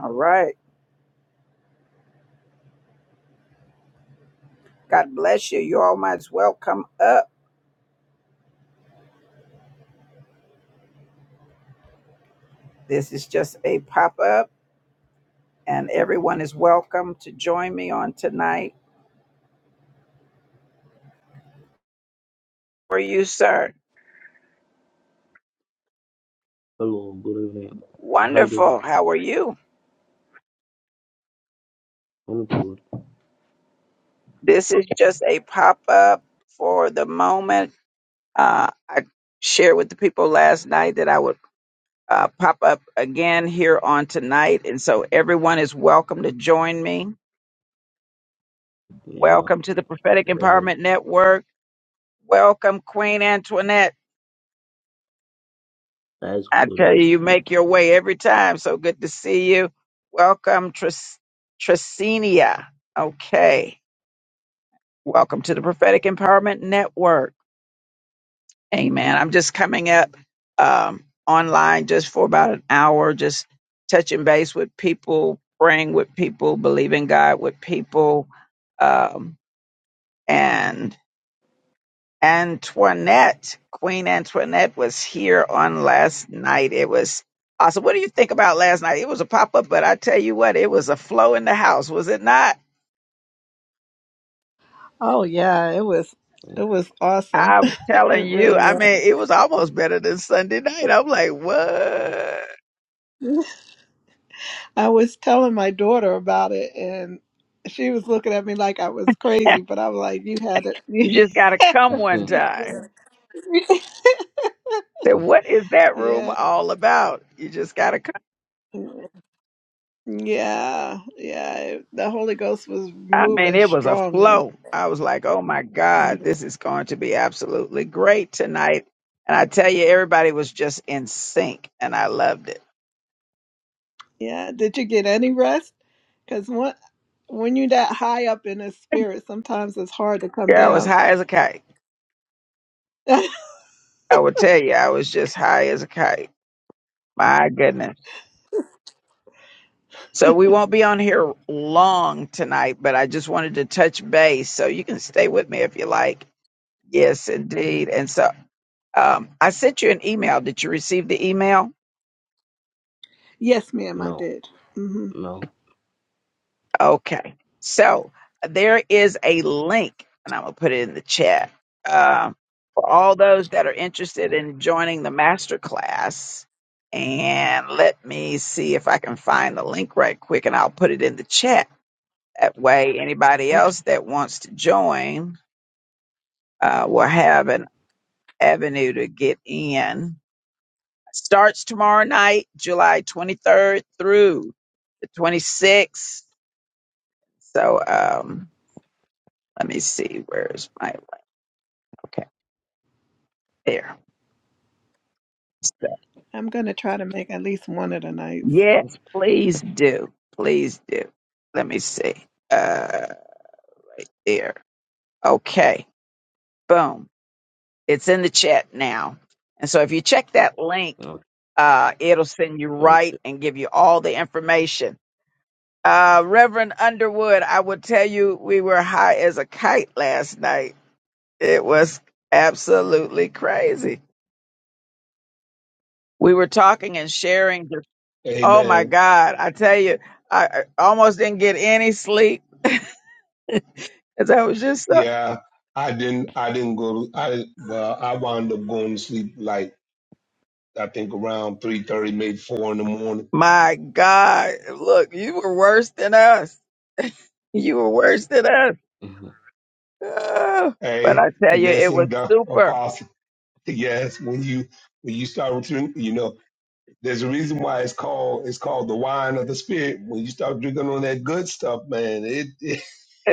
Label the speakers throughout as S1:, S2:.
S1: All right. God bless you. You all might as well come up. This is just a pop up, and everyone is welcome to join me on tonight. How are you, sir?
S2: Hello, good evening. How you doing?
S1: Wonderful. How are you?
S2: I'm good.
S1: This is just a pop up for the moment. Uh, I shared with the people last night that I would uh, pop up again here on tonight. And so everyone is welcome to join me.
S2: Yeah,
S1: Welcome to the Prophetic
S2: that's
S1: Empowerment Network. Welcome, Queen Antoinette.
S2: that's
S1: I
S2: good.
S1: tell
S2: That's
S1: you, you
S2: good.
S1: make your way every time. So good to see you. Welcome, Tris- Tricinia. Okay. Welcome to the Prophetic Empowerment Network. Amen. I'm just coming up um, online just for about an hour, just touching base with people, praying with people, believing God with people. Um, and Antoinette, Queen Antoinette was here on last night. It was awesome. What do you think about last night? It was a pop up, but I tell you what, it was a flow in the house, was it not?
S3: Oh yeah, it was it was awesome.
S1: I'm telling
S3: It
S1: you,
S3: really
S1: I mean, it was almost better than Sunday night. I'm like, what?
S3: was. I was telling my daughter about it and she was looking at me like I was crazy, but I was like, You had it you
S1: You just got to
S3: had
S1: come
S3: to
S1: one
S2: Mhm.
S3: be
S1: time.
S3: there.
S1: Say, what is that room
S3: Yeah.
S1: all about? You just got to
S3: Yeah. Yeah. It- The Holy Ghost was
S1: I mean,
S3: moving
S1: it was a
S3: strongly.
S1: flow. I was like, oh my God, this is going to be absolutely great tonight. And I tell you, everybody was just in sync and I loved it.
S3: Yeah. Did you get any rest? Because when, when you're that high up in the spirit, sometimes it's hard to come
S1: Yeah, I was
S3: down.
S1: high as a kite. I will tell you, I was just high as a kite. My goodness. So we won't be on here long tonight, but I just wanted to touch base. So you can stay with me if you like. Yes, indeed. And so um, I sent you an email. Did you receive the email?
S3: yes, ma'am, I
S2: no,
S3: did. hmm
S2: no.
S1: Okay. So there is a link, and I'm going to put it in the chat uh, for all those that are interested
S2: mm,
S1: in joining the master class. And let me see if I can find the link right quick, and I'll put it in the chat. That way, anybody else that wants to join uh, will have an avenue to get in. Starts tomorrow night, July 23rd through the 26th. So um, let me see, where's my Okay, there. So,
S3: I'm gonna try to make at least one of the nights.
S1: yes, please do. Please do. Let me see. Uh, right there. Okay, boom. It's in the chat now. And so if you check that link,
S2: Okay.
S1: uh, it'll send you right
S2: okay.
S1: and give you all the information. Uh, Reverend Underwood, I will tell you, we were high as a kite last night. It was absolutely crazy. We were talking and sharing. Oh my
S4: Amen.
S1: God. I tell you, I I almost didn't get any sleep because I was just, so-
S4: Yeah, I didn't. I didn't go. To, I well, I wound up going to sleep like I think around three thirty, maybe four in the morning.
S1: my God. Look, you were worse than us. You were worse than us.
S2: Mhm.
S1: Oh, but
S4: Hey,
S1: I tell
S4: and
S1: you, it was
S4: listen, the
S1: super.
S4: apostle. Yes, when you when you start drinking, you know, there's a reason why it's called it's called the wine of the spirit. When you start drinking on that good stuff, man, it,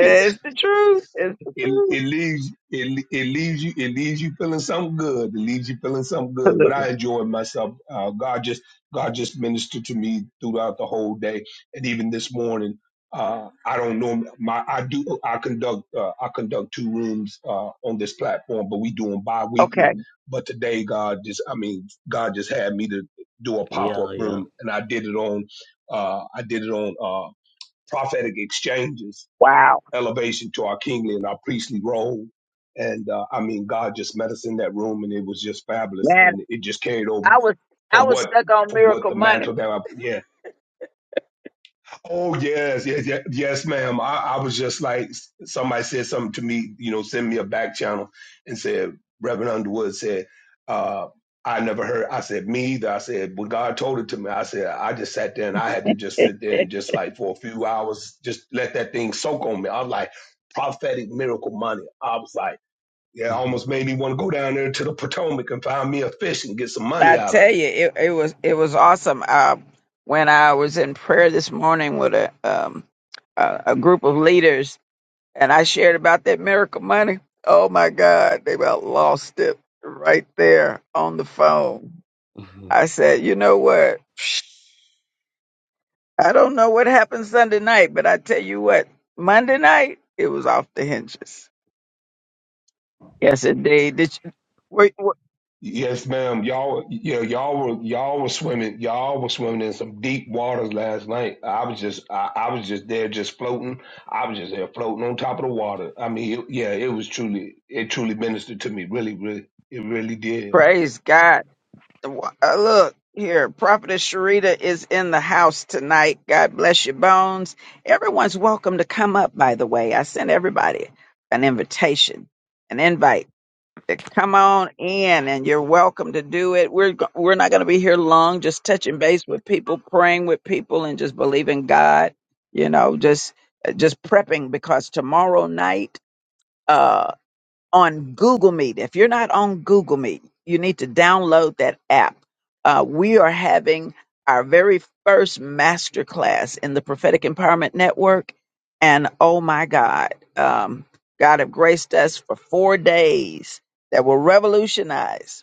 S1: the truth. It's the
S4: it
S1: truth.
S4: it leaves it it leaves you it leaves you feeling something good. It leaves you feeling something good. But
S1: Absolutely.
S4: I enjoyed myself. Uh, God just God just ministered to me throughout the whole day, and even this morning. Uh, I don't know my I do I conduct uh, I conduct two rooms uh, on this platform, but we do them
S1: Okay.
S4: bi-weekly. But today, God just I mean God just had me to do a pop-up
S2: yeah,
S4: room, and I did it on uh, I did it on uh, prophetic exchanges
S1: Wow.
S4: elevation to our kingly and our priestly role. And uh, I mean, God just met us in that room, and it was just fabulous,
S1: Man,
S4: and it just carried over
S1: I was, I
S4: from
S1: was
S4: what
S1: stuck on
S4: from what
S1: miracle
S4: the
S1: money.
S4: mantle that I yeah Oh yes, yes, yes, yes ma'am. I, I was just like somebody said something to me, you know, send me a back channel and said Reverend Underwood said, uh, I never heard. I said me either. I said when God told it to me, I said I just sat there and I had to just sit there and just like for a few hours, just let that thing soak on me. I was like prophetic miracle money. I was like, yeah, it
S2: yeah.
S4: almost made me want to go down there to the Potomac and find me a fish and get some
S1: I
S4: money out of it.
S1: tell you, it, it was, it was awesome. Uh, when I was in prayer this morning with a, um, a, a group of leaders and I shared about that miracle money. Oh my God, they about lost it right there on the phone. I said, you know what? I don't know what happened Sunday night, but I tell you what, Monday night it was off the hinges. Yes, indeed. Did you, wait, wait,
S4: Yes, ma'am. Y'all, yeah, y'all were y'all were swimming. Y'all were swimming in some deep waters last night. I was just, I, I was just there, just floating. I was just there, floating on top of the water. I mean, it, yeah, it was truly, it truly ministered to me. Really, really, it really did.
S1: praise God. Uh, Look here, Prophetess Sharita is in the house tonight. God bless your bones. Everyone's welcome to come up. By the way, I sent everybody an invitation, an invite come on in and you're welcome to do it. We're go- we're not going to be here long just touching base with people, praying with people and just believing God, you know, just just prepping because tomorrow night uh, on Google Meet. If you're not on Google Meet, you need to download that app. Uh, we are having our very first masterclass in the Prophetic Empowerment Network. And oh my God, um, God have graced us for four days that will revolutionize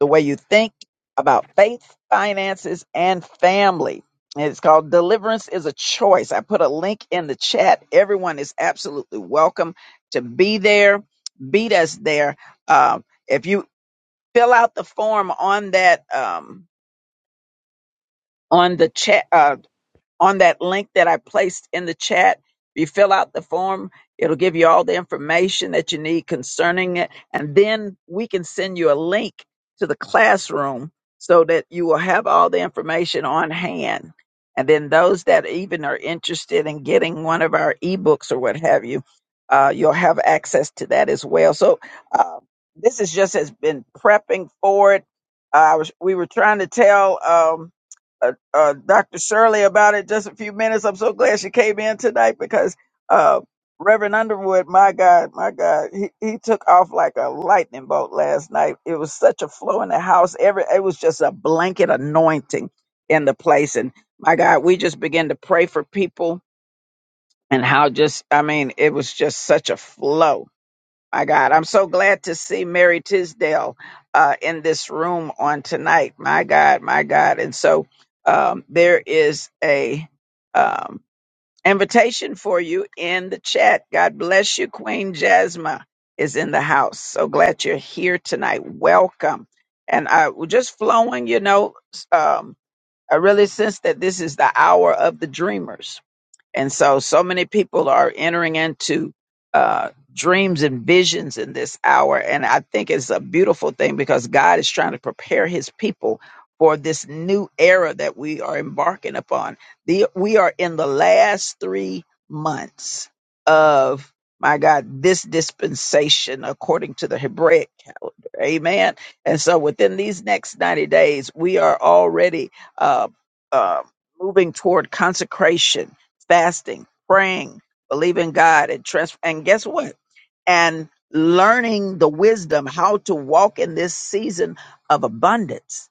S1: the way you think about faith, finances, and family. And It's called Deliverance is a Choice. I put a link in the chat. Everyone is absolutely welcome to be there. Beat us there. Um, if you fill out the form on that, um, on the chat, uh, on that link that I placed in the chat. If you fill out the form, it'll give you all the information that you need concerning it. And then we can send you a link to the classroom so that you will have all the information on hand. And then those that even are interested in getting one of our ebooks or what have you, uh, you'll have access to that as well. So uh, this is just has been prepping for it. Uh, I was, we were trying to tell. Um, uh, uh, Dr. Shirley about it just a few minutes. I'm so glad she came in tonight because uh, Reverend Underwood, my God, my God, he, he took off like a lightning bolt last night. It was such a flow in the house. Every it was just a blanket anointing in the place, and my God, we just began to pray for people and how just I mean, it was just such a flow. My God, I'm so glad to see Mary Tisdale uh, in this room on tonight. My God, my God, and so um, there is a um, invitation for you in the chat. God bless you, Queen Jasmine is in the house. So glad you're here tonight. Welcome, and I we're just flowing. You know, um, I really sense that this is the hour of the dreamers and so, so many people are entering into uh, dreams and visions in this hour. And I think it's a beautiful thing because God is trying to prepare his people for this new era that we are embarking upon. The, we are in the last three months of, my God, this dispensation according to the Hebraic. Amen. And so within these next 90 days, we are already uh, uh, moving toward consecration, fasting, praying, believing God, and trust. And guess what? and learning the wisdom how to walk in this season of abundance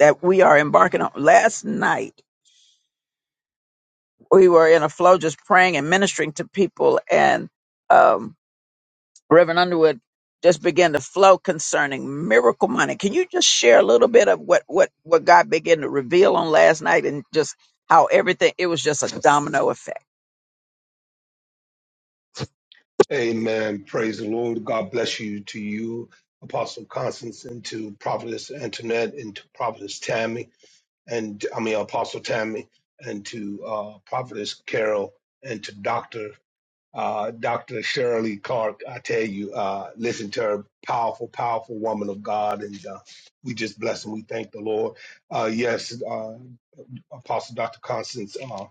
S1: that we are embarking on. Last night, we were in a flow just praying and ministering to people, and um, Reverend Underwood just began to flow concerning miracle money. Can you just share a little bit of what what what God began to reveal on last night and just how everything it was just a domino effect.
S4: Amen. Praise the Lord. God bless you to you, Apostle Constance, and to Prophetess Antoinette, and to Prophetess Tammy, and I mean Apostle Tammy, and to uh, Prophetess Carol, and to Doctor. Uh, Dr. Shirley Clark, I tell you, uh, listen to her, powerful, powerful woman of God, and uh, we just bless and we thank the Lord. Uh, yes, uh, Apostle Dr. Constance, uh,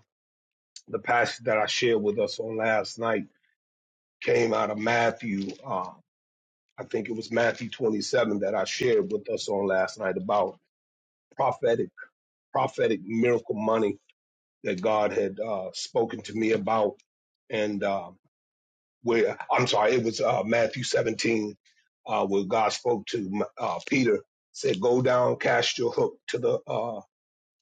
S4: the passage that I shared with us on last night came out of Matthew. Uh, I think it was Matthew 27 that I shared with us on last night about prophetic, prophetic miracle money that God had uh, spoken to me about, and. uh, where I'm sorry, it was uh, Matthew 17, uh, where God spoke to uh, Peter, said, "Go down, cast your hook to the uh,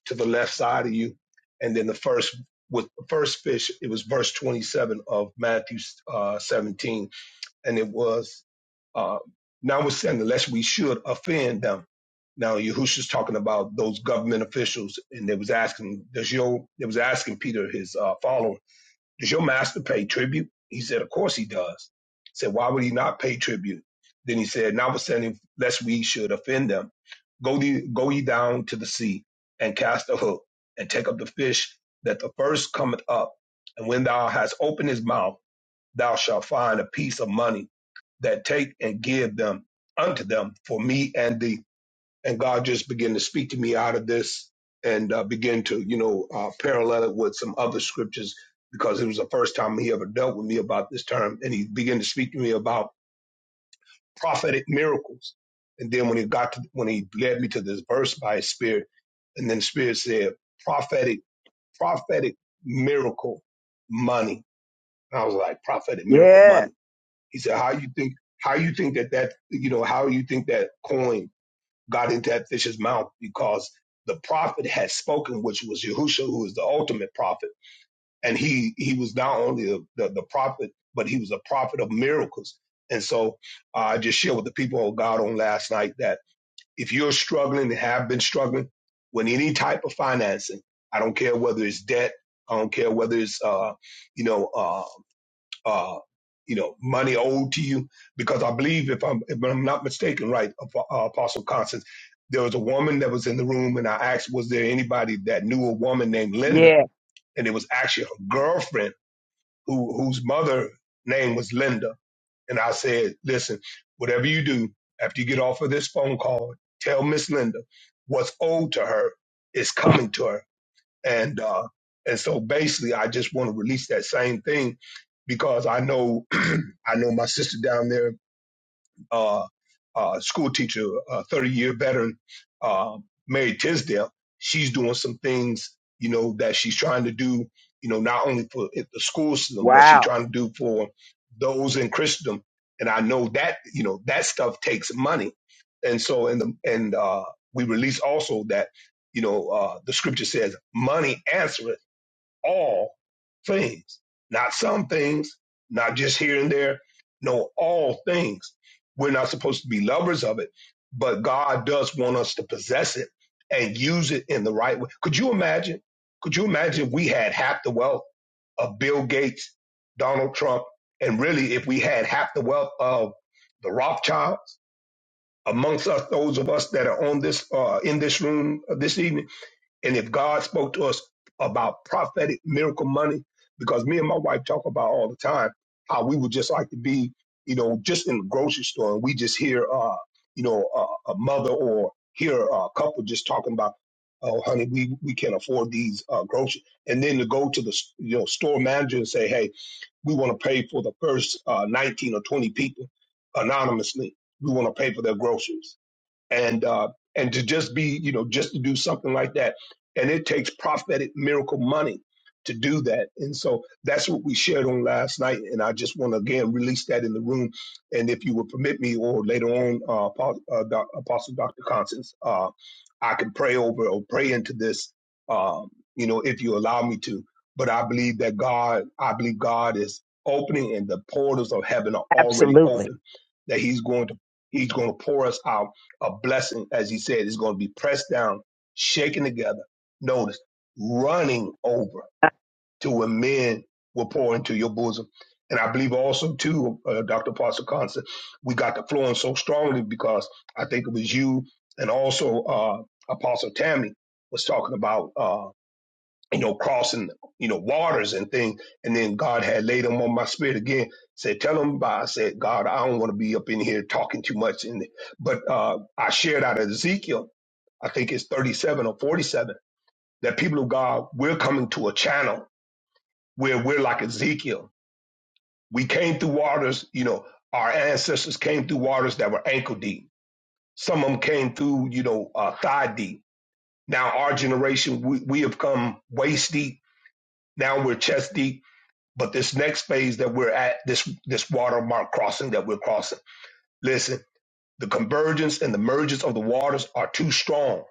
S4: to the left side of you," and then the first with the first fish, it was verse 27 of Matthew uh, 17, and it was uh, notwithstanding, lest we should offend them. Now Yahushua's talking about those government officials, and they was asking, does your they was asking Peter his uh, follower does your master pay tribute? He said, Of course he does. He said, Why would he not pay tribute? Then he said, Notwithstanding, lest we should offend them, go, ye- go ye down to the sea and cast a hook and take up the fish that the first cometh up. And when thou hast opened his mouth, thou shalt find a piece of money that take and give them unto them for me and thee and God just began to speak to me out of this and uh, begin to, you know, uh, parallel it with some other scriptures because it was the first time he ever dealt with me about this term, and he began to speak to me about prophetic miracles. And then when he got to, when he led me to this verse by his spirit, and then the spirit said prophetic prophetic miracle money. And I was like prophetic miracle
S1: Yeah.
S4: money. He said, how you think how you think that that you know how you think that coin got into that fish's mouth because the prophet had spoken, which was Yahushua, who is the ultimate prophet. And he, he was not only the, the, the prophet, but he was a prophet of miracles. And so uh, I just shared with the people of God on last night that if you're struggling and have been struggling with any type of financing, I don't care whether it's debt, I don't care whether it's, uh, you know, uh uh, you know, money owed to you. Because I believe, if I'm if I'm not mistaken, right, Ap- uh, Apostle Constance, there was a woman that was in the room, and I asked, was there anybody that knew a woman named Linda?
S1: Yeah.
S4: And it was actually her girlfriend who whose mother name was Linda. And I said, listen, whatever you do after you get off of this phone call, tell Miss Linda what's owed to her is coming to her and uh, and so basically, I just want to release that same thing because I know I know my sister down there uh, uh, school teacher, uh, 30 year veteran, uh, Mary Tisdale. She's doing some things, you know, that she's trying to do, you know, not only for it- the school system, but she's trying to do for those in Christendom. And I know that, you know, that stuff takes money. And so, and the, and, uh, we release also that, you know, uh, the scripture says money answereth all things, not some things, not just here and there. No, all things. We're not supposed to be lovers of it, but God does want us to possess it and use it in the right way. Could you imagine? Could you imagine if we had half the wealth of Bill Gates, Donald Trump, and really if we had half the wealth of the Rothschilds amongst us, those of us that are on this uh, in this room uh, this evening? And if God spoke to us about prophetic miracle money, because me and my wife talk about all the time how we would just like to be, you know, just in the grocery store and we just hear, uh, you know, uh, a mother or hear a couple just talking about, oh, honey, we, we can't afford these uh, groceries. And then to go to the, you know, store manager and say, hey, we want to pay for the first uh, 19 or 20 people anonymously. We want to pay for their groceries and uh, and to just be you know just to do something like that and it takes prophetic miracle money to do that and so that's what we shared on last night and i just want to again release that in the room and if you would permit me or later on uh, Apo- uh, Doc- apostle dr constance uh, i can pray over or pray into this um, you know if you allow me to but i believe that god i believe god is opening and the portals of heaven are already open that he's going to he's going to pour us out a blessing, as he said, is going to be pressed down, shaken together. Notice, running over to where men will pour into your bosom. And I believe also, too, uh, Dr. Apostle Constant, we got the flowing so strongly because I think it was you and also uh, Apostle Tammy was talking about. uh, you know, crossing, you know, waters and things. And then God had laid them on my spirit again. Said, tell them, bye. I said, God, I don't want to be up in here talking too much. And but uh, I shared out of Ezekiel, I think it's 37 or 47, that people of God, we're coming to a channel where we're like Ezekiel. We came through waters, you know, our ancestors came through waters that were ankle deep. Some of them came through, you know, uh, thigh deep. Now our generation, we, we have come waist deep. Now we're chest deep But this next phase that we're at, this this watermark crossing that we're crossing, listen, the convergence and the mergence of the waters are too strong.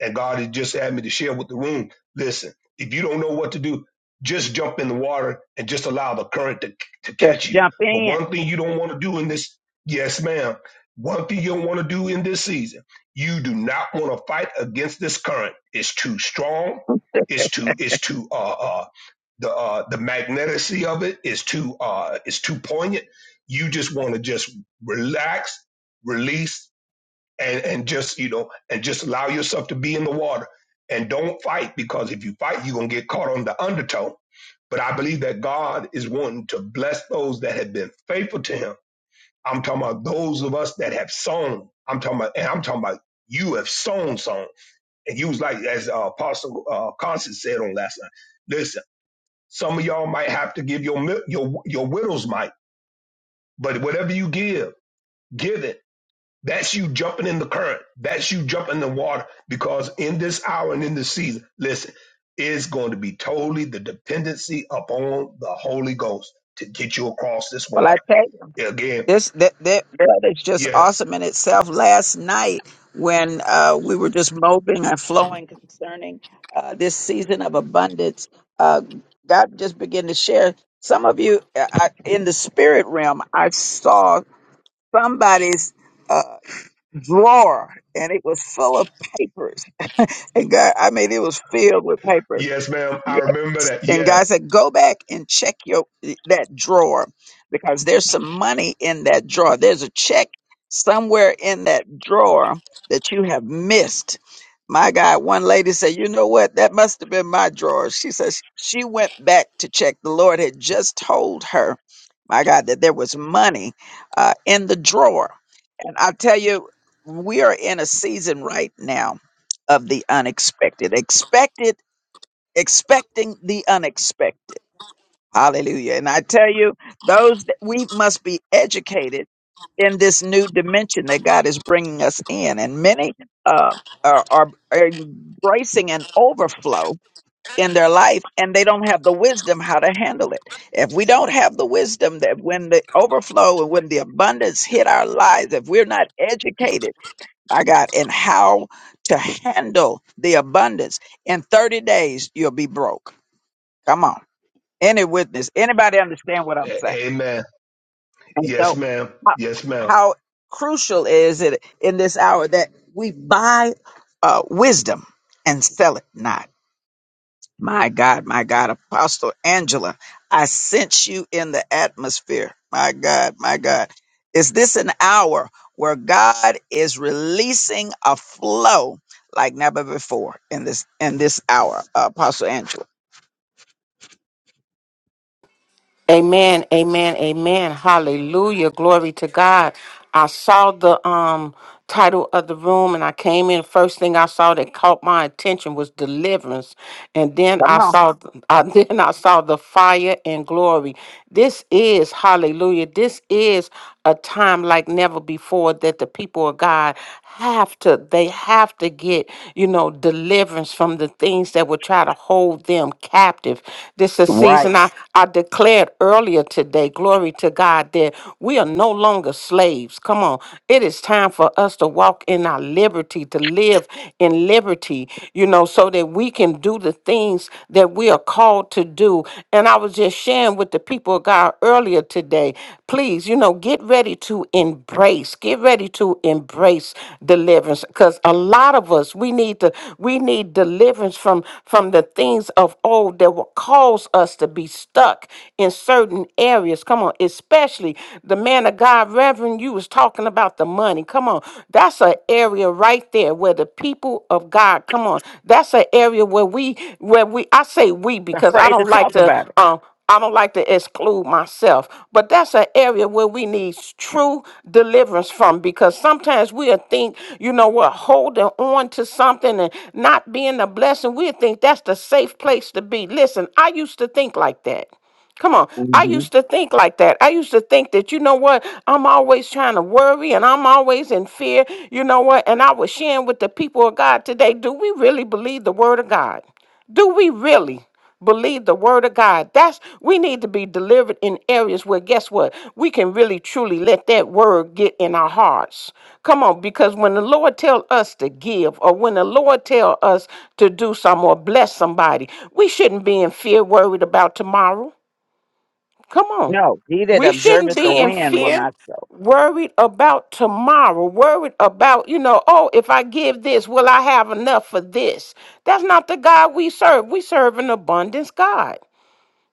S4: And God has just had me to share with the room. Listen, if you don't know what to do, just jump in the water and just allow the current to, to
S1: Just
S4: catch you.
S1: jump
S4: But
S1: in.
S4: one thing you don't want to do in this, yes, ma'am, one thing you don't want to do in this season, you do not want to fight against this current. It's too strong. It's too, it's too, uh, uh, the uh, the magneticy of it is too uh, is too poignant. You just want to just relax, release, and and just you know and just allow yourself to be in the water and don't fight because if you fight, you're gonna get caught on the undertow. But I believe that God is wanting to bless those that have been faithful to Him. I'm talking about those of us that have sown. I'm talking about, and I'm talking about you have sown, sown, and you was like as uh, Apostle uh, Constance said on last night. Listen. Some of y'all might have to give your mi- your your widow's mite, but whatever you give, give it. That's you jumping in the current. That's you jumping in the water because in this hour and in this season, listen, it's going to be totally the dependency upon the Holy Ghost to get you across this
S1: Well, I
S4: water.
S1: tell you.
S4: Again,
S1: This that that that is just
S4: yes,
S1: awesome in itself. Last night when uh, we were just moping and flowing concerning uh, this season of abundance, uh, God just began to share. Some of you uh, I, in the spirit realm, I saw somebody's uh, drawer and it was full of papers. and God, I mean, it was filled with papers.
S4: yes, ma'am. I remember
S1: Yes.
S4: that.
S1: And
S4: Yeah,
S1: God said, go back and check your eh, that drawer because there's some money in that drawer. There's a check somewhere in that drawer that you have missed. My God, one lady said, you know what? That must have been my drawer. She says she went back to check. The Lord had just told her, my God, that there was money uh, in the drawer. And I tell you, we are in a season right now of the unexpected. Expected expecting the unexpected. Hallelujah. And I tell you, those that we must be educated in this new dimension that God is bringing us in. And many uh, are, are are embracing an overflow in their life and they don't have the wisdom how to handle it. If we don't have the wisdom that when the overflow and when the abundance hit our lives, if we're not educated, my God, in how to handle the abundance, in 30 days, you'll be broke. Come on. Any witness, anybody understand what I'm saying?
S4: A- amen.
S1: And
S4: Yes,
S1: so,
S4: ma'am.
S1: how,
S4: Yes, ma'am.
S1: how crucial is it in this hour that we buy uh, wisdom and sell it not? My God, my God, Apostle Angela, I sense you in the atmosphere. My God, my God. Is this an hour where God is releasing a flow like never before in this in this hour, uh, Apostle Angela?
S5: Amen, amen, amen. Hallelujah. Glory to God. I saw the um title of the room and I came in. First thing I saw that caught my attention was deliverance. And then
S1: Come
S5: I
S1: on.
S5: saw I, then I saw the fire and glory. This is hallelujah. This is a time like never before that the people of God have to they have to get, you know, deliverance from the things that would try to hold them captive. This is a
S1: Right.
S5: season I I declare declared earlier today, glory to God, that we are no longer slaves. Come on. It is time for us to walk in our liberty, to live in liberty, you know, so that we can do the things that we are called to do. And I was just sharing with the people of God earlier today, please, you know, get ready to embrace, get ready to embrace deliverance because a lot of us, we need to, we need deliverance from, from the things of old that will cause us to be stuck in certain areas. Come on, especially the man of God, Reverend, you was talking about the money. Come on, that's an area right there where the people of God, come on, that's an area where we, where we, I say we because I
S1: Afraid to
S5: don't like
S1: talk
S5: to,
S1: about it.
S5: um, I don't like to exclude myself, but that's an area where we need true deliverance from because sometimes we'll think, you know, we're holding on to something and not being a blessing. we think that's the safe place to be. Listen, I used to think like that. Come on. I
S1: hmm
S5: used to think like that. I used to think that, you know what? I'm always trying to worry and I'm always in fear. You know what? And I was sharing with the people of God today. Do we really believe the word of God? Do we really? Believe the word of God. That's we need to be delivered in areas where guess what? We can really truly let that word get in our hearts. Come on, because when the Lord tell us to give or when the Lord tell us to do something or bless somebody, we shouldn't be in fear worried about tomorrow. Come on.
S1: No, he that
S5: We shouldn't
S1: observeth the
S5: be in
S1: wind will
S5: fear,
S1: not sow.
S5: worried about tomorrow, worried about, you know, oh, if I give this, will I have enough for this? That's not the God we serve. We serve an abundance God.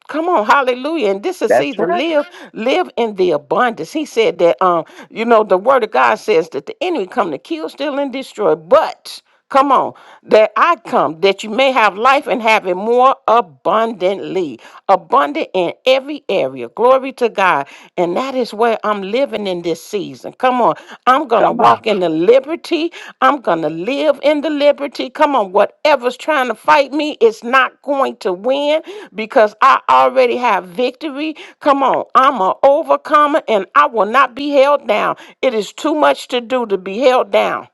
S5: Come on, hallelujah. And this is
S1: That's
S5: season.
S1: right.
S5: Live, live in the abundance. He said that um, you know, the word of God says that the enemy come to kill, steal, and destroy. But come on, that I come that you may have life and have it more abundantly. Abundant in every area. Glory to God. And that is where I'm living in this season. Come on. I'm gonna
S1: Come on.
S5: walk in the liberty. I'm gonna live in the liberty. Come on, whatever's trying to fight me, it's not going to win win because I already have victory. Come on, I'm an overcomer and I will not be held down. It is too much to do to be held down.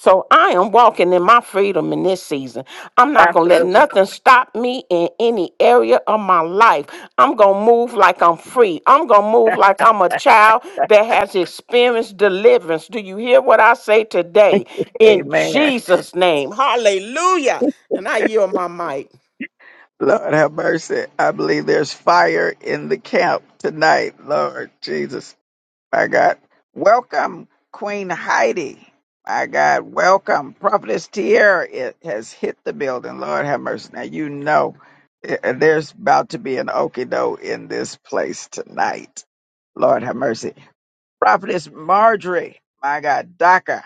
S5: So I am walking in my freedom in this season. I'm not going to let
S1: Absolutely.
S5: nothing stop me in any area of my life. I'm going to move like I'm free. I'm going to move like I'm a child that has experienced deliverance. Do you hear what I say today? In
S1: Amen.
S5: Jesus' name. Hallelujah. And I yield my mic.
S1: Lord have mercy. I believe there's fire in the camp tonight, Lord Jesus. My God. Welcome, Queen Heidi. My God, welcome. Prophetess Tierra it has hit the building. Lord have mercy. Now, you know eh, eh, there's about to be an okey-doke in this place tonight. Lord have mercy. Prophetess Marjorie, my God, Daka,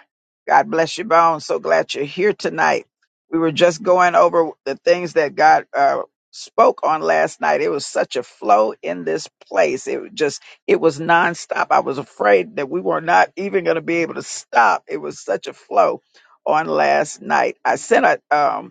S1: God bless you, bones. So glad you're here tonight. We were just going over the things that God uh, spoke on last night. It was such a flow in this place. It was just, it was nonstop. I was afraid that we were not even going to be able to stop. It was such a flow on last night. I sent a um,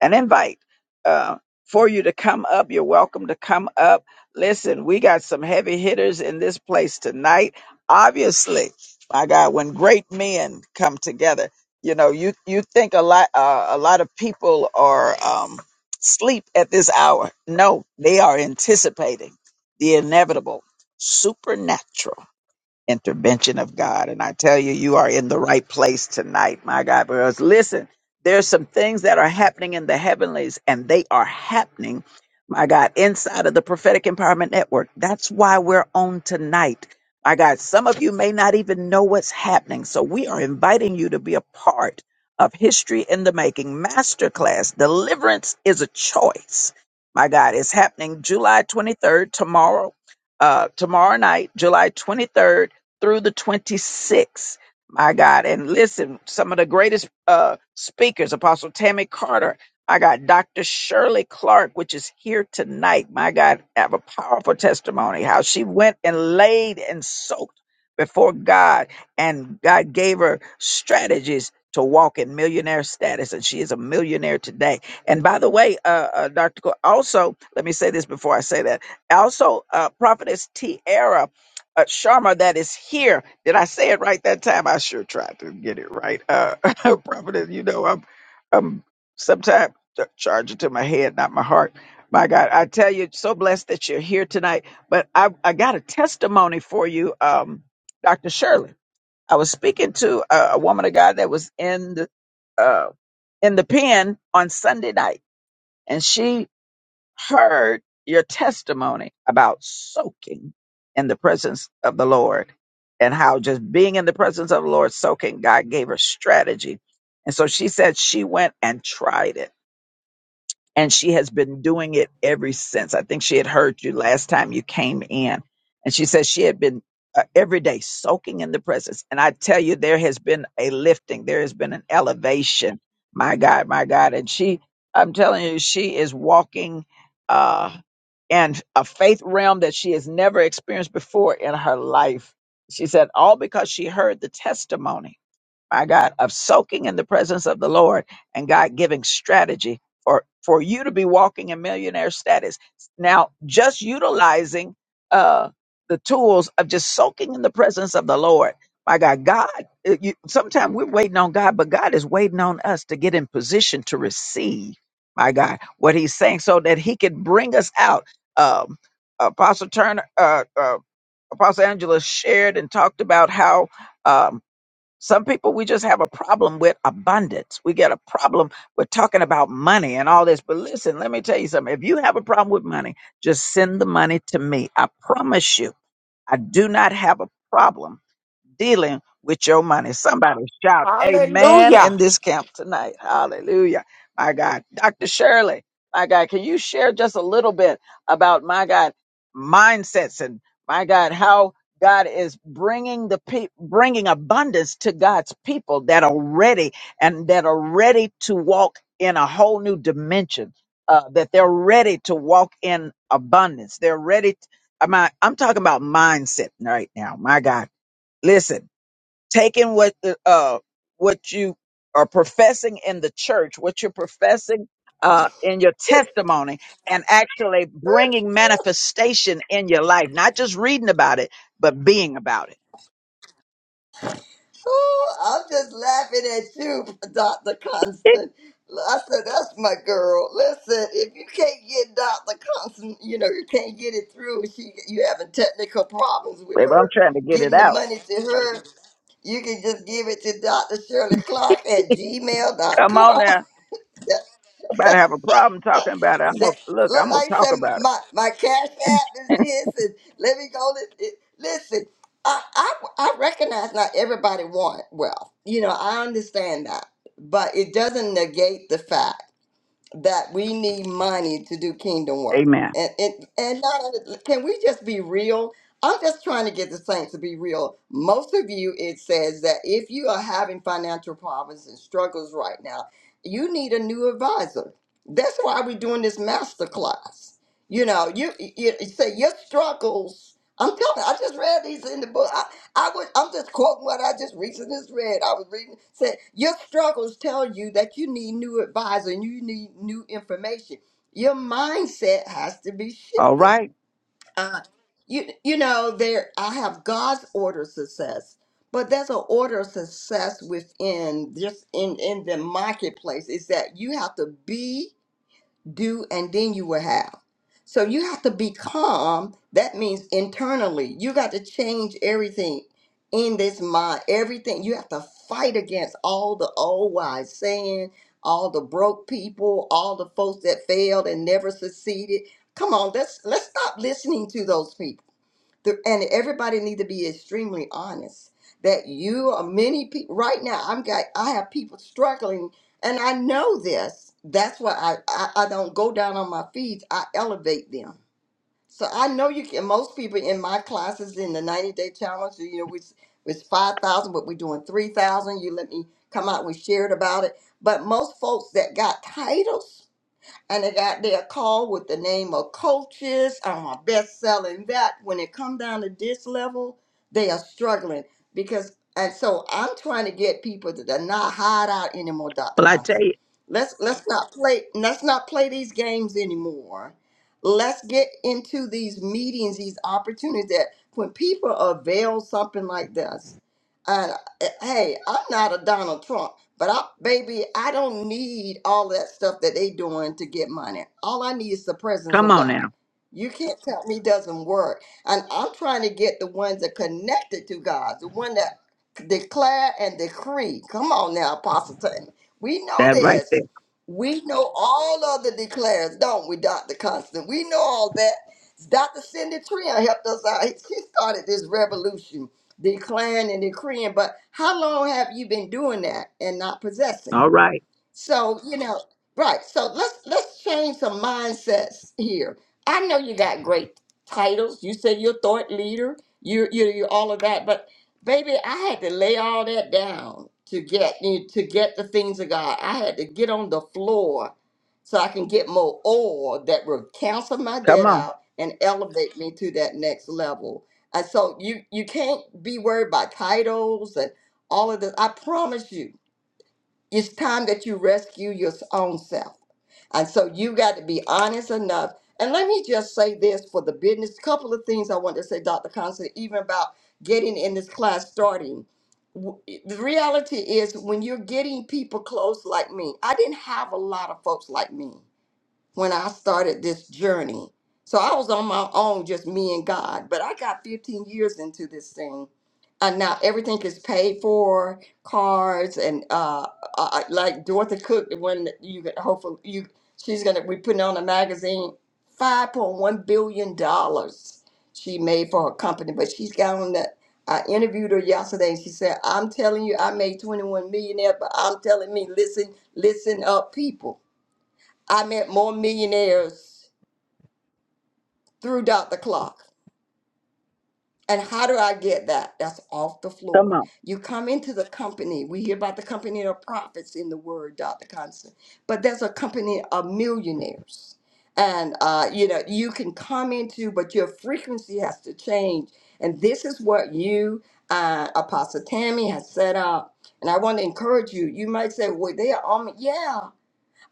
S1: an invite uh, for you to come up. You're welcome to come up. Listen, we got some heavy hitters in this place tonight. Obviously, my God, when great men come together, you know, you you think a lot uh, a lot of people are um, sleep at this hour. No, they are anticipating the inevitable, supernatural intervention of God. And I tell you, you are in the right place tonight, my God. Because listen, there's some things that are happening in the heavenlies, and they are happening, my God, inside of the Prophetic Empowerment Network. That's why we're on tonight. My God, some of you may not even know what's happening. So we are inviting you to be a part of History in the Making Masterclass. Deliverance is a choice. My God, it's happening July 23rd, tomorrow, uh, tomorrow night, July 23rd through the 26th. My God. And listen, some of the greatest uh, speakers, Apostle Tammy Carter, I got Dr. Shirley Clark, which is here tonight. My God, have a powerful testimony how she went and laid and soaked before God, and God gave her strategies to walk in millionaire status, and she is a millionaire today. And by the way, uh, uh, Dr. Co- also, let me say this before I say that. Also, uh, Prophetess Tiara uh, Sharma that is here. Did I say it right that time? I sure tried to get it right. Uh, Prophet, you know, I'm, I'm sometimes charging to my head, not my heart. My God, I tell you, so blessed that you're here tonight. But I, I got a testimony for you, um, Dr. Shirley. I was speaking to a, a woman of God that was in the, uh, in the pen on Sunday night, and she heard your testimony about soaking in the presence of the Lord and how just being in the presence of the Lord, soaking, God gave her strategy. And so she said she went and tried it and she has been doing it ever since. I think she had heard you last time you came in, and she says she had been uh, every day soaking in the presence. And I tell you, there has been a lifting, there has been an elevation. My God, my God, and she, I'm telling you, she is walking uh, in a faith realm that she has never experienced before in her life. She said, all because she heard the testimony my God, of soaking in the presence of the Lord and God giving strategy for, for you to be walking in millionaire status. Now, just utilizing uh, the tools of just soaking in the presence of the Lord. My God, God, uh, you, sometimes we're waiting on God, but God is waiting on us to get in position to receive, my God, what He's saying so that He can bring us out. Um, Apostle Turner, uh, uh, Apostle Angela shared and talked about how. um, some people we just have a problem with abundance. We get a problem with talking about money and all this. But listen, let me tell you something. If you have a problem with money, just send the money to me. I promise you, I do not have a problem dealing with your money. Somebody shout amen
S5: Hallelujah.
S1: in this camp tonight. Hallelujah. My God. Dr. Shirley, my God, can you share just a little bit about, my God, mindsets and, my God, how God is bringing the pe- bringing abundance to God's people that are ready and that are ready to walk in a whole new dimension. Uh, that they're ready to walk in abundance. They're ready. To, am I'm talking about mindset right now. My God, listen taking what the uh what you are professing in the church, what you're professing uh in your testimony and actually bringing manifestation in your life, not just reading about it, but being about it.
S6: Ooh, I'm just laughing at you, Dr. Constant. I said, that's my girl. Listen, if you can't get Dr. Constant, you know, you can't get it through, she, you having technical problems with
S1: Babe, I'm
S6: her,
S1: trying to get it
S6: getting the
S1: out.
S6: money to her, you can just give it to Dr. Shirley Clark at
S1: Come on
S6: gmail.com.
S1: now. About to have a problem talking about it. I'm gonna
S6: That,
S1: look,
S6: look,
S1: I'm gonna
S6: like I
S1: talk
S6: said,
S1: about
S6: my, my cash app is
S1: it.
S6: this, and let me go. to- it- Listen, I, I, I recognize not everybody want wealth. You know, I understand that. But it doesn't negate the fact that we need money to do kingdom work.
S1: Amen.
S6: And and, and not only- can we just be real? I'm just trying to get the saints to be real. Most of you, it says that if you are having financial problems and struggles right now, you need a new advisor. That's why we're doing this master class. You know, you, you you say your struggles. I'm telling. I just read these in the book. I would, I'm just quoting what I just recently just read. I was reading said your struggles tell you that you need new advisor and you need new information. Your mindset has to be
S1: All
S6: shifted.
S1: right.
S6: Uh, you you know there I have God's order of success, but there's an order of success within just in in the marketplace. Is that you have to be do, and then you will have. So you have to be calm. That means internally, you got to change everything in this mind. Everything you have to fight against all the old wise saying, all the broke people, all the folks that failed and never succeeded. Come on, let's let's stop listening to those people the, and everybody need to be extremely honest that you are many people right now i'm got i have people struggling and i know this that's why i i, I don't go down on my feeds i elevate them so i know you can most people in my classes in the 90 day challenge you know which was 5000 but we're doing 3000 you let me come out we shared about it but most folks that got titles and I got their call with the name of coaches. I'm a best selling that. When it come down to this level, they are struggling because, and so I'm trying to get people to to not hide out anymore, Dr.
S1: Well, I tell
S6: Constant.
S1: you,
S6: Let's let's not play let's not play these games anymore. Let's get into these meetings, these opportunities that when people avail something like this, and uh, hey, I'm not a Donald Trump. But I, baby, I don't need all that stuff that they doing to get money. All I need is the presence
S1: come
S6: of
S1: on
S6: God.
S1: now.
S6: You can't tell me doesn't work. And I'm trying to get the ones that connected to God, the one that declare and decree. Come on now, Apostle Taylor. We know
S1: That right there.
S6: this. We know all of the declares, don't we, Dr. Constant? We know all that. Dr. Cindy Trion helped us out. She started this revolution declaring and decreeing. But how long have you been doing that and not possessing?
S1: All right.
S6: So, you know, right. So let's let's change some mindsets here. I know you got great titles. You say you're thought leader, you're you're, you're all of that, but baby, I had to lay all that down to get you to get the things of God. I had to get on the floor so I can get more oil that will cancel my
S1: Come
S6: debt
S1: on.
S6: out and elevate me to that next level. And so you you can't be worried about titles and all of this. I promise you, it's time that you rescue your own self. And so you got to be honest enough. And let me just say this for the business couple of things I want to say, Dr. Constant, even about getting in this class starting. W- The reality is, when you're getting people close like me, I didn't have a lot of folks like me when I started this journey. So I was on my own, just me and God. But I got 15 years into this thing. And now everything is paid for, cars and uh, uh uh, like Dorothy Cook, the one that you could hopefully you she's gonna be putting on a magazine. Five point one billion dollars she made for her company, but she's got on that. I interviewed her yesterday and she said, I'm telling you, I made 21 millionaire, but I'm telling me, listen, listen up, people. I met more millionaires through Dr. Clark. And how do I get that? That's off the
S1: Come
S6: floor.
S1: on.
S6: You come into the company. We hear about the company of prophets in the word, Dr. Constant. But there's a company of millionaires. And uh, you know, you can come into, but your frequency has to change. And this is what you uh, Apostle Tammy has set up. And I want to encourage you. You might say, well, they are on me. Yeah,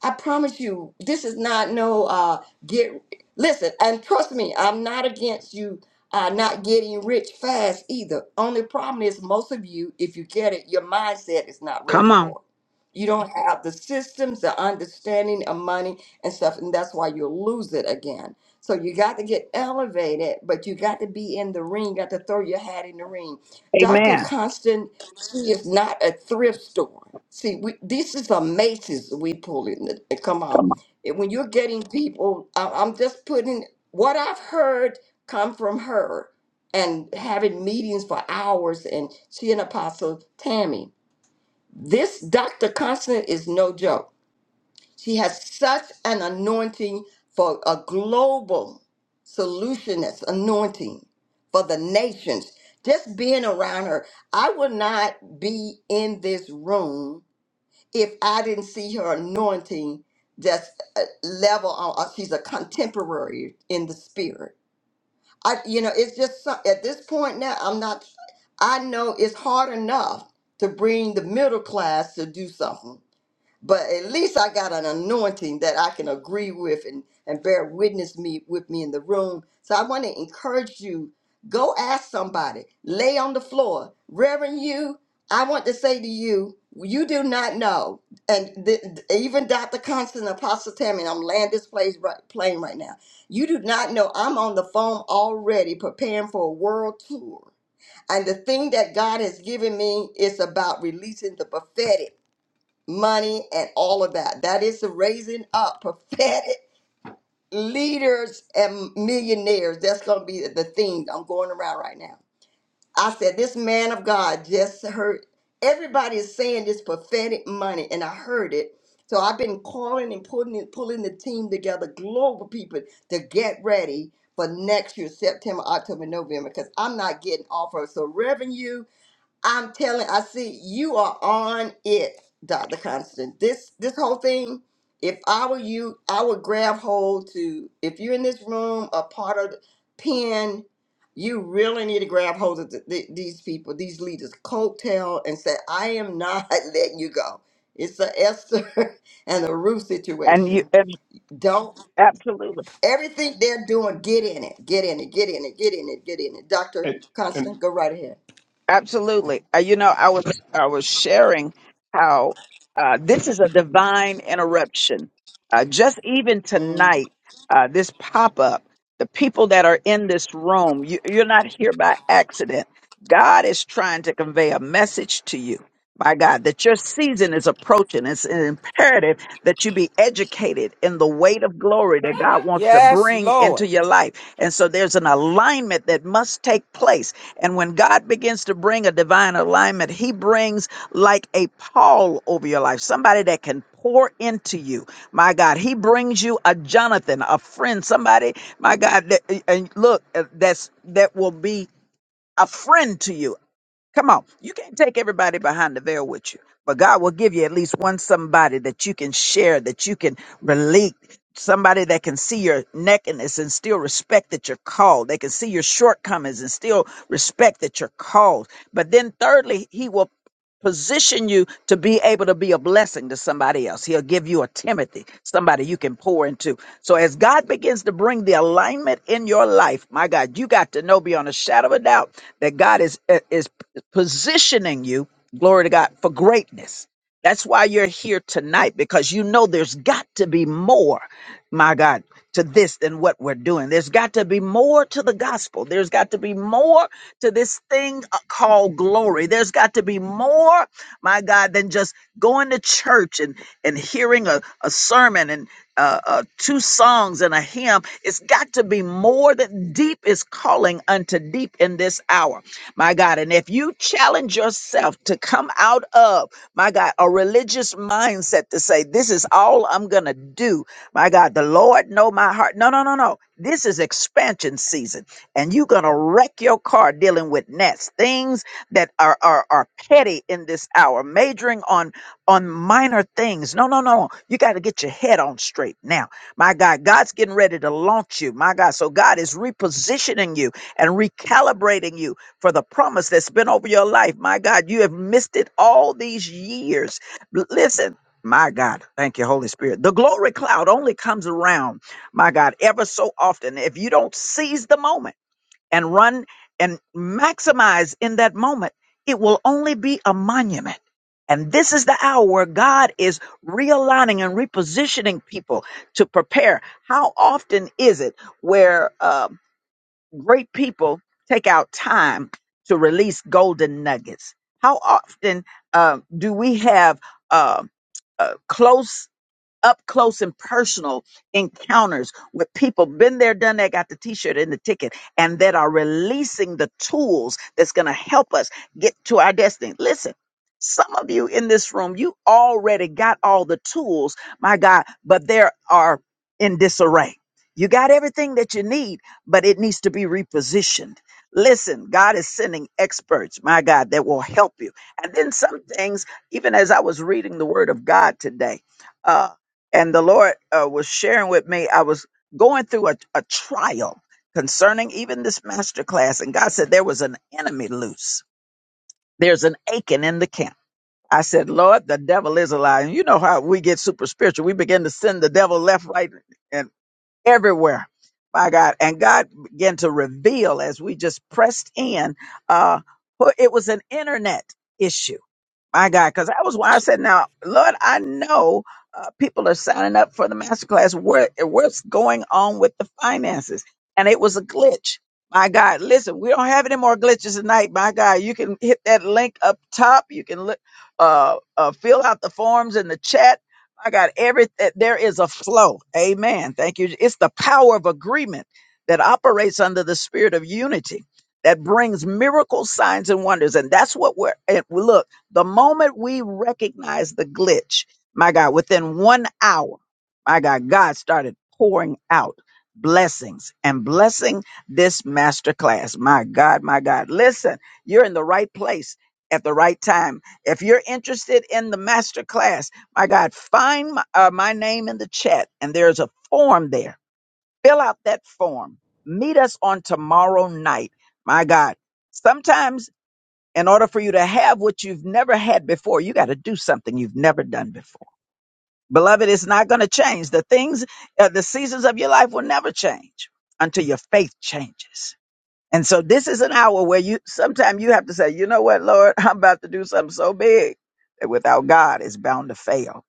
S6: I promise you, this is not no uh get listen, and trust me, I'm not against you uh not getting rich fast either. Only problem is most of you, if you get it, your mindset is not
S1: Come
S6: ready
S1: on.
S6: for it. You don't have the systems, the understanding of money and stuff, and that's why you'll lose it again. So you got to get elevated, but you got to be in the ring, got to throw your hat in the ring. Dr.
S1: Amen.
S6: Constant she is not a thrift store. See, we, this is a Macy's we pull in. it- Come on. And When you're getting people, I- I'm just putting what I've heard come from her and having meetings for hours and she and Apostle Tammy. This Dr. Constant is no joke. She has such an anointing for a global solutionist anointing for the nations. Just being around her, I would not be in this room if I didn't see her anointing just uh, level on. uh, She's a contemporary in the spirit. I, you know, it's just some- at this point now. I'm not. I know it's hard enough to bring the middle class to do something but at least I got an anointing that I can agree with and, and bear witness me with me in the room. So I want to encourage you, go ask somebody, lay on the floor. Reverend you, I want to say to you, you do not know. And th- th- even Dr. Constant Apostle Tammy, and I'm laying this place right, plane right now. You do not know. I'm on the phone already preparing for a world tour. And the thing that God has given me is about releasing the prophetic money and all of that. That is the raising up prophetic leaders and millionaires. That's going to be the theme I'm going around right now. I said, This man of God just heard everybody is saying this prophetic money, and I heard it. So I've been calling and pulling and pulling the team together, global people, to get ready for next year, September, October, November, because I'm not getting off of so revenue. I'm telling, I see you are on it, Dr. Constant. This this whole thing, if I were you, I would grab hold to if you're in this room, a part of the pen, you really need to grab hold of the, the, these people, these leaders, coattail, and say, I am not letting you go. It's a Esther and a Ruth
S1: And you
S6: situation.
S1: and
S6: Don't
S1: absolutely,
S6: everything they're doing, get in it, get in it, get in it, get in it, get in it. Dr.
S4: And, and
S6: Constant, go right ahead.
S1: absolutely. Uh, you know, I was I was sharing how uh, this is a divine interruption. Uh, just even
S6: Mm.
S1: tonight, uh, this pop up, the people that are in this room, you, you're not here by accident. God is trying to convey a message to you. My God, that your season is approaching. It's imperative that you be educated in the weight of glory that God wants to
S5: Yes,
S1: bring
S5: Lord.
S1: into your life. And so there's an alignment that must take place. And when God begins to bring a divine alignment, he brings like a Paul over your life, somebody that can pour into you. My God, he brings you a Jonathan, a friend, somebody, my God, that, and look, uh, that's that will be a friend to you, Come on. You can't take everybody behind the veil with you, but God will give you at least one somebody that you can share, that you can relate, somebody that can see your nakedness and still respect that you're called. They can see your shortcomings and still respect that you're called. But then thirdly, he will position you to be able to be a blessing to somebody else. He'll give you a Timothy, somebody you can pour into. So as God begins to bring the alignment in your life, my God, you got to know beyond a shadow of a doubt that God is is positioning you, glory to God, for greatness. That's why you're here tonight because you know there's got to be more, my God, to this than what we're doing. There's got to be more to the gospel. There's got to be more to this thing uh, called glory. There's got to be more, my God, than just going to church and, and hearing a, a sermon and uh, uh, two songs and a hymn. It's got to be more that deep is calling unto deep in this hour, my God. And if you challenge yourself to come out of my God, a religious mindset to say, this is all I'm going to do. My God, the Lord know my heart. No, no, no, no. This is expansion season, and you're going to wreck your car dealing with nets, things that are, are, are petty in this hour, majoring on, on minor things. No, no, no. You got to get your head on straight now. My God, God's getting ready to launch you. My God, so God is repositioning you and recalibrating you for the promise that's been over your life. My God, you have missed it all these years. L- Listen. My God, thank you, Holy Spirit. The glory cloud only comes around, my God, ever so often. If you don't seize the moment and run and maximize in that moment, it will only be a monument. And this is the hour where God is realigning and repositioning people to prepare. How often is it where um Great people take out time to release golden nuggets. How often uh, do we have uh, uh, close up close and personal encounters with people been there done that got the t-shirt and the ticket and that are releasing the tools that's going to help us get to our destiny listen some of you in this room you already got all the tools my god but they are in disarray you got everything that you need but it needs to be repositioned listen god is sending experts my god that will help you and then some things even as i was reading the word of god today uh, and the Lord uh, was sharing with me. I was going through a, a trial concerning even this master class, and God said there was an enemy loose. There's an aching in the camp. I said, Lord, the devil is a lie. And you know how we get super spiritual. We begin to send the devil left, right, and everywhere. By God. And God began to reveal as we just pressed in, uh, it was an internet issue my God, because that was why I said, now, Lord, I know uh, people are signing up for the masterclass. What, what's going on with the finances? And it was a glitch. My God, listen, we don't have any more glitches tonight. My God, you can hit that link up top. You can look, uh, uh, fill out the forms in the chat. My God, every there is a flow. Amen. Thank you. It's the power of agreement that operates under the spirit of unity that brings miracles, signs, and wonders. And that's what we're. And look. The moment we recognize the glitch, my God, within one hour, my God, God started pouring out blessings and blessing this masterclass. My God, my God. Listen, you're in the right place at the right time. If you're interested in the masterclass, my God, find my, uh, my name in the chat and there's a form there. Fill out that form. Meet us on tomorrow night. My God. Sometimes in order for you to have what you've never had before, you got to do something you've never done before. Beloved, it's not going to change. The things, uh, the seasons of your life will never change until your faith changes. And so this is an hour where you, sometimes you have to say, you know what, Lord, I'm about to do something so big that without God it's bound to fail.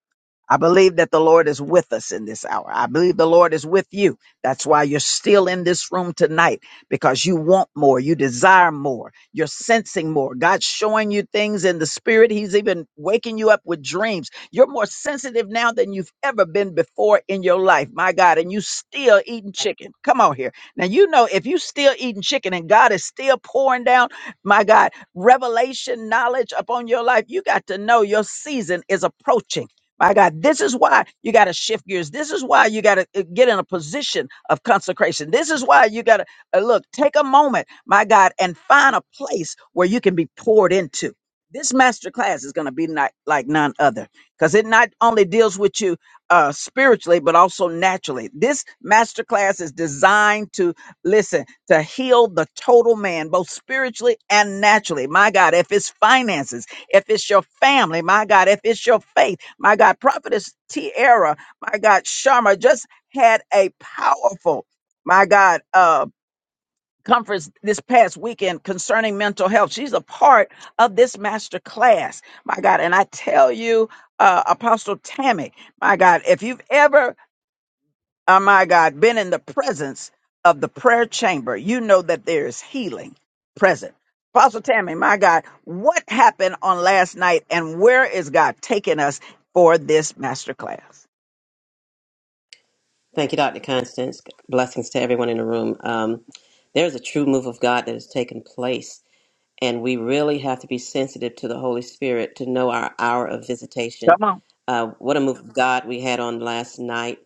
S1: I believe that the Lord is with us in this hour. I believe the Lord is with you. That's why you're still in this room tonight because you want more, you desire more, you're sensing more. God's showing you things in the spirit. He's even waking you up with dreams. You're more sensitive now than you've ever been before in your life, my God. And you still eating chicken. Come on here. Now, you know, if you still eating chicken and God is still pouring down, my God, revelation knowledge upon your life, you got to know your season is approaching. My God, this is why you got to shift gears. This is why you got to get in a position of consecration. This is why you got to uh, look, take a moment, my God, and find a place where you can be poured into. This master class is going to be not, like none other because it not only deals with you uh, spiritually, but also naturally. This master class is designed to listen, to heal the total man, both spiritually and naturally. My God, if it's finances, if it's your family, my God, if it's your faith my God, Prophetess Tiara, my God, Sharma just had a powerful, my God, uh, conference this past weekend concerning mental health. She's a part of this master class, my God. And I tell you, uh, Apostle Tammy, my God, if you've ever oh my God, been in the presence of the prayer chamber, you know that there is healing present. Apostle Tammy, my God, what happened on last night and where is God taking us for this masterclass?
S7: Thank you, Dr. Constance. Blessings to everyone in the room. Um, there's a true move of God that has taken place and we really have to be sensitive to the Holy Spirit to know our hour of visitation.
S1: Come on.
S7: Uh, what a move of God we had on last night!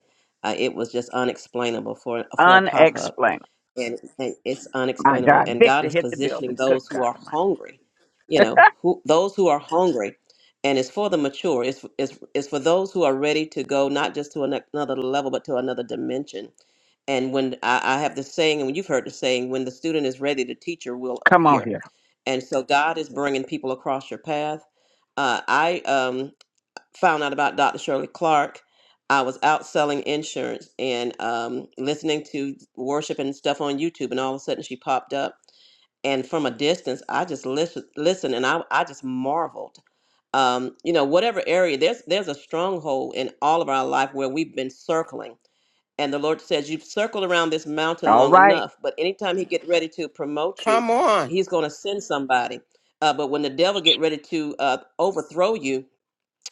S7: Uh, it was just unexplainable for for a pop up,
S1: Unexplained.
S7: and, and it's
S1: My
S7: unexplainable.
S1: God,
S7: And God
S1: Victor
S7: is
S1: hit the
S7: positioning
S1: building. Good
S7: those who
S1: God.
S7: are
S1: Almighty.
S7: hungry, you know, who those who are hungry, and it's for the mature. It's it's it's for those who are ready to go not just to ano- another level, but to another dimension and when I, I have the saying, and you've heard the saying, when the student is ready, the teacher will
S1: Come on
S7: appear.
S1: here.
S7: And so God is bringing people across your path. Uh, I um, found out about Dr. Shirley Clark. I was out selling insurance and um, listening to worship and stuff on YouTube, and all of a sudden she popped up. And from a distance, I just listened, listened and I, I just marveled um, you know, whatever area, there's there's a stronghold in all of our life where we've been circling. And the Lord says, You've circled around this mountain
S1: All
S7: long
S1: right.
S7: enough, but anytime He get ready to promote you,
S5: Come on.
S7: He's going to send somebody. Uh, but when the devil get ready to uh, overthrow you,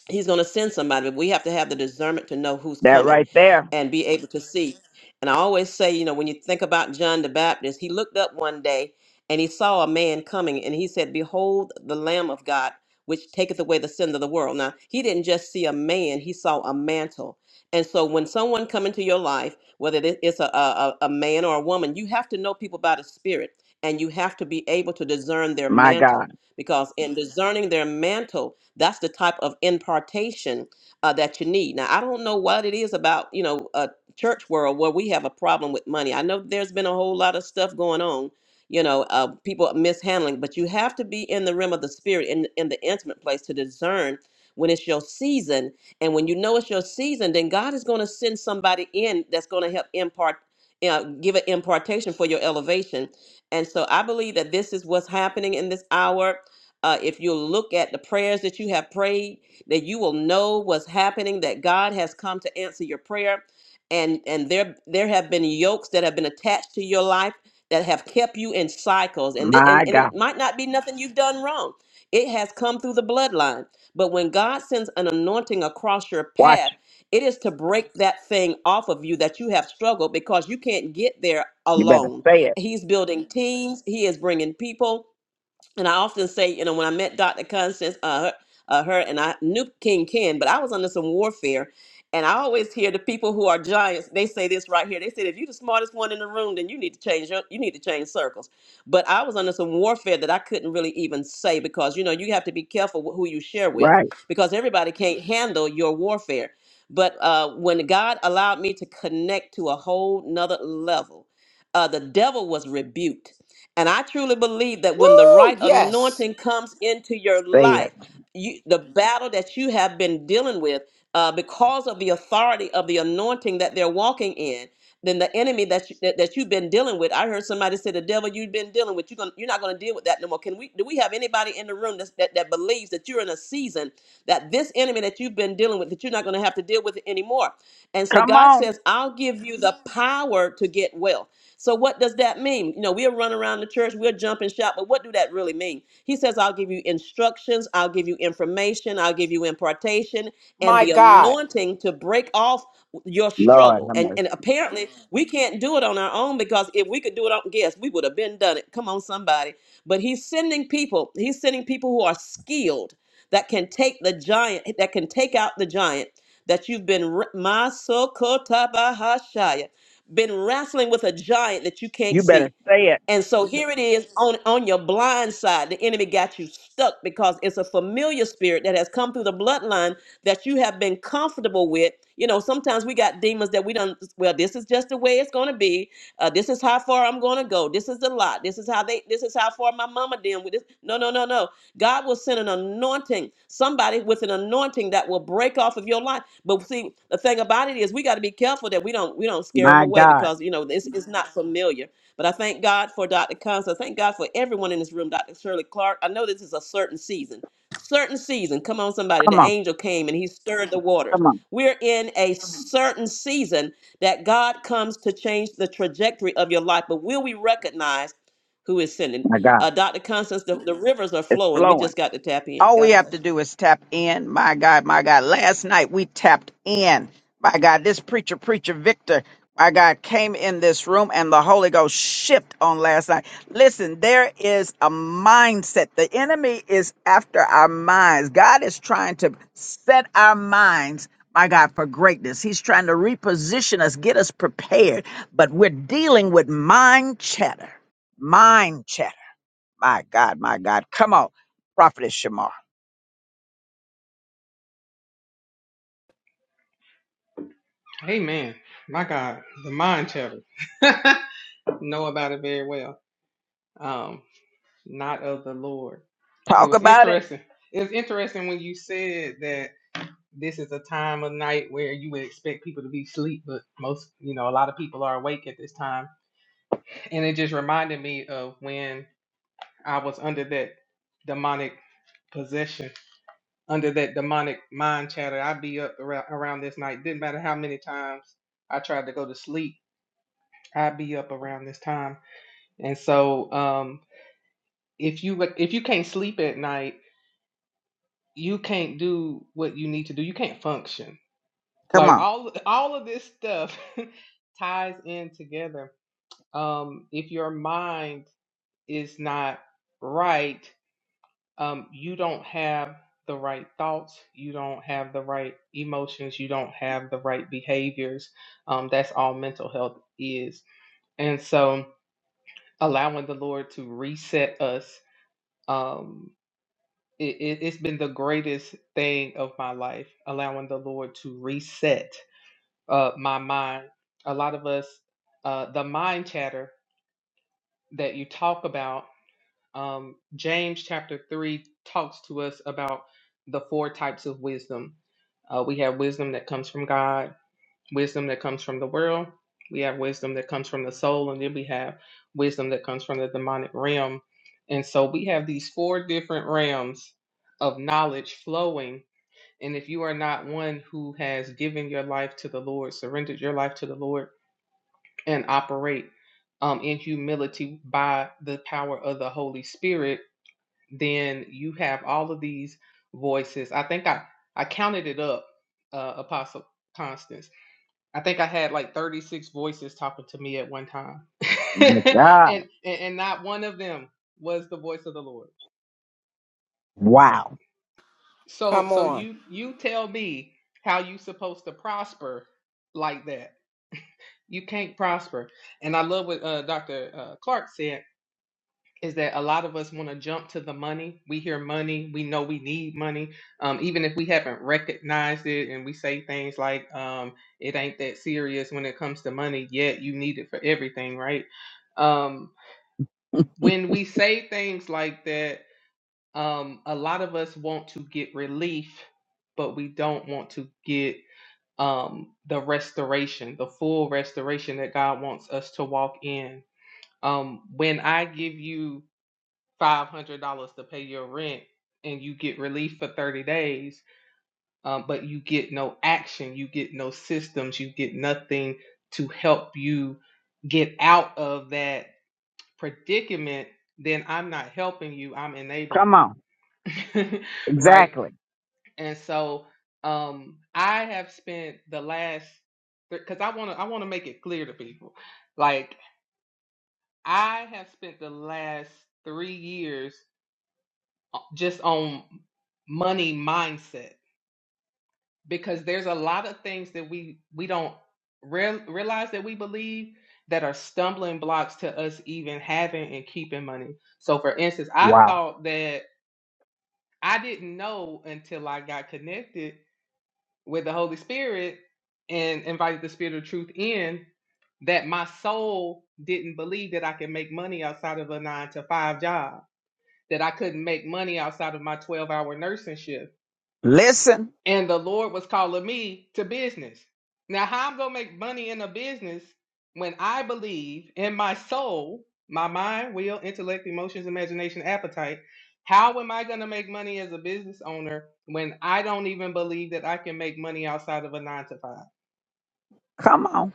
S7: he's going to send somebody but we have to have the discernment to know who's
S1: That
S7: coming
S1: right there.
S7: and be able to see and i always say you know when you think about john the baptist he looked up one day and he saw a man coming and he said behold the lamb of god which taketh away the sin of the world now he didn't just see a man he saw a mantle and so when someone come into your life whether it- it's a, a, a a man or a woman you have to know people by the spirit and you have to be able to discern their
S1: My God.
S7: mantle because in discerning their mantle that's the type of impartation uh, that you need. Now, I don't know what it is about, you know, uh, church world where we have a problem with money. I know there's been a whole lot of stuff going on, you know, uh, people mishandling, but you have to be in the realm of the spirit, in, in the intimate place to discern when it's your season. And when you know it's your season, then God is going to send somebody in that's going to help impart, uh, give an impartation for your elevation. And so I believe that this is what's happening in this hour. Uh, if you look at the prayers that you have prayed, that you will know what's happening, that God has come to answer your prayer. And and there there have been yokes that have been attached to your life that have kept you in cycles. And, thi- and,
S1: My
S7: and
S1: God.
S7: it might not be nothing you've done wrong. It has come through the bloodline. But when God sends an anointing across your
S1: Watch.
S7: path,
S1: it.
S7: it is to break that thing off of you that you have struggled because you can't get there
S1: You better
S7: alone.
S1: say it.
S7: He's building teams, He is bringing people and I often say, you know, when I met Dr. Constance, uh, her, uh, her and I knew King Ken, but I was under some warfare. And I always hear the people who are giants, they say this right here. They said, if you're the smartest one in the room, then you need to change your, you need to change circles. But I was under some warfare that I couldn't really even say because, you know, you have to be careful wh- who you share with
S1: Right.
S7: because everybody can't handle your warfare. But uh, when God allowed me to connect to a whole nother level, uh, the devil was rebuked and I truly believe that when the
S5: Woo,
S7: right
S5: yes.
S7: anointing comes into your
S1: Say it.
S7: life, you, the battle that you have been dealing with uh, because of the authority of the anointing that they're walking in, then the enemy that, you, that that you've been dealing with. I heard somebody say the devil you've been dealing with. You're gonna you're not gonna deal with that no more. Can we? Do we have anybody in the room that's, that that believes that you're in a season that this enemy that you've been dealing with that you're not gonna have to deal with it anymore? And so
S1: Come
S7: God
S1: on.
S7: says, I'll give you the power to get wealth. So what does that mean? You know, we'll run around the church, we'll jump and shout, but what do that really mean? He says, I'll give you instructions, I'll give you information, I'll give you impartation and
S5: My
S7: the
S5: God.
S7: anointing to break off your
S1: Lord,
S7: struggle.
S1: have
S7: And
S1: mercy.
S7: and apparently we can't do it on our own because if we could do it on guess, we would have been done it. Come on, somebody. But he's sending people, he's sending people who are skilled that can take the giant, that can take out the giant that you've been my been wrestling with a giant that you can't
S1: You
S7: see.
S1: better say it.
S7: And so here it is on, on your blind side. The enemy got you stuck because it's a familiar spirit that has come through the bloodline that you have been comfortable with. You know, sometimes we got demons that we don't, well, this is just the way it's going to be. Uh, this is how far I'm going to go. This is the lot. This is how they, this is how far my mama dealing with this. No, no, no, no. God will send an anointing, somebody with an anointing that will break off of your life. But see, the thing about it is we got to be careful that we don't, we don't scare them
S1: My
S7: away
S1: God.
S7: because, you know, this is not familiar. But I thank God for Dr. Combs. I thank God for everyone in this room, Dr. Shirley Clark. I know this is a certain season. Certain season. Come on, somebody.
S1: Come
S7: The
S1: on.
S7: angel came and he stirred the waters.
S1: Come on.
S7: We're in a certain season that God comes to change the trajectory of your life. But will we recognize who is sending?
S1: My God.
S7: Uh, Dr. Constance, the, the rivers are
S1: It's
S7: flowing. We
S1: flowing.
S7: just got to tap in.
S1: All we
S7: God
S1: have to
S7: bless you.
S1: do is tap in. My God, my God. Last night we tapped in. My God, this preacher, preacher Victor, my God, came in this room and the Holy Ghost shipped on last night. Listen, there is a mindset. The enemy is after our minds. God is trying to set our minds, my God, for greatness. He's trying to reposition us, get us prepared. But we're dealing with mind chatter. Mind chatter. My God, my God. Come on, Prophetess Shamar.
S8: Amen. My God, the mind chatter. know about it very well. Um, not of the Lord. It
S1: Talk
S8: was
S1: about it.
S8: interesting. It was interesting when you said that this is a time of night where you would expect people to be asleep, but most, you know, a lot of people are awake at this time. And it just reminded me of when I was under that demonic possession, under that demonic mind chatter. I'd be up around, around this night. Didn't matter how many times I tried to go to sleep I'd be up around this time. And so um if you like, if you can't sleep at night, you can't do what you need to do. You can't function.
S1: Come
S8: Like
S1: on.
S8: all all of this stuff ties in together. Um if your mind is not right, um you don't have the right thoughts, you don't have the right emotions, you don't have the right behaviors. Um that's all mental health is. And so allowing the Lord to reset us um it, it, it's been the greatest thing of my life allowing the lord to reset uh my mind a lot of us uh the mind chatter that you talk about um james chapter 3 talks to us about the four types of wisdom uh, we have wisdom that comes from god wisdom that comes from the world, we have wisdom that comes from the soul, and then we have wisdom that comes from the demonic realm. And so we have these four different realms of knowledge flowing. And if you are not one who has given your life to the Lord, surrendered your life to the Lord, and operate um, in humility by the power of the Holy Spirit, then you have all of these voices. I think I, I counted it up, uh, Apostle Constance. I think I had like 36 voices talking to me at one time.
S1: My
S8: and,
S1: God.
S8: and and not one of them was the voice of the Lord.
S1: Wow.
S8: So
S5: Come
S8: so
S5: on.
S8: you you tell me how you supposed to prosper like that. You can't prosper. And I love what uh, Dr. Uh, Clark said is that a lot of us want to jump to the money. We hear money, we know we need money, um, even if we haven't recognized it, and we say things like, um, "It ain't that serious when it comes to money." Yet you need it for everything, right? Um, when we say things like that, um, a lot of us want to get relief, but we don't want to get um, the restoration, the full restoration that God wants us to walk in. Um, when I give you five hundred dollars to pay your rent and you get relief for thirty days, um, but you get no action, you get no systems, you get nothing to help you get out of that predicament, then I'm not helping you, I'm
S1: Come
S8: enabling
S1: on.
S8: you. right?
S1: Exactly.
S8: And so um I have spent the last because I want to I want to make it clear to people. Like I have spent the last 3 years just on money mindset because there's a lot of things that we we don't real, realize that we believe that are stumbling blocks to us even having and keeping money. So for instance, I
S1: Wow.
S8: thought that I didn't know until I got connected with the Holy Spirit and invited the spirit of truth in that my soul didn't believe that I could make money outside of a 9 to 5 job, that I couldn't make money outside of my 12-hour nursing shift
S1: Listen.
S8: and the Lord was calling me to business. Now, how I'm gonna make money in a business when I believe in my soul, my mind, will, intellect, emotions, imagination, appetite? How am I gonna make money as a business owner when I don't even believe that I can make money outside of a nine to five?
S1: Come on.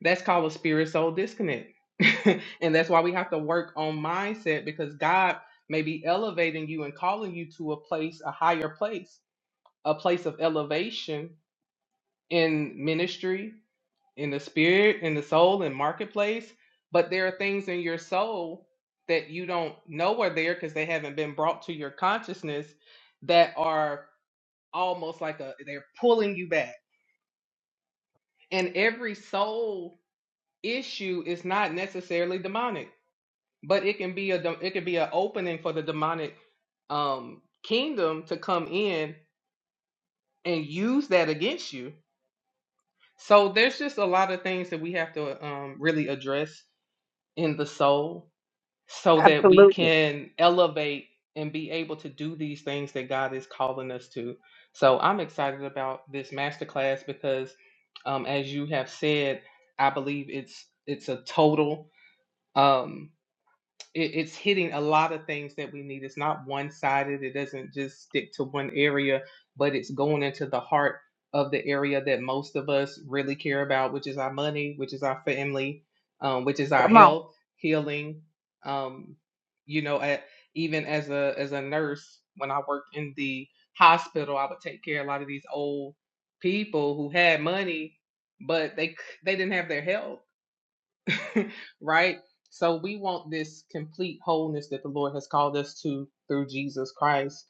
S8: That's called a spirit soul disconnect. and that's why we have to work on mindset because God may be elevating you and calling you to a place, a higher place, a place of elevation in ministry, in the spirit, in the soul, in marketplace. But there are things in your soul that you don't know are there because they haven't been brought to your consciousness that are almost like a they're pulling you back. And every soul issue is not necessarily demonic, but it can be a dem- it can be an opening for the demonic um kingdom to come in and use that against you. So there's just a lot of things that we have to um really address in the soul so that we
S1: Absolutely.
S8: can elevate and be able to do these things that God is calling us to. So I'm excited about this masterclass because um, as you have said, I believe it's it's a total um, it, it's hitting a lot of things that we need. It's not one sided, it doesn't just stick to one area, but it's going into the heart of the area that most of us really care about, which is our money, which is our family, um, which is our
S1: Come on.
S8: health, healing. Um, you know, at, even as a as a nurse, when I worked in the hospital, I would take care of a lot of these old people who had money, but they they didn't have their health right? So we want this complete wholeness that the Lord has called us to through Jesus Christ.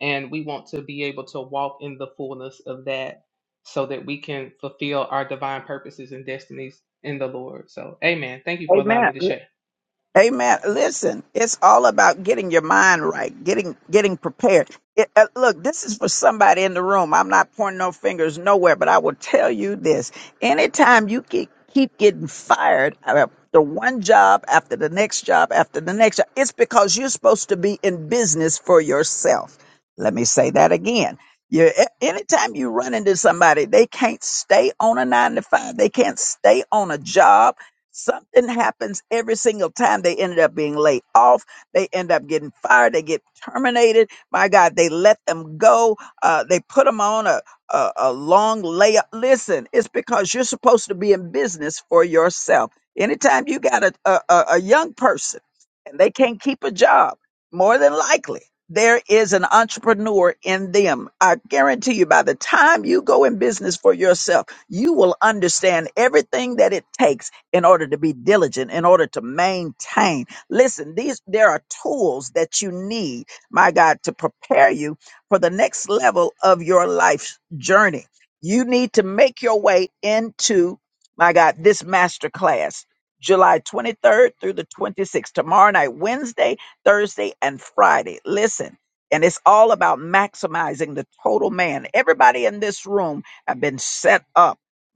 S8: And we want to be able to walk in the fullness of that so that we can fulfill our divine purposes and destinies in the Lord. So, amen. Thank you for allowing me to
S1: Amen.
S8: share.
S1: Amen. Listen, it's all about getting your mind right, getting getting prepared. It, uh, look, this is for somebody in the room. I'm not pointing no fingers nowhere, but I will tell you this: anytime you keep keep getting fired after one job, after the next job, after the next job, it's because you're supposed to be in business for yourself. Let me say that again. You, a- anytime you run into somebody, they can't stay on a nine to five. They can't stay on a job Something happens every single time they ended up being laid off. They end up getting fired. They get terminated. My God, they let them go. Uh, they put them on a, a, a long layup. Listen, it's because you're supposed to be in business for yourself. Anytime you got a, a, a a young person and they can't keep a job, more than likely, there is an entrepreneur in them. I guarantee you, by the time you go in business for yourself, you will understand everything that it takes in order to be diligent, in order to maintain. Listen, these there are tools that you need, my God, to prepare you for the next level of your life's journey. You need to make your way into, my God, this master class. July 23rd through the 26th, tomorrow night, Wednesday, Thursday, and Friday. Listen, and it's all about maximizing the total man. Everybody in this room have been set up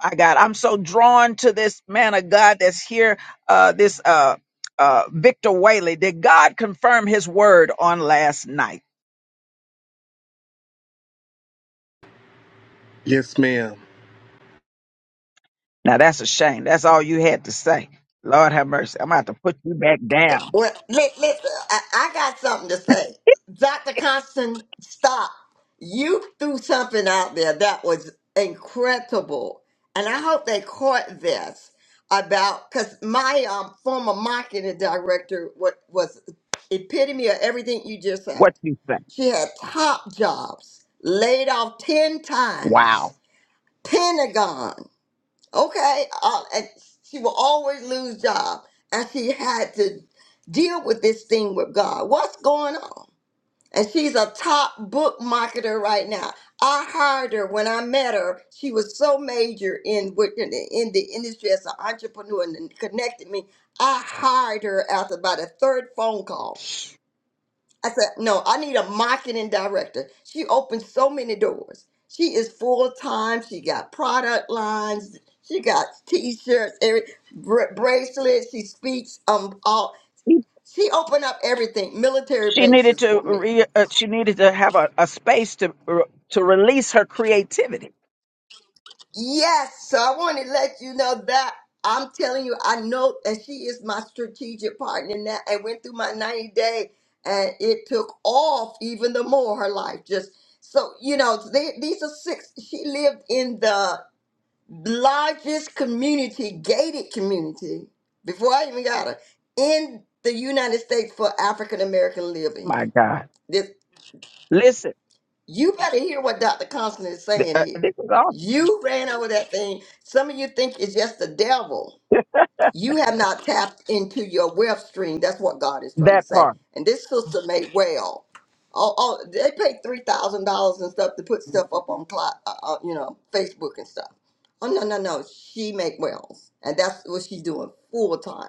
S1: my God, I'm so drawn to this man of God that's here, uh, this uh, uh, Victor Whaley. Did God confirm his word on last night?
S9: Yes, ma'am.
S1: Now, that's a shame. That's all you had to say. Lord have mercy. I'm about to put you back down.
S6: Well, li- listen, I, I got something to say. Dr. Constant, stop. You threw something out there that was incredible. And I hope they caught this about, because my um, former marketing director was, was epitome of everything you just said.
S1: What you say?
S6: She had top jobs, laid off 10 times,
S1: Wow.
S6: Pentagon. Okay, uh, and she will always lose job, and she had to deal with this thing with God. What's going on? And she's a top book marketer right now. I hired her when I met her. She was so major in what- in the in the industry as an entrepreneur and connected me. I hired her after about a third phone call. I said, no, I need a marketing director. She opened so many doors. She is full time. She got product lines. She got t-shirts, every br- bracelets. She speaks. Um, all
S1: He
S6: she opened up everything, military
S1: She needed
S6: bases
S1: to
S6: for me.
S1: re, uh, she needed to have a, a space to re- to release her creativity.
S6: Yes, so I want to let you know that I'm telling you, I know that she is my strategic partner now. I went through my 90 day and it took off even the more her life. Just so you know, they, these are six. She lived in the largest community, gated community, before I even got her in the United States for African American living.
S1: My God, listen,
S6: You better hear what Dr. Constant is
S1: th-
S6: saying
S1: uh,
S6: here.
S1: this is awesome.
S6: You ran over that thing. Some of you think it's just the devil. You have not tapped into your web stream. That's what God is trying to
S1: That
S6: say.
S1: part,
S6: And this sister made well. Oh, oh they paid three thousand dollars and stuff to put stuff up on, Cli- uh, uh, you know, Facebook and stuff. Oh no, no, no. She make wells, and that's what she's doing full time.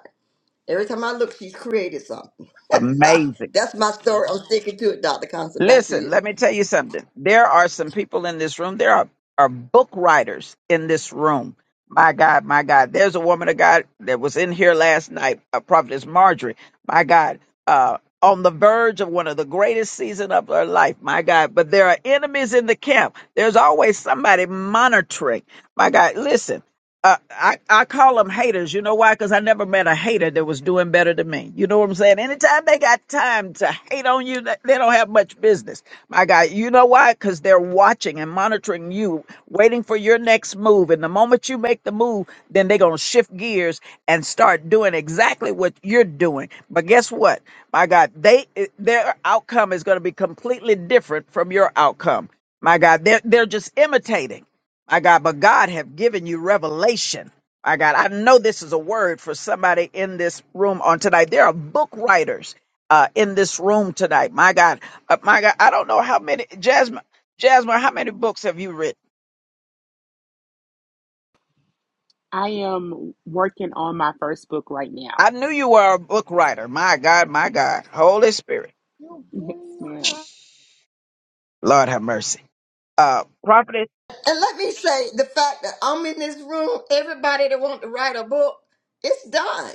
S6: Every time I look, she's created something.
S1: amazing.
S6: that's my story. I'm sticking to it, Dr. Constant. Back to
S1: Listen,
S6: you.
S1: let me tell you something. There are some people in this room. There are, are book writers in this room. My God, my God. There's a woman of God that was in here last night, uh, Prophetess Marjorie. My God, uh, on the verge of one of the greatest season of her life. My God, but there are enemies in the camp. There's always somebody monitoring. My God, listen uh, I, I call them haters. You know why? Because I never met a hater that was doing better than me. You know what I'm saying? Anytime they got time to hate on you, they they don't have much business. My guy, you know why? Because they're watching and monitoring you, waiting for your next move. And the moment you make the move, then they're going to shift gears and start doing exactly what you're doing. But guess what? My God, they eh, their outcome is going to be completely different from your outcome. My God, they're, they're just imitating. My God, but God have given you revelation. My God, I know this is a word for somebody in this room on tonight. There are book writers uh, in this room tonight. My God, uh, my God, I don't know how many, Jasmine, Jasmine, how many books have you written?
S10: I am working on my first book right now.
S1: I knew you were a book writer. My God, my God, Holy Spirit,
S10: Yes, ma'am.
S1: Lord have mercy. Uh, prophetess,
S6: And let me say the fact that I'm in this room, everybody that want to write a book, it's done.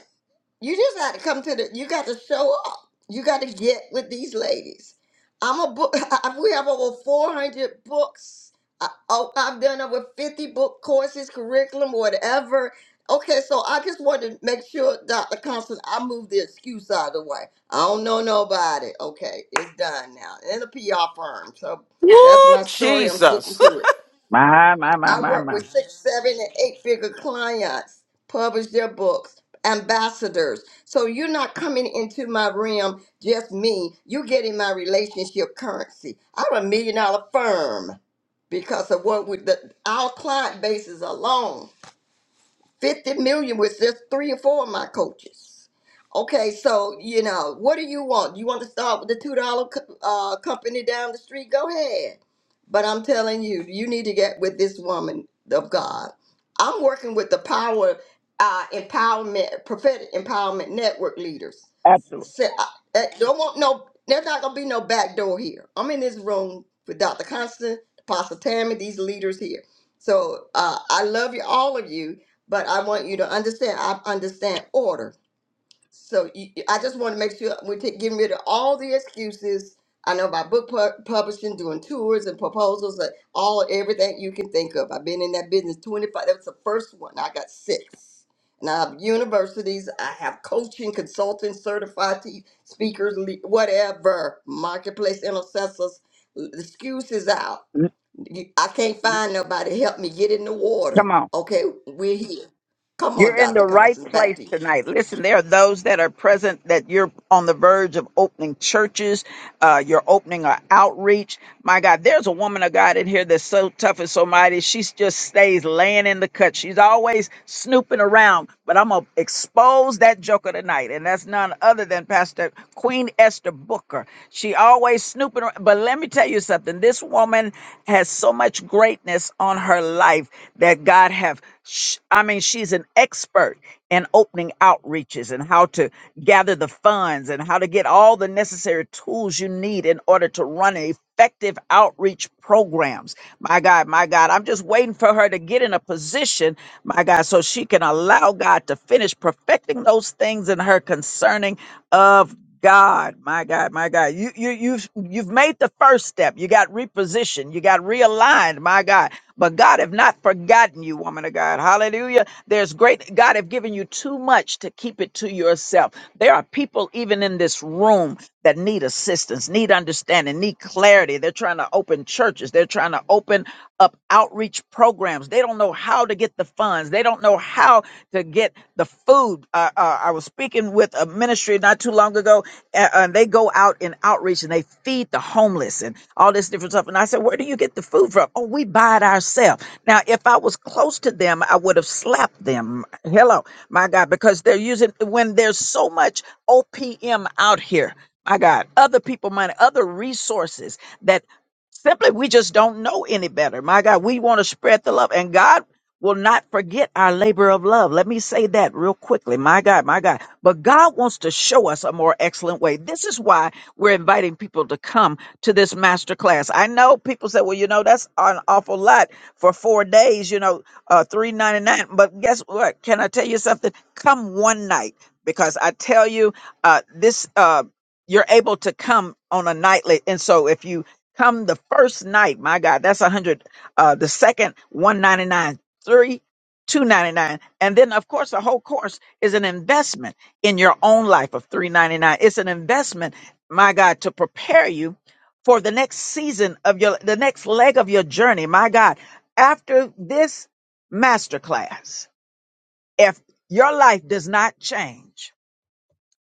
S6: You just got to come to the you got to show up. You got to get with these ladies. I'm a book I- we have over 400 books. I, oh, I've done over 50 book courses, curriculum, whatever. Okay, so I just want to make sure, Dr. Constance, I move the excuse out of the way. I don't know nobody. Okay, it's done now. And a PR firm. So
S5: Woo,
S6: that's my story. I'm sticking
S5: Jesus.
S6: to it.
S1: my, my, my,
S6: I
S1: my,
S6: work
S1: my,
S6: with six, seven, and eight figure clients, publish their books, ambassadors. So you're not coming into my realm just me. You're getting my relationship currency. I'm a million dollar firm because of what we, the, our client bases alone. 50 million with just three or four of my coaches. Okay, so you know, what do you want? You want to start with the two dollar uh, company down the street? Go ahead. But I'm telling you, you need to get with this woman of God. I'm working with the power uh, empowerment prophetic empowerment network leaders.
S1: absolutely.
S6: Say, I, I don't want no. There's not gonna be no back door here. I'm in this room with Dr. Constant, Apostle Tammy, these leaders here. So uh, I love you, all of you but I want you to understand. I understand order. So you, I just want to make sure we're ta- getting rid of all the excuses. I know about book pu- publishing, doing tours and proposals, uh, all everything you can think of. I've been in that business 25. That was the first one. I got six. And I have universities. I have coaching, consulting, certified te- speakers, le- whatever, marketplace intercessors. The excuse is out. You- I can't find nobody to help me get in the
S1: Come
S6: water.
S1: on.
S6: Okay, we're here. Come on,
S1: You're in the
S6: Dr.
S1: right
S6: Constance, back
S1: place
S6: to you.
S1: tonight. Listen, there are those that are present that you're on the verge of opening churches. Uh, you're opening an outreach. My God, there's a woman of God in here that's so tough and so mighty. She just stays laying in the cut. She's always snooping around, but I'm going to expose that joker tonight. And that's none other than Pastor Queen Esther Booker. She always snooping around. But let me tell you something. This woman has so much greatness on her life that God have Sh- I mean, she's an expert in opening outreaches and how to gather the funds and how to get all the necessary tools you need in order to run effective outreach programs. My God, my God, I'm just waiting for her to get in a position, my God, so she can allow God to finish perfecting those things in her concerning of God, my God, my God. You you you've you've made the first step. You got repositioned. You got realigned, my God. But God have not forgotten you, woman of God. Hallelujah. There's great God have given you too much to keep it to yourself. There are people even in this room that need assistance, need understanding, need clarity. They're trying to open churches. They're trying to open up outreach programs. They don't know how to get the funds ones. They don't know how to get the food. Uh, uh, I was speaking with a ministry not too long ago, and, and they go out in outreach and they feed the homeless and all this different stuff. And I said, Where do you get the food from? Oh, we buy it ourselves. Now, if I was close to them, I would have slapped them. Hello, my God, because they're using, when there's so much OPM out here, my God, other people money, other resources that simply we just don't know any better. My God, we want to spread the love. And God will not forget our labor of love. Let me say that real quickly. My God, my God. But God wants to show us a more excellent way. This is why we're inviting people to come to this master class. I know people say, well, you know, that's an awful lot for four days, you know, uh, three ninety nine. But guess what? Can I tell you something? Come one night because I tell you, uh, this, uh, you're able to come on a nightly. And so if you come the first night, my God, that's a hundred uh, the second 199 three two ninety nine and then of course the whole course is an investment in your own life of three ninety nine it's an investment my god to prepare you for the next season of your the next leg of your journey my god after this masterclass if your life does not change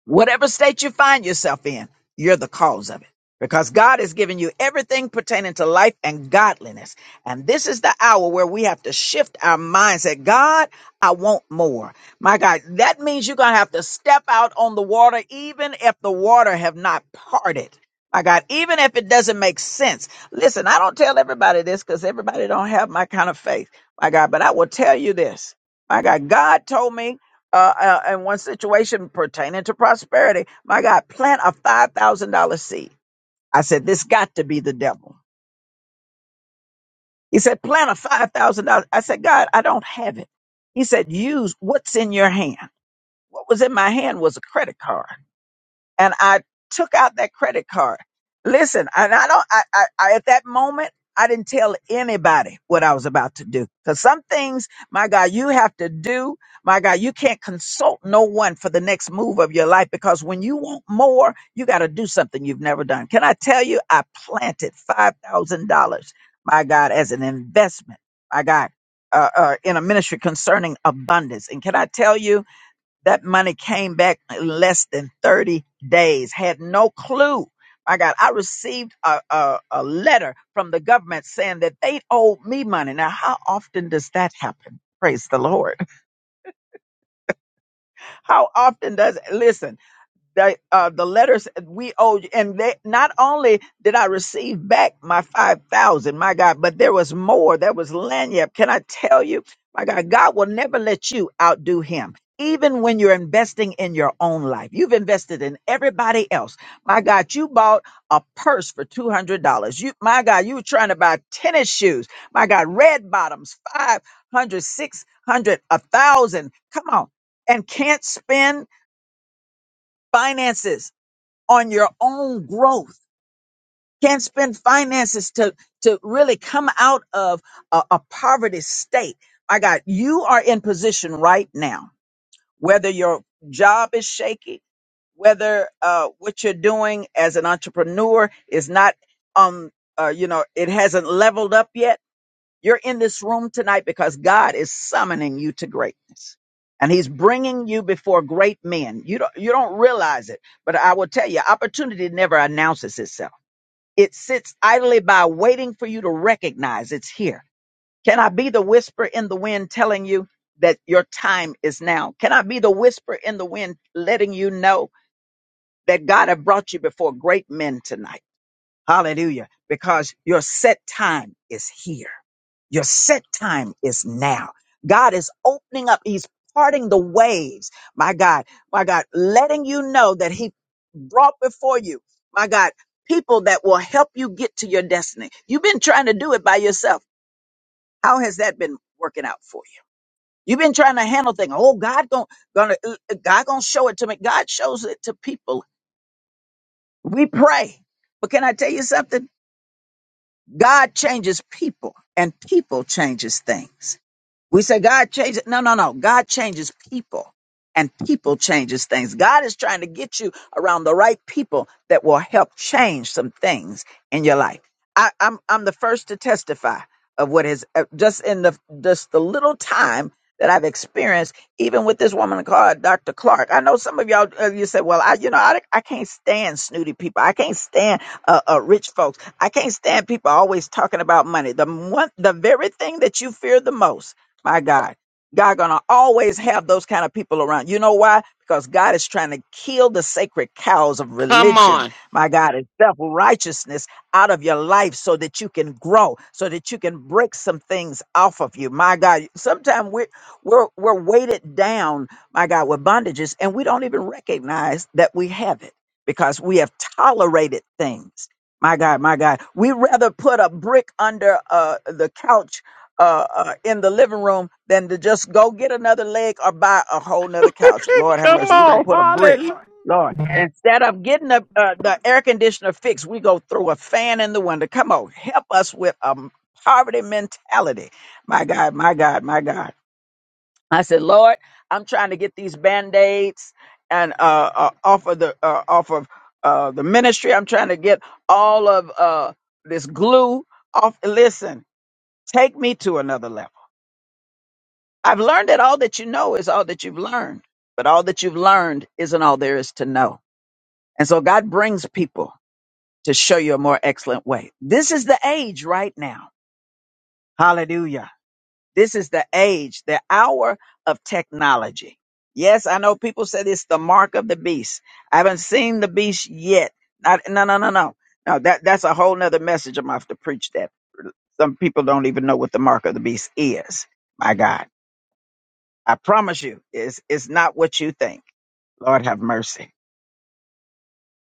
S1: Whatever state you find yourself in, you're the cause of it. Because God has given you everything pertaining to life and godliness. And this is the hour where we have to shift our mindset. God, I want more. My God, that means you're going to have to step out on the water, even if the water have not parted. My God, even if it doesn't make sense. Listen, I don't tell everybody this because everybody don't have my kind of faith. My God, but I will tell you this. My God, God told me uh, uh, in one situation pertaining to prosperity. My God, plant a $5,000 seed. I said, this got to be the devil. He said, plant a $5,000. I said, God, I don't have it. He said, use what's in your hand. What was in my hand was a credit card. and I took out that credit card. Listen, and I don't, I, I, I at that moment, I didn't tell anybody what I was about to do. Cause some things, my God, you have to do. My God, you can't consult no one for the next move of your life because when you want more, you got to do something you've never done. Can I tell you, I planted $5,000, my God, as an investment, my God, uh, uh, in a ministry concerning abundance. And can I tell you, that money came back in less than 30 days. Had no clue. My God, I received a, a, a letter from the government saying that they owed me money. Now, how often does that happen? Praise the Lord. How often does, listen, the uh, the letters we owed, you. and they not only did I receive back my five thousand, my God, but there was more. There was lanyard. Can I tell you, my God, God will never let you outdo Him. Even when you're investing in your own life, you've invested in everybody else. My God, you bought a purse for two hundred dollars. You, my God, you were trying to buy tennis shoes. My God, red bottoms, five hundred, six hundred, a thousand. Come on, and can't spend finances on your own growth. Can't spend finances to, to really come out of a, a poverty state. My God, you are in position right now, whether your job is shaky, whether uh, what you're doing as an entrepreneur is not, um, uh, you know, it hasn't leveled up yet you're in this room tonight because God is summoning you to greatness. And he's bringing you before great men. You don't, you don't realize it, but I will tell you, opportunity never announces itself. It sits idly by waiting for you to recognize it's here. Can I be the whisper in the wind telling you that your time is now? Can I be the whisper in the wind letting you know that God has brought you before great men tonight? Hallelujah. Because your set time is here. Your set time is now. God is opening up. He's parting the waves. My God, my God, letting you know that he brought before you, my God, people that will help you get to your destiny. You've been trying to do it by yourself. How has that been working out for you? You've been trying to handle things. Oh, God gonna, gonna uh, God gonna show it to me. God shows it to people. We pray. But can I tell you something? God changes people and people changes things. We say God changes. No, no, no. God changes people and people changes things. God is trying to get you around the right people that will help change some things in your life. I, I'm, I'm the first to testify of what is uh, just in the, just the little time that I've experienced, even with this woman called Dr. Clark. I know some of y'all, uh, you said, well, I, you know, I, I can't stand snooty people. I can't stand uh, uh, rich folks. I can't stand people always talking about money. The one, the very thing that you fear the most my God. God gonna always have those kind of people around. You know why? Because God is trying to kill the sacred cows of
S5: Come
S1: religion,
S5: on.
S1: my God, and self-righteousness out of your life so that you can grow, so that you can break some things off of you. My God, sometimes we're we're we're weighted down, my God, with bondages, and we don't even recognize that we have it because we have tolerated things. My God, my God. We rather put a brick under uh, the couch uh, uh, in the living room than to just go get another leg or buy a whole nother couch. Lord have
S5: Come
S1: mercy. We're going to
S5: on.
S1: put a brick.
S5: Hallelujah.
S1: Lord, instead of getting the, uh, the air conditioner fixed, we go throw a fan in the window. Come on, help us with a poverty mentality. My God, my God, my God. I said, Lord, I'm trying to get these band-aids and uh, uh, off of the uh, off of uh, the ministry. I'm trying to get all of uh, this glue off. Listen, take me to another level. I've learned that all that you know is all that you've learned, but all that you've learned isn't all there is to know. And so God brings people to show you a more excellent way. This is the age right now. Hallelujah. This is the age, the hour of technology. Yes, I know people said it's the mark of the beast. I haven't seen the beast yet. Not- no, no, no, no. No, that, that's a whole nother message. I'm gonna have to preach that. Some people don't even know what the mark of the beast is. My God. I promise you, it's, it's not what you think. Lord have mercy.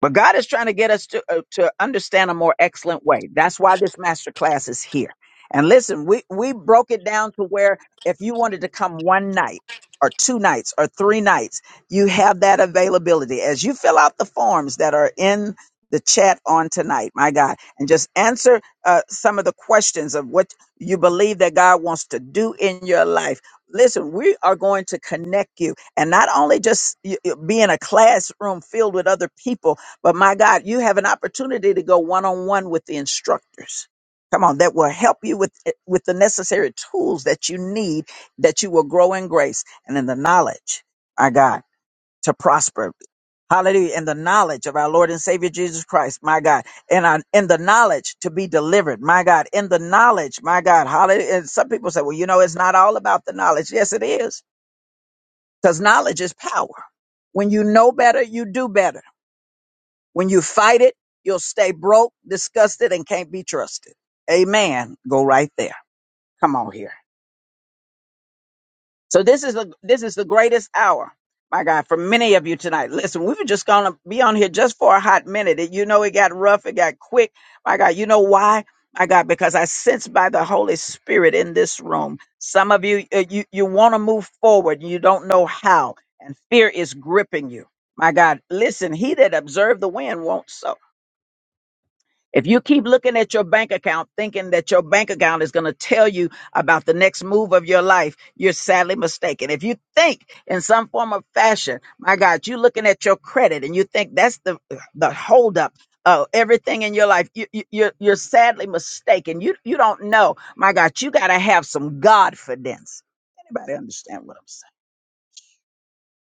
S1: But God is trying to get us to uh, to understand a more excellent way. That's why this master class is here. And listen, we we broke it down to where if you wanted to come one night or two nights or three nights, you have that availability. As you fill out the forms that are in the chat on tonight, my God, and just answer uh, some of the questions of what you believe that God wants to do in your life. Listen, we are going to connect you and not only just y- y- be in a classroom filled with other people but my God, you have an opportunity to go one on one with the instructors. Come on, that will help you with eh, with the necessary tools that you need that you will grow in grace and in the knowledge, my God, to prosper. Hallelujah. In the knowledge of our Lord and Savior Jesus Christ, my God. And on, in the knowledge to be delivered, my God. In the knowledge, my God. Hallelujah. And some people say, well, you know, it's not all about the knowledge. Yes, it is. Because knowledge is power. When you know better, you do better. When you fight it, you'll stay broke, disgusted, and can't be trusted. Amen. Go right there. Come on here. So this is the this is the greatest hour. My God, for many of you tonight. Listen, we were just gonna be on here just for a hot minute. And you know it got rough, it got quick. My God, you know why? My God, because I sense by the Holy Spirit in this room. Some of you uh, you you want to move forward, you don't know how, and fear is gripping you. My God, listen, he that observed the wind won't sow. If you keep looking at your bank account thinking that your bank account is going to tell you about the next move of your life, you're sadly mistaken. If you think in some form of fashion, my God, you're looking at your credit and you think that's the the holdup of everything in your life, you, you, you're you're sadly mistaken. You you don't know, my God, you got to have some godfidence. Anybody understand what I'm saying?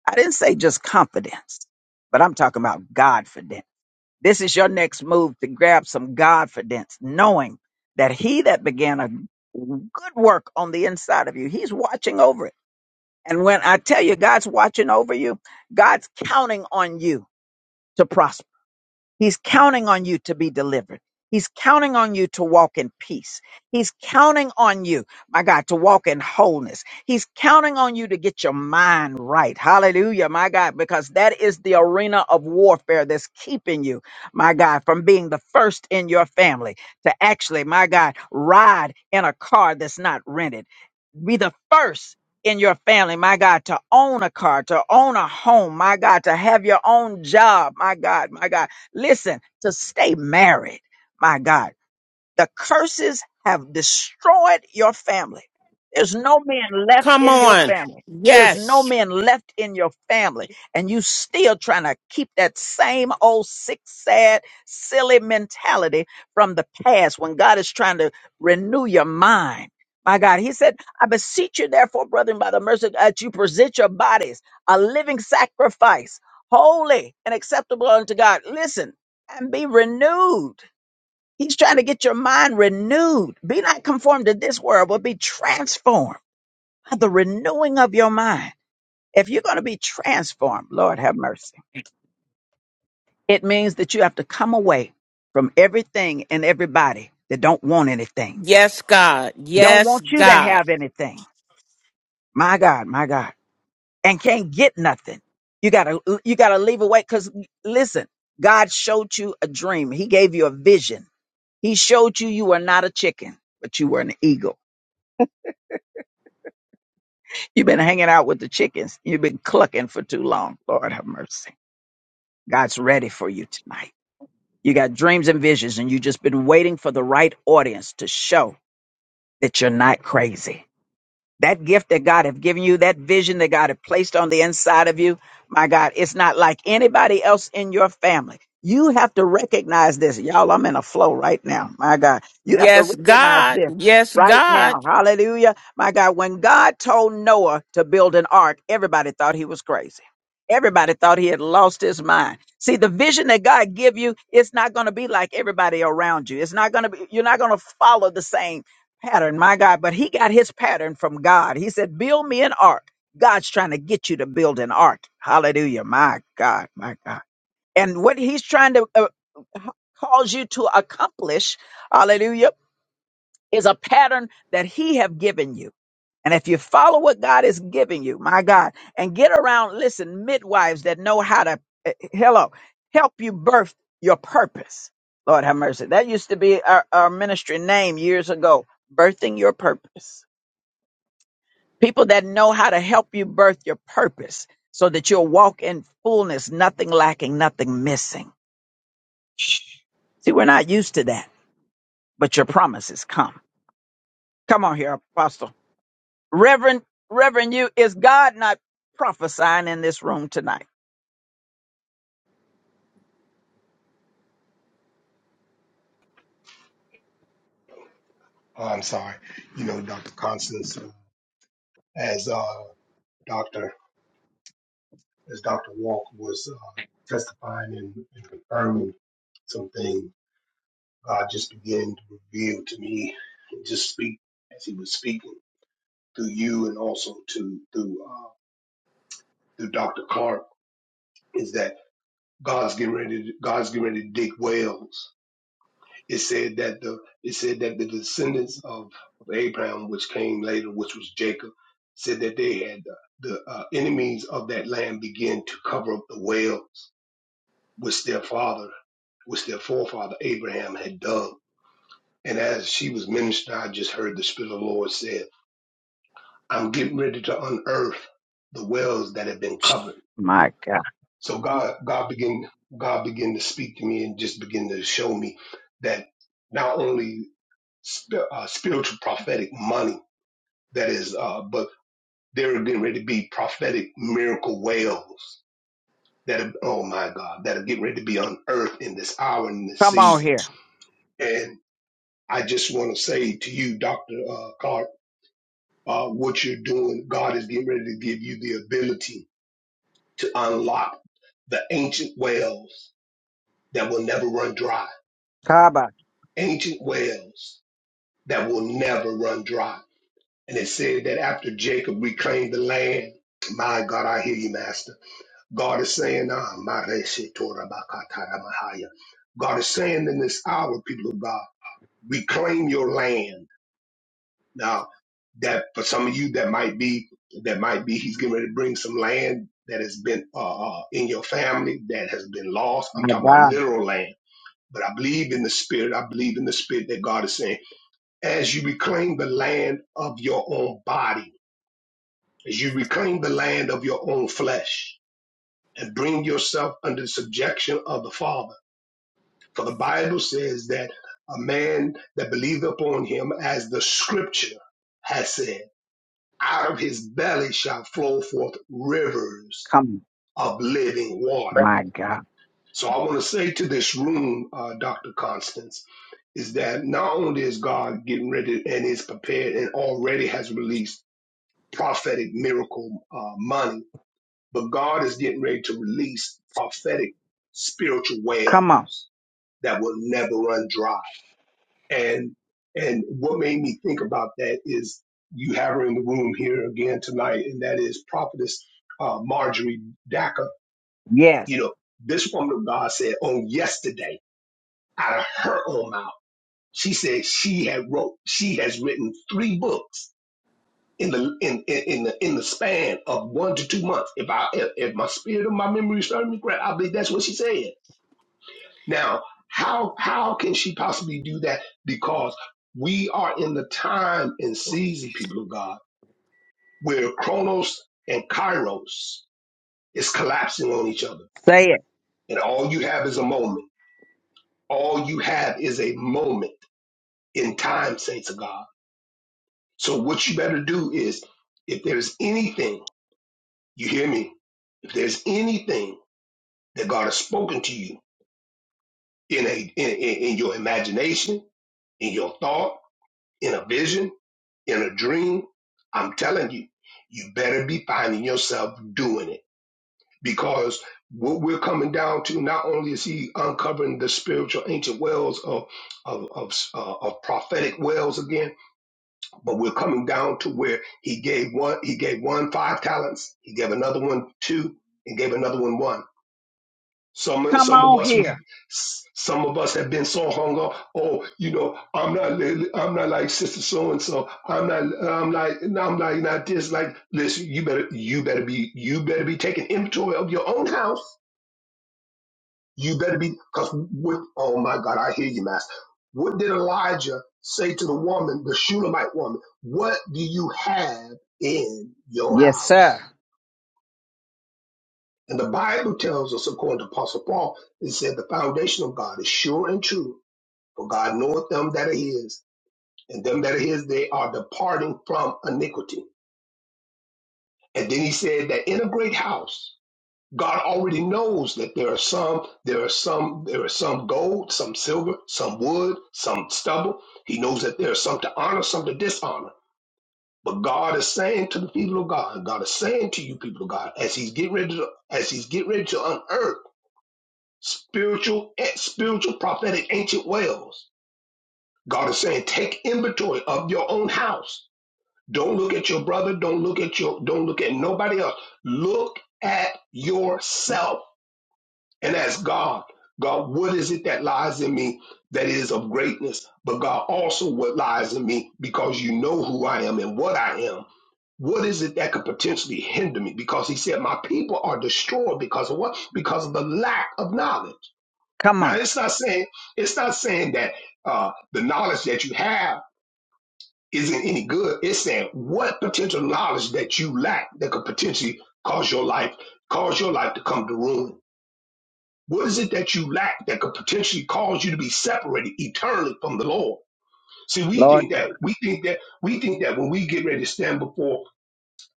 S1: I didn't say just confidence, but I'm talking about godfidence. This is your next move to grab some confidence, knowing that he that began a good work on the inside of you, he's watching over it. And when I tell you God's watching over you, God's counting on you to prosper. He's counting on you to be delivered. He's counting on you to walk in peace. He's counting on you, my God, to walk in wholeness. He's counting on you to get your mind right. Hallelujah, my God, because that is the arena of warfare that's keeping you, my God, from being the first in your family to actually, my God, ride in a car that's not rented. Be the first in your family, my God, to own a car, to own a home, my God, to have your own job, my God, my God Listen, to stay married, my God the curses have destroyed your family. There's no men left
S5: Come
S1: in your
S5: on.
S1: family. There's no
S5: Yes.
S1: men left in your family. And you still trying to keep that same old sick, sad, silly mentality from the past when God is trying to renew your mind. My God, he said, I beseech you, therefore, brethren, by the mercy of God, that you present your bodies a living sacrifice, holy and acceptable unto God. Listen, and be renewed He's trying to get your mind renewed. Be not conformed to this world, but be transformed by the renewing of your mind. If you're going to be transformed, Lord have mercy. It means that you have to come away from everything and everybody that don't want anything,
S5: Yes, God.
S1: don't
S5: Yes,
S1: want you to
S5: God.
S1: have anything. My God, my God, and can't get nothing. You gotta, you gotta leave away. Cause listen, God showed you a dream. He gave you a vision. He showed you you were not a chicken, but you were an eagle. You've been hanging out with the chickens. You've been clucking for too long. Lord have mercy. God's ready for you tonight. You got dreams and visions, and you've just been waiting for the right audience to show that you're not crazy that gift that God have given you, that vision that God have placed on the inside of you, my God, it's not like anybody else in your family. You have to recognize this. Y'all, I'm in a flow right now. My God, you have to
S5: Yes,
S1: recognize
S5: God.
S1: this
S5: Yes,
S1: right
S5: God.
S1: now. Hallelujah. My God, when God told Noah to build an ark, everybody thought he was crazy. Everybody thought he had lost his mind. See, the vision that God give you, it's not going to be like everybody around you. It's not going to be, you're not going to follow the same pattern, my God, but he got his pattern from God. He said, Build me an ark. God's trying to get you to build an ark. Hallelujah, my God, my God. And what he's trying to uh, cause you to accomplish, hallelujah, is a pattern that he have given you. And if you follow what God is giving you, my God, and get around, listen, midwives that know how to, eh, eh, hello, help you birth your purpose. Lord have mercy. That used to be our, our ministry name years ago, birthing your purpose. People that know how to help you birth your purpose so that you'll walk in fullness, nothing lacking, nothing missing. Shh. See, we're not used to that, but your promises come. Come on here, Apostle. Reverend, Reverend, you is God not prophesying in this room tonight?
S4: oh, I'm sorry. You know, Dr. Constance, as uh, Doctor. as Dr. Walk was uh, testifying and, and confirming something, God just began to reveal to me and just speak as He was speaking through you and also to through uh, through Dr. Clark is that God's getting ready. To, God's getting ready to dig wells. It said that the it said that the descendants of, of Abraham, which came later, which was Jacob, said that they had the, the uh, enemies of that land begin to cover up the wells which their father which their forefather Abraham had dug. And as she was ministering, I just heard the Spirit of the Lord said, I'm getting ready to unearth the wells that have been
S1: Shh,
S4: covered.
S1: My God,
S4: So God, God began, God began to speak to me and just begin to show me that not only sp- uh, spiritual prophetic money that is, uh, but there are getting ready to be prophetic miracle wells that, are, oh my God, that are getting ready to be unearthed in this hour and this
S1: come on
S4: season.
S1: here,
S4: and. I just want to say to you, Dr. Uh, Clark, uh, what you're doing, God is getting ready to give you the ability to unlock the ancient wells that will never run dry.
S1: Kaba.
S4: Ancient wells that will never run dry. And it said that after Jacob reclaimed the land, my God, I hear you, Master. God is saying, ah, Mareshe Torah Bakatara Mahaya. God is saying in this hour, people of God, reclaim your land Now, that for some of you, that might be that might be he's getting ready to bring some land that has been uh, uh, in your family that has been lost. I'm
S1: My
S4: talking about
S1: God,
S4: literal land. But I believe in the spirit. I believe in the spirit that God is saying, as you reclaim the land of your own body, as you reclaim the land of your own flesh, and bring yourself under the subjection of the Father. For the Bible says that a man that believeth upon him, as the scripture has said. out of his belly shall flow forth rivers
S1: come,
S4: of living water.
S1: my God,
S4: So I want to say to this room, uh, Dr. Constance, is that not only is God getting ready and is prepared and already has released prophetic miracle uh, money, but God is getting ready to release prophetic spiritual well
S1: come on.
S4: that will never run dry And and what made me think about that is you have her in the room here again tonight, and that is prophetess uh, Marjorie Daca.
S1: Yes,
S4: You know, this woman of God said on yesterday, out of her own mouth, she said she had wrote, she has written three books in the in in, in the in the span of one to two months. If I if, if my spirit of my memory serves me correct, I believe that's what she said. Now, how how can she possibly do that? Because we are in the time and season, people of God, where Chronos and Kairos is collapsing on each other.
S1: say it.
S4: And all you have is a moment. All you have is a moment in time, saints of God. So what you better do is if there's anything, you hear me, if there's anything that God has spoken to you in a in, in in your imagination, in your thought, in a vision, in a dream, I'm telling you, you better be finding yourself doing it because what we're coming down to not only is he uncovering the spiritual ancient wells of of of, uh, of prophetic wells again, but we're coming down to where he gave one he gave one five talents, he gave another one two, and gave another one one. Some
S1: Come
S4: some of
S1: on
S4: us
S1: here.
S4: we some of us have been so hung up. Oh, you know, I'm not li- I'm not like sister so and so. I'm not I'm like I'm like not this. Like, listen, you better you better be you better be taking inventory of your own house. You better be because what? Oh my God, I hear you, Master. What did Elijah say to the woman, the Shunammite woman? What do you have in your
S1: Yes, sir.
S4: house? And the Bible tells us, according to Apostle Paul, it said the foundation of God is sure and true, For God knoweth them that are his, and them that are his, they are departing from iniquity. And then he said that in a great house, God already knows that there are some, there are some, there are some gold, some silver, some wood, some stubble. He knows that there are some to honor, some to dishonor. But God is saying to the people of God, God is saying to you people of God, as He's getting ready to, as He's getting ready to unearth spiritual, eh, spiritual prophetic ancient wells. God is saying, take inventory of your own house Don't look at your brother. Don't look at your, don't look at nobody else. Look at yourself and ask God, God, what is it that lies in me that is of greatness? But God, also what lies in me because you know who I am and what I am. What is it that could potentially hinder me? Because he said, My people are destroyed because of what? Because of the lack of knowledge.
S1: Come
S4: Now
S1: on,
S4: it's not saying, it's not saying that uh, the knowledge that you have isn't any good. It's saying what potential knowledge that you lack that could potentially cause your life, cause your life to come to ruin. What is it that you lack that could potentially cause you to be separated eternally from the Lord? See, we
S1: Lord.
S4: think
S1: God.
S4: that we think that we think that when we get ready to stand before,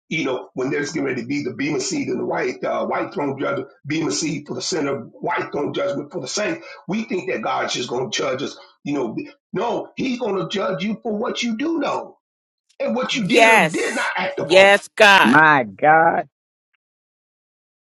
S4: you know, when there's getting ready to be the beam of seed and the white uh, white throne judgment, beam of seed for the sinner, white throne judgment for the saint, we think that God's just going to judge us. You know, no, He's going to judge you for what you do know and what you did or did not
S5: Yes.
S4: act upon.
S5: Yes, God.
S1: My God,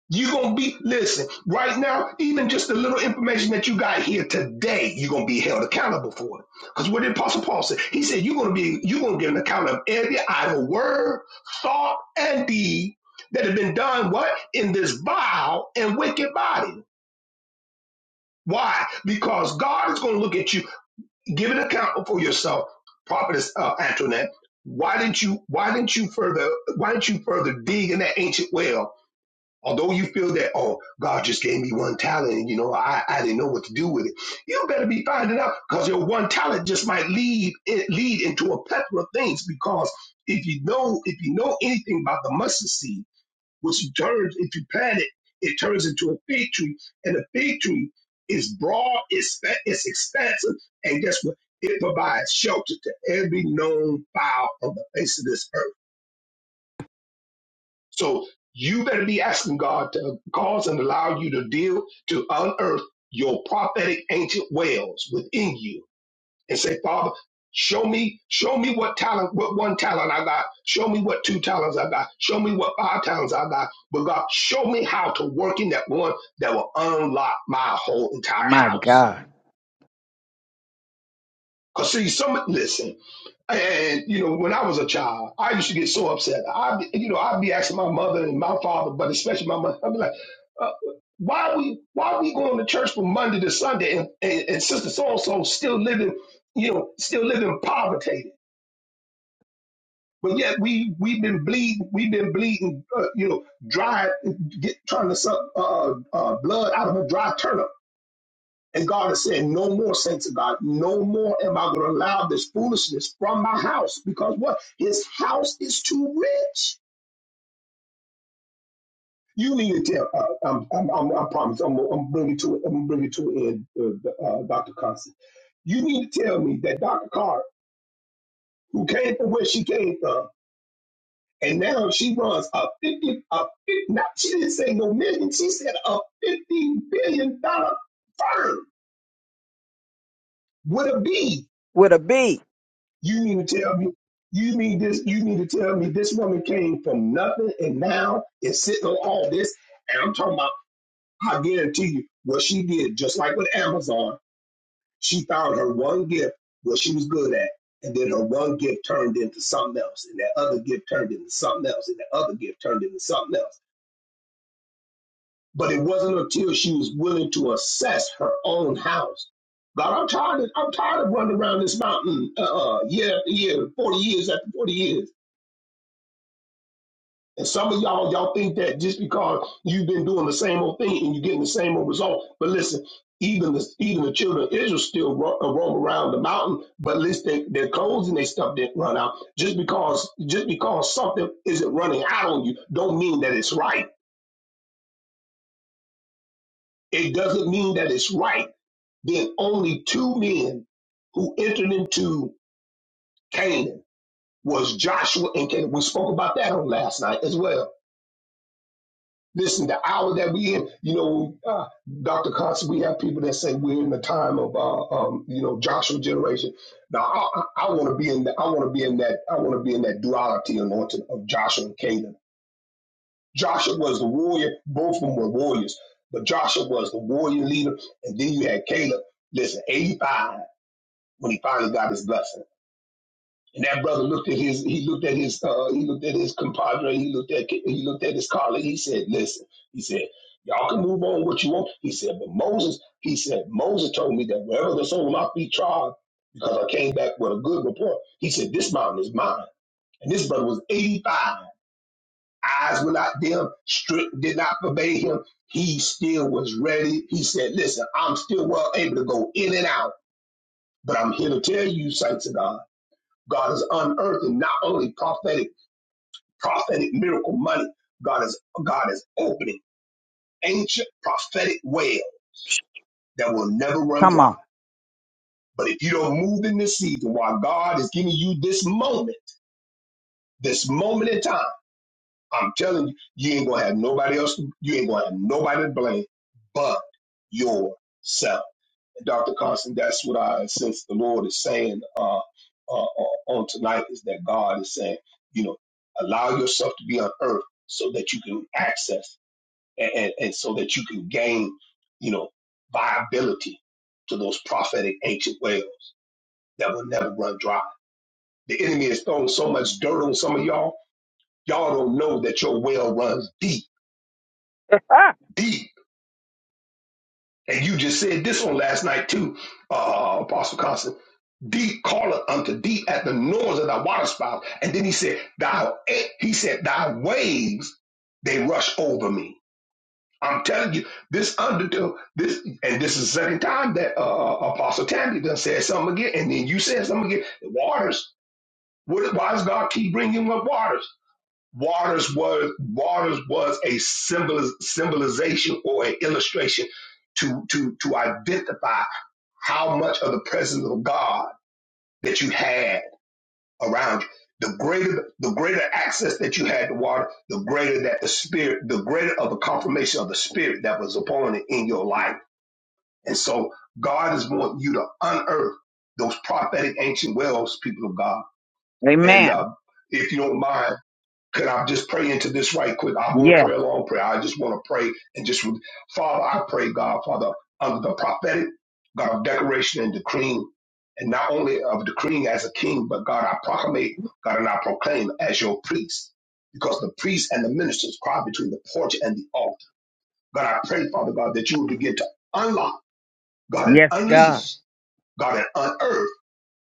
S4: You're going to be, listen, right now, even just the little information that you got here today, you're going to be held accountable for it. Because what did Apostle Paul say? He said, you're going to be, you're going to give an account of every idle word, thought, and deed that have been done, what? In this vile and wicked body. Why? Because God is going to look at you, give an account for yourself, prophetess uh, Antoinette. Why didn't you, why didn't you further, why didn't you further dig in that ancient well? Although you feel that, oh, God just gave me one talent, and, you know, I, I didn't know what to do with it. You better be finding out because your one talent just might lead it lead into a plethora of things. Because if you know if you know anything about the mustard seed, which you turns if you plant it, it turns into a fig tree, and a fig tree is broad, it's fa- it's expansive, and guess what? It provides shelter to every known fowl on the face of this earth so you better be asking God to cause and allow you to deal to unearth your prophetic ancient wells within you and say, Father, show me, show me what talent, what one talent I got. Show me what two talents I got. Show me what five talents I got. But God, show me how to work in that one that will unlock my whole entire
S1: my
S4: house.
S1: God.
S4: Cause see, some listen, and you know, when I was a child, I used to get so upset. I, you know, I'd be asking my mother and my father, but especially my mother, I'd be like, uh, "Why we, why we going to church from Monday to Sunday, and, and, and sister so and so still living, you know, still living in poverty, but yet we we've been bleeding, we've been bleeding, uh, you know, dry, get, trying to suck uh, uh, blood out of a dry turnip." And God is saying, No more, saints of God, no more am I going to allow this foolishness from my house because what? His house is too rich. You need to tell, uh, I'm, I'm, I'm, I promise, I'm, I'm bringing to it, I'm bringing to an end, uh, uh, Dr. Constance. You need to tell me that Dr. Carr, who came from where she came from, and now she runs a 50, a 50, not, she didn't say no million, she said a $50 billion dollar firm with a B
S1: With a B.
S4: You mean to tell me? You mean this? You mean to tell me this woman came from nothing and now is sitting on all this? And I'm talking about. I guarantee you, what she did, just like with Amazon, she found her one gift, what she was good at, and then her one gift turned into something else, and that other gift turned into something else, and that other gift turned into something else. But it wasn't until she was willing to assess her own house. God, I'm tired. Of, I'm tired of running around this mountain, uh, uh, year after year, forty years after forty years. And some of y'all, y'all think that just because you've been doing the same old thing and you're getting the same old result. But listen, even the even the children of Israel still ro- uh, roam around the mountain, but at least they, their clothes and their stuff didn't run out. Just because just because something isn't running out on you, don't mean that it's right. It doesn't mean that it's right. Then only two men who entered into Canaan was Joshua and Caleb. We spoke about that on last night as well Listen, the hour that we in, you know, uh, Dr. Constant, we have people that say we're in the time of, uh, um, you know, Joshua generation. Now, I, I want to be in that. I want to be in that. I want to be in that duality anointing of Joshua and Caleb. Joshua was the warrior. Both of them were warriors, but Joshua was the warrior leader, and then you had Caleb. Listen, eighty-five when he finally got his blessing. And that brother looked at his he looked at his uh, he looked at his compadre, he looked at he looked at his colleague, he said, Listen, he said, Y'all can move on what you want. He said, But Moses, he said, Moses told me that wherever the soul might be tried, because I came back with a good report, he said, This mountain is mine. And this brother was 85. Eyes were not dim, strict did not obey him. He still was ready. He said, Listen, I'm still well able to go in and out, but I'm here to tell you, saints of God. God is unearthing not only prophetic prophetic miracle money. God is God is opening ancient prophetic well
S1: Shh,
S4: that will never run
S1: Come
S4: dry.
S1: on.
S4: But if you don't move in this season while God is giving you this moment, this moment in time, I'm telling you, you ain't gonna have nobody else, you ain't gonna have nobody to blame but yourself. And Dr. Constant, that's what I sense the Lord is saying uh, uh, uh, on tonight is that God is saying, you know, allow yourself to be on earth so that you can access. and, and, and so that you can gain, you know, viability to those prophetic ancient wells that will never run dry. The enemy has thrown so much dirt on some of y'all, y'all don't know that your well runs deep, deep. And you just said this on last night too, uh, uh, Apostle Constant. Deep calleth unto deep at the noise of thy waterspout. And then he said, thy he said, Thy waves, they rush over me. I'm telling you, this undertow, this, and this is the second time that uh, uh, Apostle Tammy done said something again, and then you said something again. Waters, what, why does God keep bringing up waters? Waters was waters was a symbol symbolization or an illustration to to to identify how much of the presence of God that you had around you. The greater the greater access that you had to water, the greater that the spirit, the greater of the confirmation of the spirit that was upon it in your life And so God is wanting you to unearth those prophetic ancient wells, people of God. And
S1: Amen.
S4: uh, if you don't mind, could I just pray into this right quick? I won't
S1: Yes,
S4: pray a long prayer. I just want to pray and just, Father, I pray, God, Father, under the prophetic, God, of declaration and decreeing, and not only of decreeing as a king, but God, I proclamate, God, and I proclaim as your priest. Because the priest and the ministers cry between the porch and the altar. God, I pray, Father God, that you would begin to unlock, God, and
S1: yes, God.
S4: unleash God, and unearth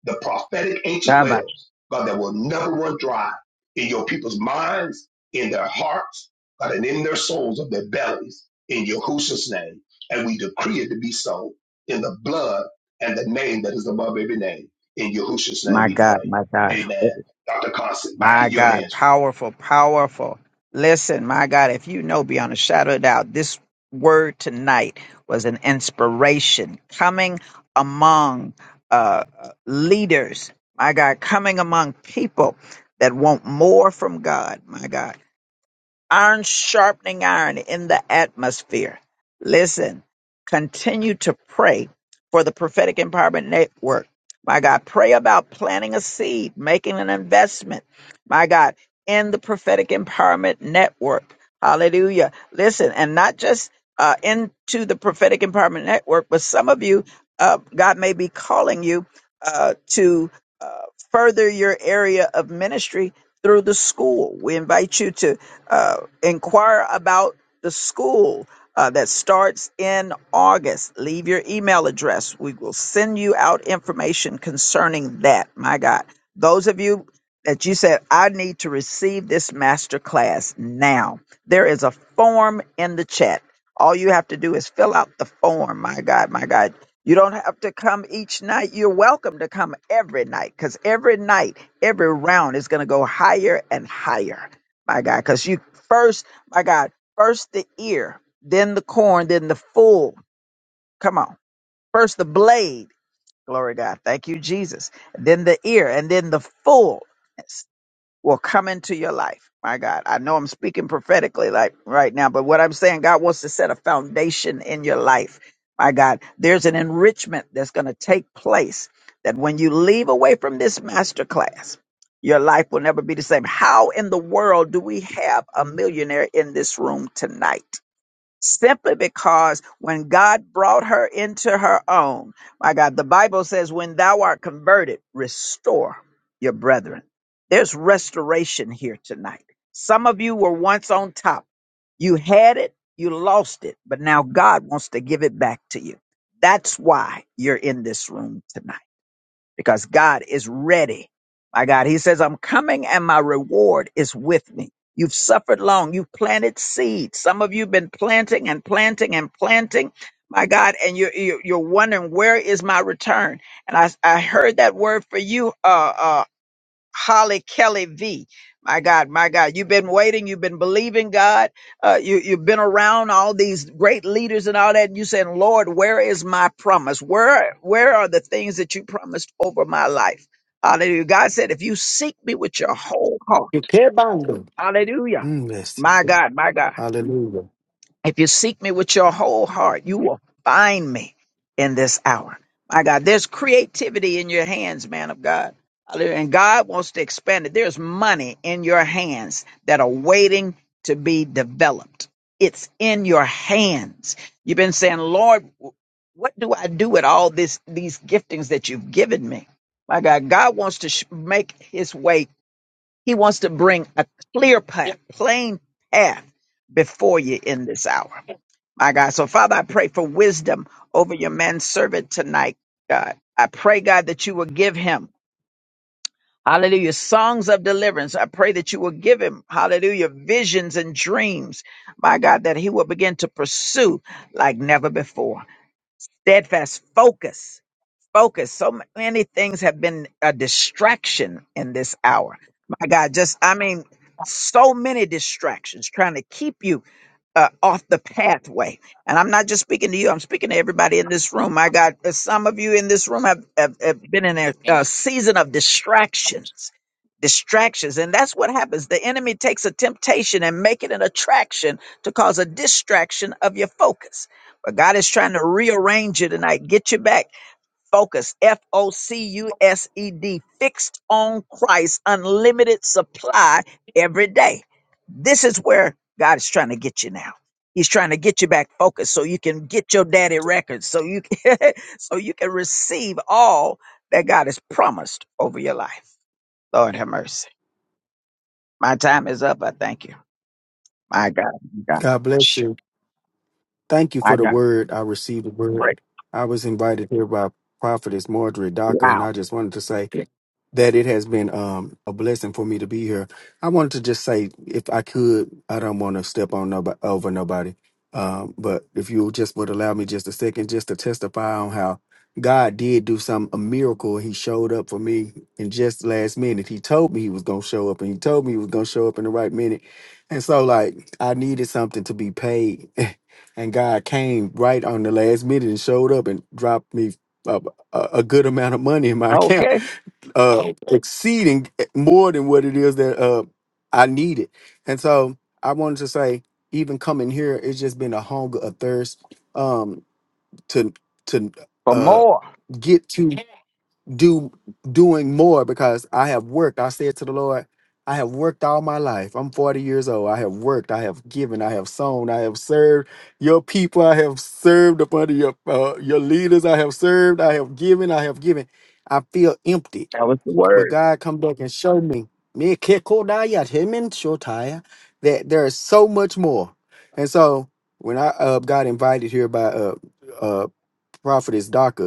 S4: the prophetic ancient
S1: Kaba.
S4: wells, God, that will never run dry in your people's minds, in their hearts, God, and in their souls of their bellies, in Yahushua's name. And we decree it to be so in the blood and the name that is above every name. In Yahushua's name
S1: My
S4: we
S1: God,
S4: pray.
S1: my God.
S4: Amen. Dr. Constant, back
S1: My
S4: in your
S1: God,
S4: hands.
S1: powerful, powerful. Listen, my God, if you know beyond a shadow of doubt, this word tonight was an inspiration coming among uh, leaders, my God, coming among people that want more from God, my God iron sharpening iron in the atmosphere. Listen, continue to pray for the Prophetic Empowerment Network. My God, pray about planting a seed, making an investment. My God, in the Prophetic Empowerment Network. Hallelujah. Listen, and not just uh, into the Prophetic Empowerment Network, but some of you, uh, God may be calling you uh, to uh, further your area of ministry through the school. We invite you to uh, inquire about the school uh, that starts in August. Leave your email address. We will send you out information concerning that. My God. Those of you that you said, I need to receive this master class now, there is a form in the chat. All you have to do is fill out the form. My God, my God. You don't have to come each night. You're welcome to come every night because every night, every round is going to go higher and higher my God, because you first, my God, first the ear, then the corn, then the full. Come on, first the blade. Glory to God. Thank you, Jesus. Then the ear, and then the full will come into your life. My God, I know I'm speaking prophetically like right now, but what I'm saying, God wants to set a foundation in your life. My God, there's an enrichment that's going to take place that when you leave away from this master class, your life will never be the same. How in the world do we have a millionaire in this room tonight? simply because when God brought her into her own, my God, the Bible says, when thou art converted, restore your brethren. There's restoration here tonight. Some of you were once on top. You had it, you lost it, but now God wants to give it back to you. That's why you're in this room tonight because God is ready. My God, He says, I'm coming and my reward is with me. You've suffered long. You've planted seeds. Some of you have been planting and planting and planting. My God, and you're, you're you're wondering, where is my return? And I, I heard that word for you, uh, uh, Holly Kelly V. My God, my God, you've been waiting, you've been believing God, uh, you, you've been around all these great leaders and all that. And you saying, Lord, where is my promise? Where, where are the things that you promised over my life? Hallelujah. God said, if you seek me with your whole heart,
S11: You care bando.
S1: hallelujah.
S11: Mm, yes.
S1: My God, my God.
S11: Hallelujah.
S1: If you seek me with your whole heart, you will find me in this hour. My God, there's creativity in your hands, man of God. Hallelujah. And God wants to expand it. There's money in your hands that are waiting to be developed. It's in your hands. You've been saying, Lord, what do I do with all this, these giftings that you've given me? My God, God wants to sh- make his way. He wants to bring a clear path, plain path before you in this hour. My God. So, Father, I pray for wisdom over your manservant tonight, God. I pray, God, that you will give him, hallelujah, songs of deliverance. I pray that you will give him, hallelujah, visions and dreams, my God, that he will begin to pursue like never before. Steadfast focus focus. So many things have been a distraction in this hour. My God, just, I mean, so many distractions trying to keep you uh, off the pathway. And I'm not just speaking to you, I'm speaking to everybody in this room. My God, uh, some of you in this room have, have, have been in a, a season of distractions. Distractions. And that's what happens. The enemy takes a temptation and make it an attraction to cause a distraction of your focus. But God is trying to rearrange you tonight, get you back. Focus, F O C U S E D, fixed on Christ, unlimited supply every day. This is where God is trying to get you now. He's trying to get you back focused so you can get your daddy records, so you can, so you can receive all that God has promised over your life. Lord have mercy. My time is up. I thank you. My God, my God,
S11: God bless
S1: Shh.
S11: you. Thank you for
S1: my
S11: the
S1: God.
S11: word. I received the word.
S1: Great.
S11: I was invited here by Prophetess Marjorie Docker, and
S1: Wow.
S11: I just wanted to say that it has been um, a blessing for me to be here. I wanted to just say, if I could, I don't want to step on nobody, over nobody, um, but if you just would allow me just a second, just to testify on how God did do some a miracle. He showed up for me in just last minute. He told me he was gonna show up, and he told me he was gonna show up in the right minute. And so, like, I needed something to be paid, and God came right on the last minute and showed up and dropped me a, a, a good amount of money in my account,
S1: Okay.
S11: uh, Okay. exceeding eh, more than what it is that uh, I needed. And so I wanted to say, even coming here, it's just been a hunger, a thirst um, to to
S1: For
S11: uh,
S1: more,
S11: get to do doing more because I have worked. I said to the Lord, I have worked all my life. I'm 40 years old. I have worked. I have given. I have sown. I have served your people. I have served up under your uh, your leaders. I have served. I have given. I have given. I feel empty,
S1: that was the
S11: but
S1: word.
S11: God come back and show me me kekodaya temen shotaya, that there is so much more. And so when I uh, got invited here by uh, uh, prophetess Daka,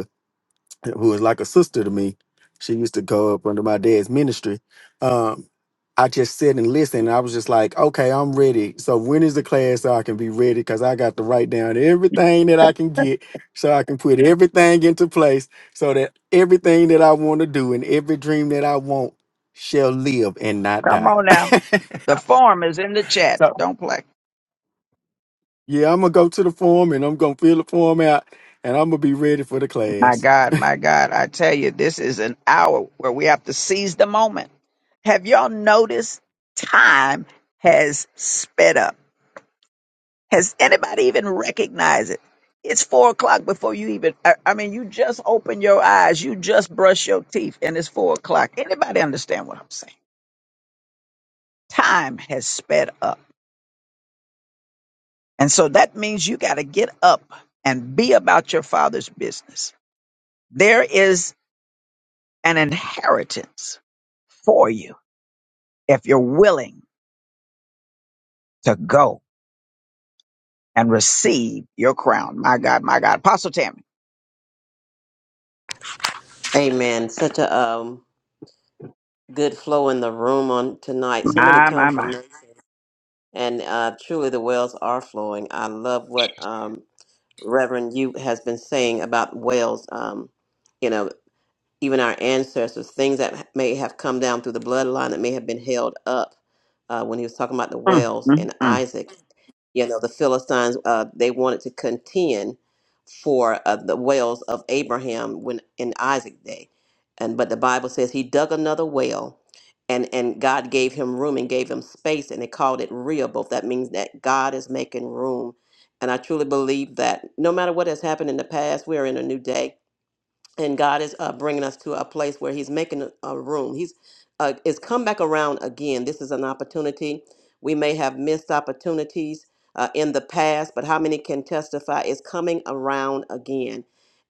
S11: who was like a sister to me. She used to go up under my dad's ministry. Um, I just sit and listen. And I was just like, okay, I'm ready. So when is the class so I can be ready? Because I got to write down everything that I can get so I can put everything into place so that everything that I want to do and every dream that I want shall live and not
S1: Come
S11: die.
S1: on now. The form is in the chat. Don't play.
S11: yeah, I'm going to go to the form and I'm going to fill the form out and I'm going to be ready for the
S1: My
S11: class.
S1: God, my God, I tell you, this is an hour where we have to seize the moment. Have y'all noticed time has sped up? Has anybody even recognized it? It's four o'clock before you even, I, I mean, you just open your eyes, you just brush your teeth, and it's four o'clock. Anybody understand what I'm saying? Time has sped up. And so that means you got to get up and be about your father's business. There is an inheritance for you if you're willing to go and receive your crown. My God, my God. Apostle Tammy.
S7: Amen. Such a um, good flow in the room on tonight. So many
S1: My, my, my.
S7: compliments. and uh, truly the wells are flowing. I love what um, Reverend you has been saying about wells. Um, you know, even our ancestors, things that may have come down through the bloodline that may have been held up. Uh, when he was talking about the
S1: Mm,
S7: wells
S1: mm,
S7: and
S1: mm.
S7: Isaac you know the philistines uh, they wanted to contend for uh, the wells of abraham when in isaac day and but the bible says he dug another well and and god gave him room and gave him space and they called it rehoboth that means that god is making room and i truly believe that no matter what has happened in the past we are in a new day and God is uh, bringing us to a place where He's making a a room. He's uh, it's come back around again. This is an opportunity. We may have missed opportunities uh, in the past, but how many can testify? It's coming around again,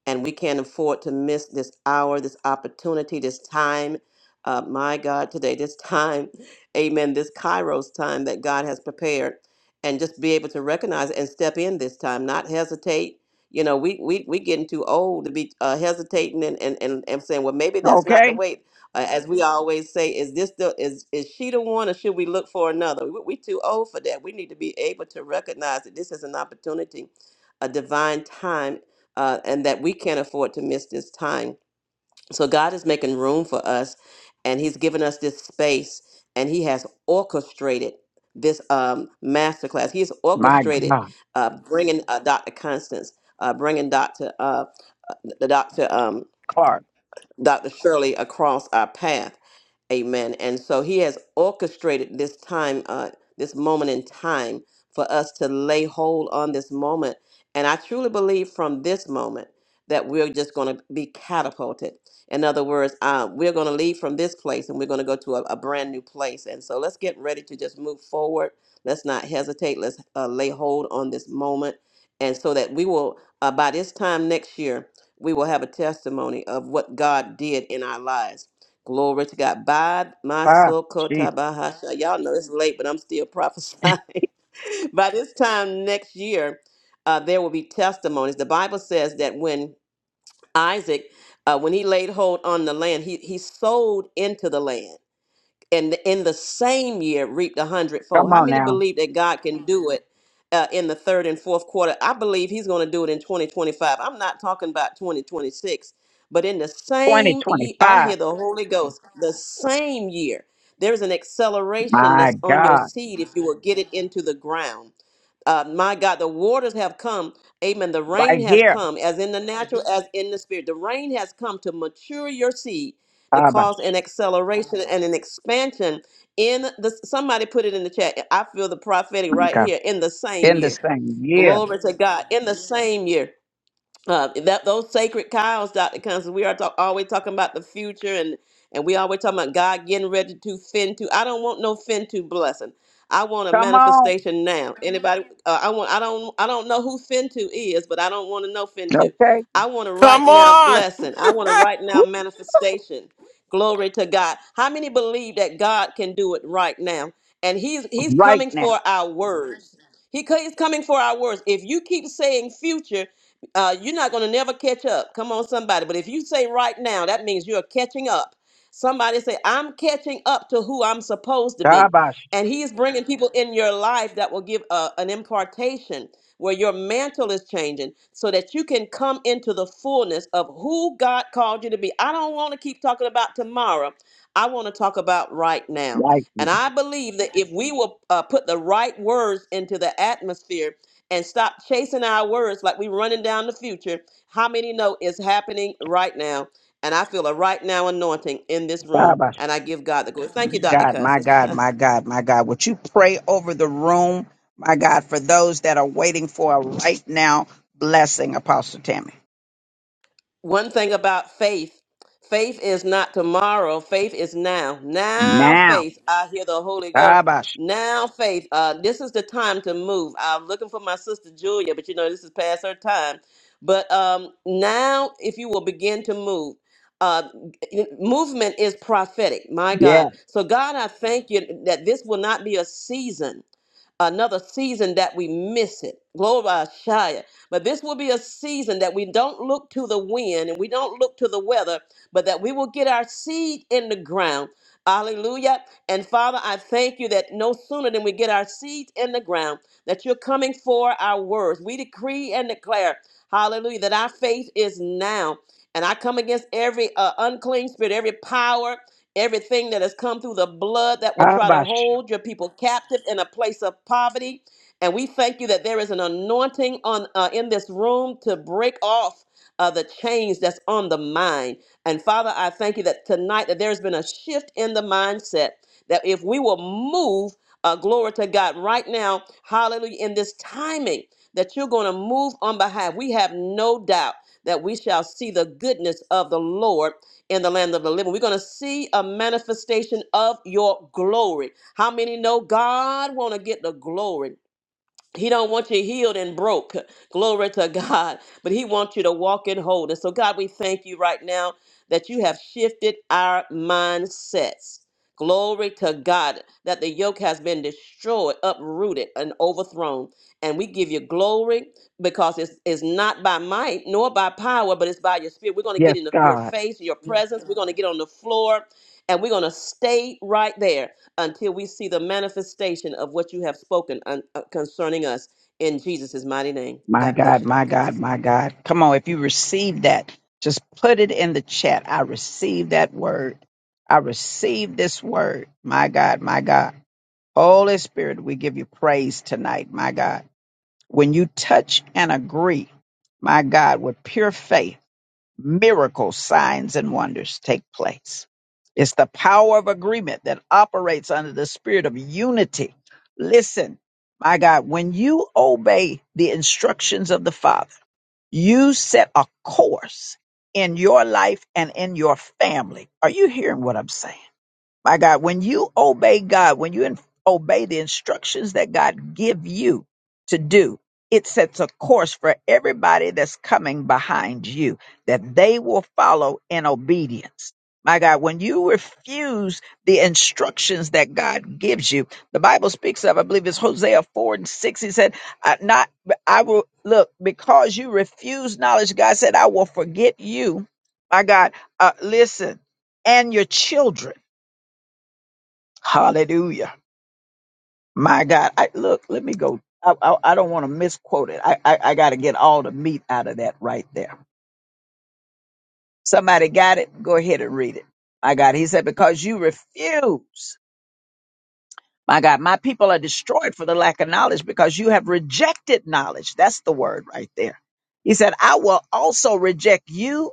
S7: and we can't afford to miss this hour, this opportunity, this time. Uh, my God, today, this time, Amen. This Kairos time that God has prepared, and just be able to recognize it and step in this time, not hesitate you know, we we we getting too old to be uh, hesitating and, and and and saying, well, maybe that's not the
S1: Okay.
S7: way. Uh, as we always say, is this the is is she the one, or should we look for another? We, we too old for that. We need to be able to recognize that this is an opportunity, a divine time, uh, and that we can't afford to miss this time. So God is making room for us, and He's given us this space, and He has orchestrated this um, masterclass. He has
S1: My
S7: orchestrated
S1: God.
S7: uh, bringing uh, Dr. Constance, uh, bringing Dr. Uh, uh, the doctor. um,
S1: Clark.
S7: Dr. Shirley across our path. Amen. And so he has orchestrated this time, uh, this moment in time for us to lay hold on this moment. And I truly believe from this moment that we're just going to be catapulted. In other words, uh, we're going to leave from this place and we're going to go to a, a brand new place. And so let's get ready to just move forward. Let's not hesitate. Let's uh, lay hold on this moment. And so that we will, uh, by this time next year, we will have a testimony of what God did in our lives. Glory to God. By my
S1: Ah,
S7: soul,
S1: jeez.
S7: Kota Bahasha. Y'all know it's late, but I'm still prophesying. By this time next year, uh, there will be testimonies. The Bible says that when Isaac, uh, when he laid hold on the land, he, he sold into the land and in the same year reaped a
S1: Come
S7: hundredfold. How
S1: on
S7: many
S1: now.
S7: believe that God can do it uh, in the third and fourth quarter? I believe He's going to do it in 2025. I'm not talking about 2026, but in the same year, I
S1: 2025.
S7: hear the Holy Ghost, the same year, there's an acceleration
S1: My
S7: that's on your
S1: God.
S7: seed if you will get it into the ground uh, my God, the waters have come. Amen. The rain
S1: Right
S7: has
S1: here.
S7: come, as in the natural, Mhm. as in the spirit. The rain has come to mature your seed, to
S1: Abba.
S7: cause an acceleration and an expansion in the. Somebody put it in the chat. I feel the prophetic
S1: My
S7: right
S1: God.
S7: here in the same
S1: In this
S7: year.
S1: thing. Yeah.
S7: Glory to God in the same year uh, that those sacred cows, Dr. Constance, we are talk, always talking about the future and and we always talking about God getting ready to fin to. I don't want no fin to blessing. I want a
S1: Come on.
S7: manifestation now. Anybody? Uh, I want. I don't. I don't know who fin to is, but I don't want to know fin to.
S1: Okay.
S7: I want a right
S5: Come
S7: now
S5: on.
S7: blessing. I want a right now
S1: Woo.
S7: manifestation. Glory to God. How many believe that God can do it right now? And He's He's
S1: Right
S7: coming
S1: now.
S7: for our words. He, co- he's coming for our words. If you keep saying future, uh, you're not going to never catch up. Come on, somebody. But if you say right now, that means you're catching up. Somebody say, I'm catching up to who I'm supposed to be.
S1: Dabash.
S7: And he is bringing people in your life that will give uh, an impartation where your mantle is changing so that you can come into the fullness of who God called you to be. I don't want to keep talking about tomorrow. I want to talk about right now.
S1: Right
S7: And I believe that if we will uh, put the right words into the atmosphere, and stop chasing our words like we're running down the future. How many know it's happening right now? And I feel a right now anointing in this room,
S1: now.
S7: and I give God the glory. Thank you, Dr.
S1: God, my
S7: Cousins.
S1: God, my God, my God. Would you pray over the room, my God, for those that are waiting for a right now blessing, Apostle Tammy?
S7: one thing about faith faith is not tomorrow faith is now now
S1: Now.
S7: faith i hear the holy ghost
S1: Kabash.
S7: now faith uh this is the time to move i'm looking for my sister julia but you know this is past her time but um now if you will begin to move uh y- movement is prophetic my god
S1: Yes.
S7: so god i thank you that this will not be a season another season that we miss it. Glory but this will be a season that we don't look to the wind and we don't look to the weather, but that we will get our seed in the ground. Hallelujah. And Father, I thank you that no sooner than we get our seed in the ground, that you're coming for our words. We decree and declare, hallelujah, that our faith is now. And I come against every uh, unclean spirit, every power, everything that has come through the blood that will try to
S1: Kabash.
S7: hold your people captive in a place of poverty and we thank you that there is an anointing on uh, in this room to break off uh, the chains that's on the mind. And Father, I thank you that tonight that there has been a shift in the mindset that if we will move, uh, glory to God, right now, Hallelujah, in this timing that you're going to move on behalf. We have no doubt that we shall see the goodness of the Lord in the land of the living. We're going to see a manifestation of your glory. How many know God want to get the glory? He don't want you healed and broke. Glory to God. But he wants you to walk in wholeness. So God, we thank you right now that you have shifted our mindsets. Glory to God that the yoke has been destroyed, uprooted, and overthrown. And we give you glory because it's, it's not by might nor by power, but it's by your spirit. We're going to get
S1: Yes,
S7: in your
S1: God.
S7: face, your Yes, presence. We're going to get on the floor and we're going to stay right there until we see the manifestation of what you have spoken un- uh, concerning us in Jesus' mighty name.
S1: My
S7: God bless
S1: God,
S7: you,
S1: my
S7: Dr.
S1: God,
S7: Constance.
S1: my God. Come on, if you receive that, just put it in the chat. I receive that word. I receive this word. My God, my God. Holy Spirit, we give you praise tonight, my God. When you touch and agree, my God, with pure faith, miracles, signs, and wonders take place. It's the power of agreement that operates under the spirit of unity. Listen, my God, when you obey the instructions of the Father, you set a course in your life and in your family. Are you hearing what I'm saying? My God, when you obey God, when you in- obey the instructions that God give you to do, it sets a course for everybody that's coming behind you that they will follow in obedience. My God, when you refuse the instructions that God gives you, the Bible speaks of, I believe it's Hosea 4 and 6. He said, I, not, I will look because you refuse knowledge. God said, I will forget you. My God, uh, listen, and your children. Hallelujah. My God. I, look, let me go. I, I, I don't want to misquote it. I, I, I got to get all the meat out of that right there. Somebody got it? Go ahead and read it. My God. He said, because you refuse. My God, my people are destroyed for the lack of knowledge because you have rejected knowledge. That's the word right there. He said, I will also reject you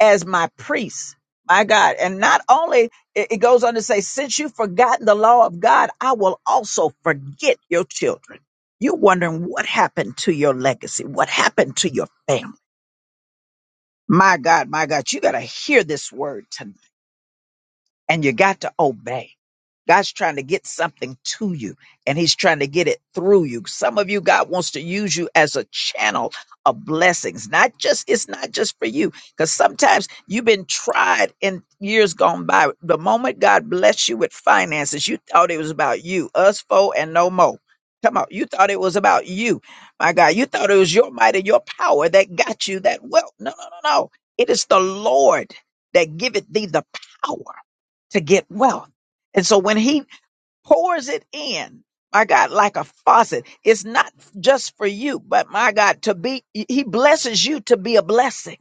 S1: as my priest. My God. And not only it it goes on to say, since you've forgotten the law of God, I will also forget your children. You're wondering what happened to your legacy? What happened to your family? My God, my God, you got to hear this word tonight and you got to obey. God's trying to get something to you and he's trying to get it through you. Some of you, God wants to use you as a channel of blessings. Not just, it's not just for you. Because sometimes you've been tried in years gone by. The moment God blessed you with finances, you thought it was about you, us foe, and no more. Come on, you thought it was about you. My God, you thought it was your might and your power that got you that wealth. No, no, no, no. It is the Lord that giveth thee the power to get wealth. And so when he pours it in, my God, like a faucet, it's not just for you, but my God, to be, he blesses you to be a blessing.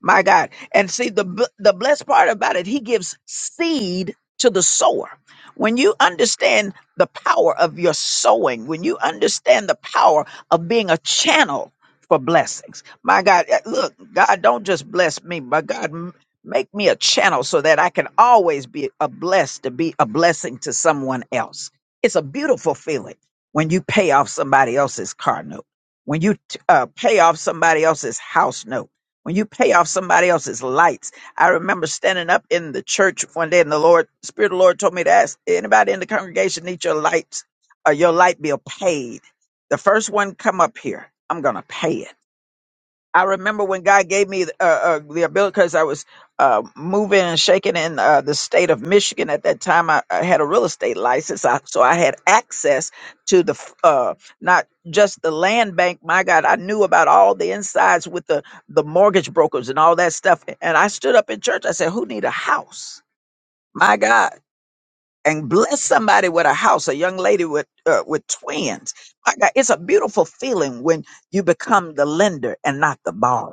S1: My God. And see, the, b- the blessed part about it, he gives seed to the sower. When you understand the power of your sowing, when you understand the power of being a channel for blessings, my God, eh, look, God, don't just bless me, but God, m- make me a channel so that I can always be a blessed to be a blessing to someone else. It's a beautiful feeling when you pay off somebody else's car note, when you t- uh, pay off somebody else's house note when you pay off somebody else's lights. I remember standing up in the church one day and the Lord, Spirit of the Lord told me to ask anybody in the congregation need your lights or your light bill paid. The first one come up here, I'm gonna pay it. I remember when God gave me uh, uh, the ability because I was uh, moving and shaking in uh, the state of Michigan at that time. I, I had a real estate license, I, so I had access to the f- uh, not just the land bank. My God, I knew about all the insides with the the mortgage brokers and all that stuff. And I stood up in church. I said, "Who need a house?" My God. And bless somebody with a house, a young lady with uh, with twins. My God, it's a beautiful feeling when you become the lender and not the borrower.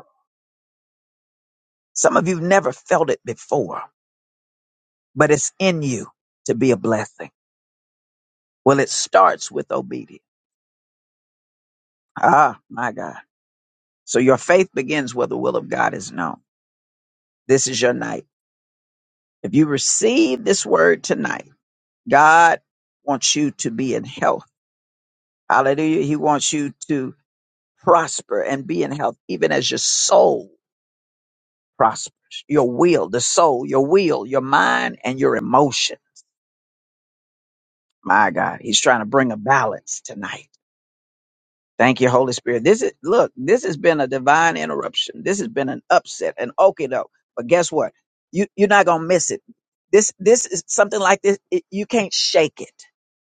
S1: Some of you never felt it before, but it's in you to be a blessing. Well, it starts with obedience. Ah, my God. So your faith begins where the will of God is known. This is your night. If you receive this word tonight, God wants you to be in health. Hallelujah. He wants you to prosper and be in health, even as your soul prospers, your will, the soul, your will, your mind, and your emotion. My God, he's trying to bring a balance tonight. Thank you, Holy Spirit. This is look, this has been a divine interruption. This has been an upset, an okie doke. But guess what? You you're not gonna miss it. This this is something like this. It, you can't shake it.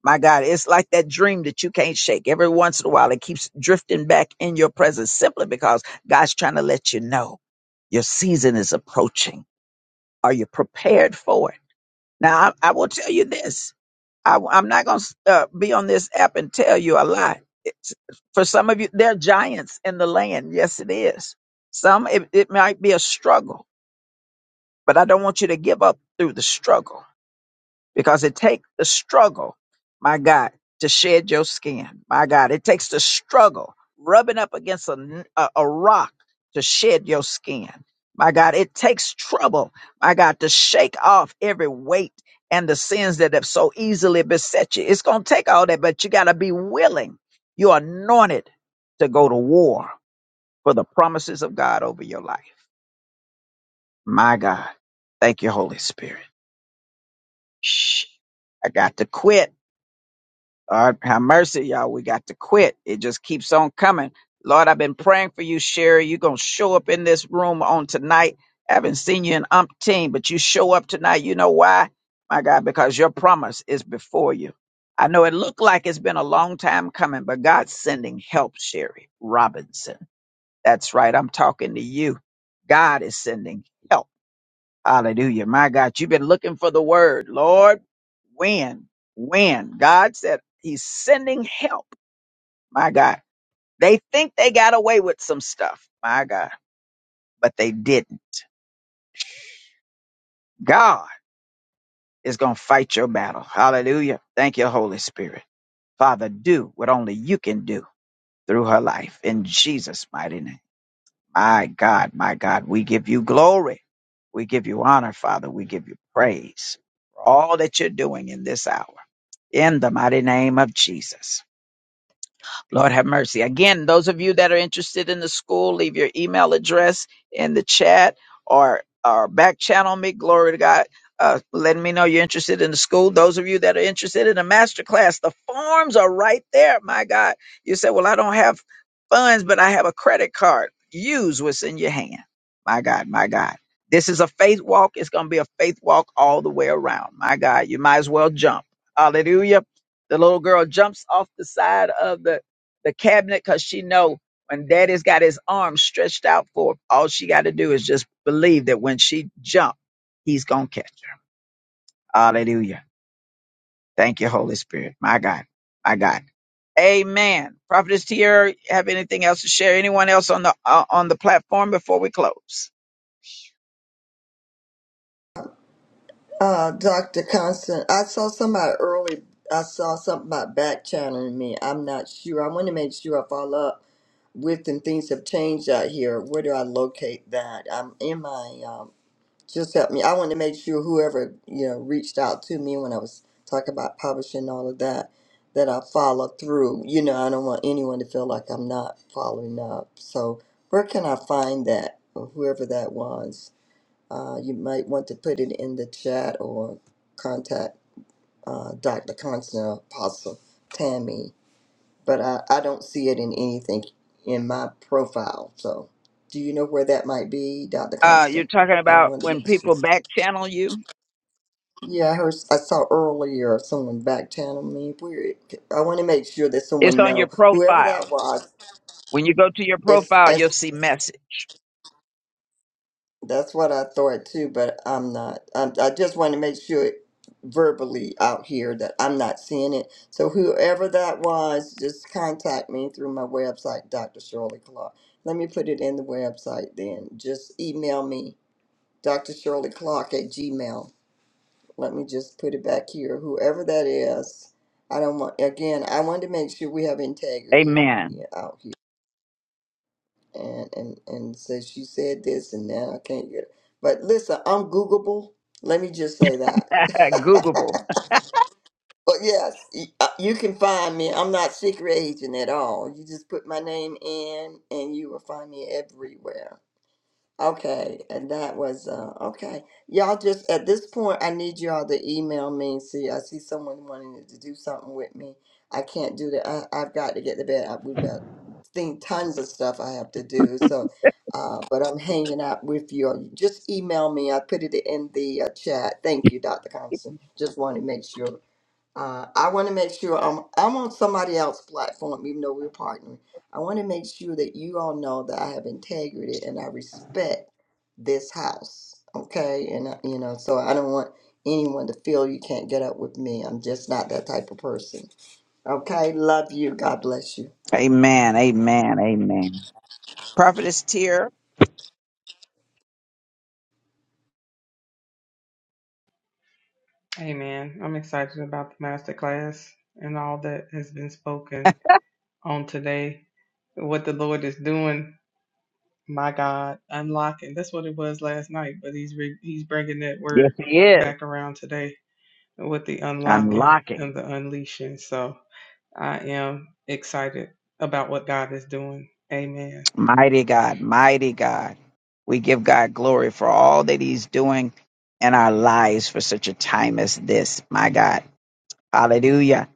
S1: My God, it's like that dream that you can't shake. Every once in a while, it keeps drifting back in your presence simply because God's trying to let you know your season is approaching. Are you prepared for it? Now, I, I will tell you this. I, am not going to uh, be on this app and tell you a lie. It's, for some of you, there are giants in the land. Yes, it is. Some, it, it might be a struggle, but I don't want you to give up through the struggle because it takes the struggle, my God, to shed your skin. My God, it takes the struggle, rubbing up against a, n- a- a rock to shed your skin. My God, it takes trouble, my God, to shake off every weight and the sins that have so easily beset you. It's going to take all that, but you got to be willing. You're anointed to go to war for the promises of God over your life. My God, thank you, Holy Spirit. Shh, I got to quit. Lord, have mercy, y'all. We got to quit. It just keeps on coming. Lord, I've been praying for you, Sherry. You're going to show up in this room on tonight. I haven't seen you in umpteen, but you show up tonight. You know why? My God, because your promise is before you. I know it looked like it's been a long time coming, but God's sending help, Sherry Robinson. That's right. I'm talking to you. God is sending help. Hallelujah. My God, you've been looking for the word. Lord, when? When? God said he's sending help. My God. They think they got away with some stuff. My God. But they didn't. God is going to fight your battle. Hallelujah. Thank you, Holy Spirit. Father, do what only you can do through her life in Jesus' mighty name. My God, my God, we give you glory. We give you honor, Father. We give you praise for all that you're doing in this hour. in the mighty name of Jesus. Lord have mercy. Again, those of you that are interested in the school, leave your email address in the chat or or back channel me. Glory to God. Uh, letting me know you're interested in the school. Those of you that are interested in a master class, the forms are right there. My God. You say, Well, I don't have funds, but I have a credit card. Use what's in your hand. My God, my God. This is a faith walk. It's going to be a faith walk all the way around. My God, you might as well jump. Hallelujah. The little girl jumps off the side of the the cabinet because she know when daddy's got his arm stretched out for her, all she got to do is just believe that when she jump, he's going to catch her. Hallelujah. Thank you, Holy Spirit. My God. My God. Amen. Prophetess Tiara, have anything else to share? Anyone else on the uh, on the platform before we close?
S6: Uh, Dr. Constant, I saw somebody early. I saw something about back channeling me. I'm not sure. I want to make sure I follow up with, and things have changed out here. Where do I locate that? I'm in my um, just help me. I want to make sure whoever you know reached out to me when I was talking about publishing and all of that, that I follow through. You know, I don't want anyone to feel like I'm not following up. So where can I find that, or whoever that was? Uh, you might want to put it in the chat or contact uh, Dr. Constant Apostle Tammy. But I, I don't see it in anything in my profile. So do you know where that might be, Dr.
S1: Uh, you're
S6: Constant?
S1: talking
S6: I
S1: about
S6: wanted to
S1: when
S6: make sure.
S1: people back channel you.
S6: Yeah, I heard. I saw earlier someone backchannel me. Where I want to make sure that
S1: It's
S6: someone
S1: on your
S6: know whoever
S1: profile.
S6: that was.
S1: When you go to your
S6: It's,
S1: profile, you'll
S6: it's
S1: see message.
S6: that's what I thought too, but I'm not. I, I just want to make sure verbally out here that I'm not seeing it. So whoever that was, just contact me through my website, Dr. Shirley Clark. Let me put it in the website then. Just email me, Dr. Shirley Clark at Gmail. let me just put it back here. Whoever that is, I don't want. Again, I wanted to make sure we have integrity
S1: Amen.
S6: yeah, out here. And and and so she said this, and now I can't get. It. But listen, I'm Googleable. Let me just say that.
S1: Googleable.
S6: but yes, y- uh, you can find me. I'm not secret agent at all. You just put my name in, and you will find me everywhere. Okay, and that was uh okay. Y'all just at this point I need y'all to email me. See, I see someone wanting to do something with me. I can't do that. I, I've got to get to bed. I, we've got thing tons of stuff I have to do. So, uh, but I'm hanging out with you. Just email me. I put it in the uh, chat. Thank you, Dr. Thompson. Just wanted to make sure. Uh, I want to make sure I'm, I'm on somebody else's platform, even though we're partnering. I want to make sure that you all know that I have integrity and I respect this house. Okay. And, uh, you know, so I don't want anyone to feel you can't get up with me. I'm just not that type of person. Okay. Love you. God bless you.
S1: Amen. Amen. Amen. Prophetess Tear,
S8: Amen. I'm excited about the masterclass and all that has been spoken on today, what the Lord is doing my God, unlocking. That's what it was last night, but he's re- he's bringing that
S1: Yes,
S8: word
S1: he is.
S8: back around today with the unlocking
S1: Unlocking.
S8: and the unleashing. So I am excited about what God is doing. Amen.
S1: mighty God, mighty God. We give God glory for all that He's doing in our lives for such a time as this. My God. Hallelujah.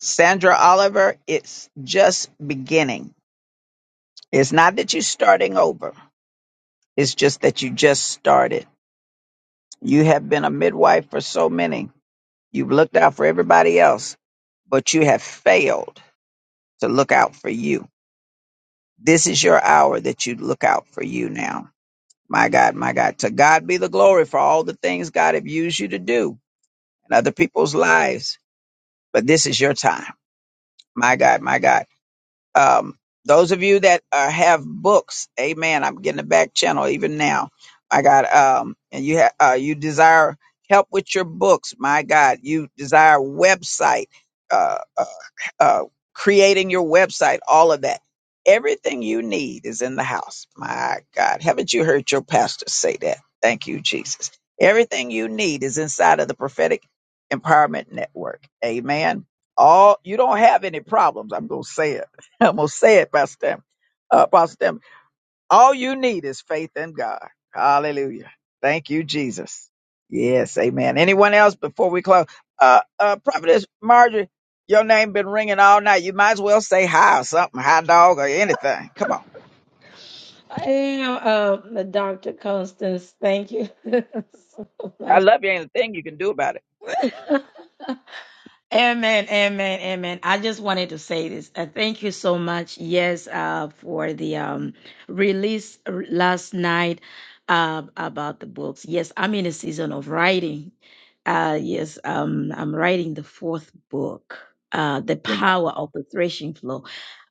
S1: Sandra Oliver, it's just beginning. It's not that you're starting over, it's just that you just started. You have been a midwife for so many. You've looked out for everybody else, but you have failed to look out for you. This is your hour that you look out for you now. My God, my God. To God be the glory for all the things God have used you to do in other people's lives. But this is your time. My God, my God. Um, those of you that uh, have books, amen. I'm getting a back channel even now. My God. Um, and you have, uh, you desire help with your books. My God, you desire website. uh, uh, creating your website, all of that. Everything you need is in the house. My God, haven't you heard your pastor say that? Thank you, Jesus. Everything you need is inside of the prophetic empowerment network. Amen. All you don't have any problems. I'm gonna say it. I'm gonna say it, Pastor. Stan- Uh, Pastor Stan. All you need is faith in God. Hallelujah. Thank you, Jesus. Yes, amen. Anyone else before we close? Uh, uh, Prophetess Marjorie, your name been ringing all night. You might as well say hi or something, hi dog or anything. Come on.
S12: I am um, Dr. Constance. Thank you so
S1: I
S12: much.
S1: love you. Ain't a thing you can do about it.
S12: Amen, amen, amen. I just wanted to say this. Uh, thank you so much. Yes, uh, for the um, release r- last night uh, about the books. Yes, I'm in a season of writing. Uh, yes, um, I'm writing the fourth book, uh, The Power of the Threshing Floor.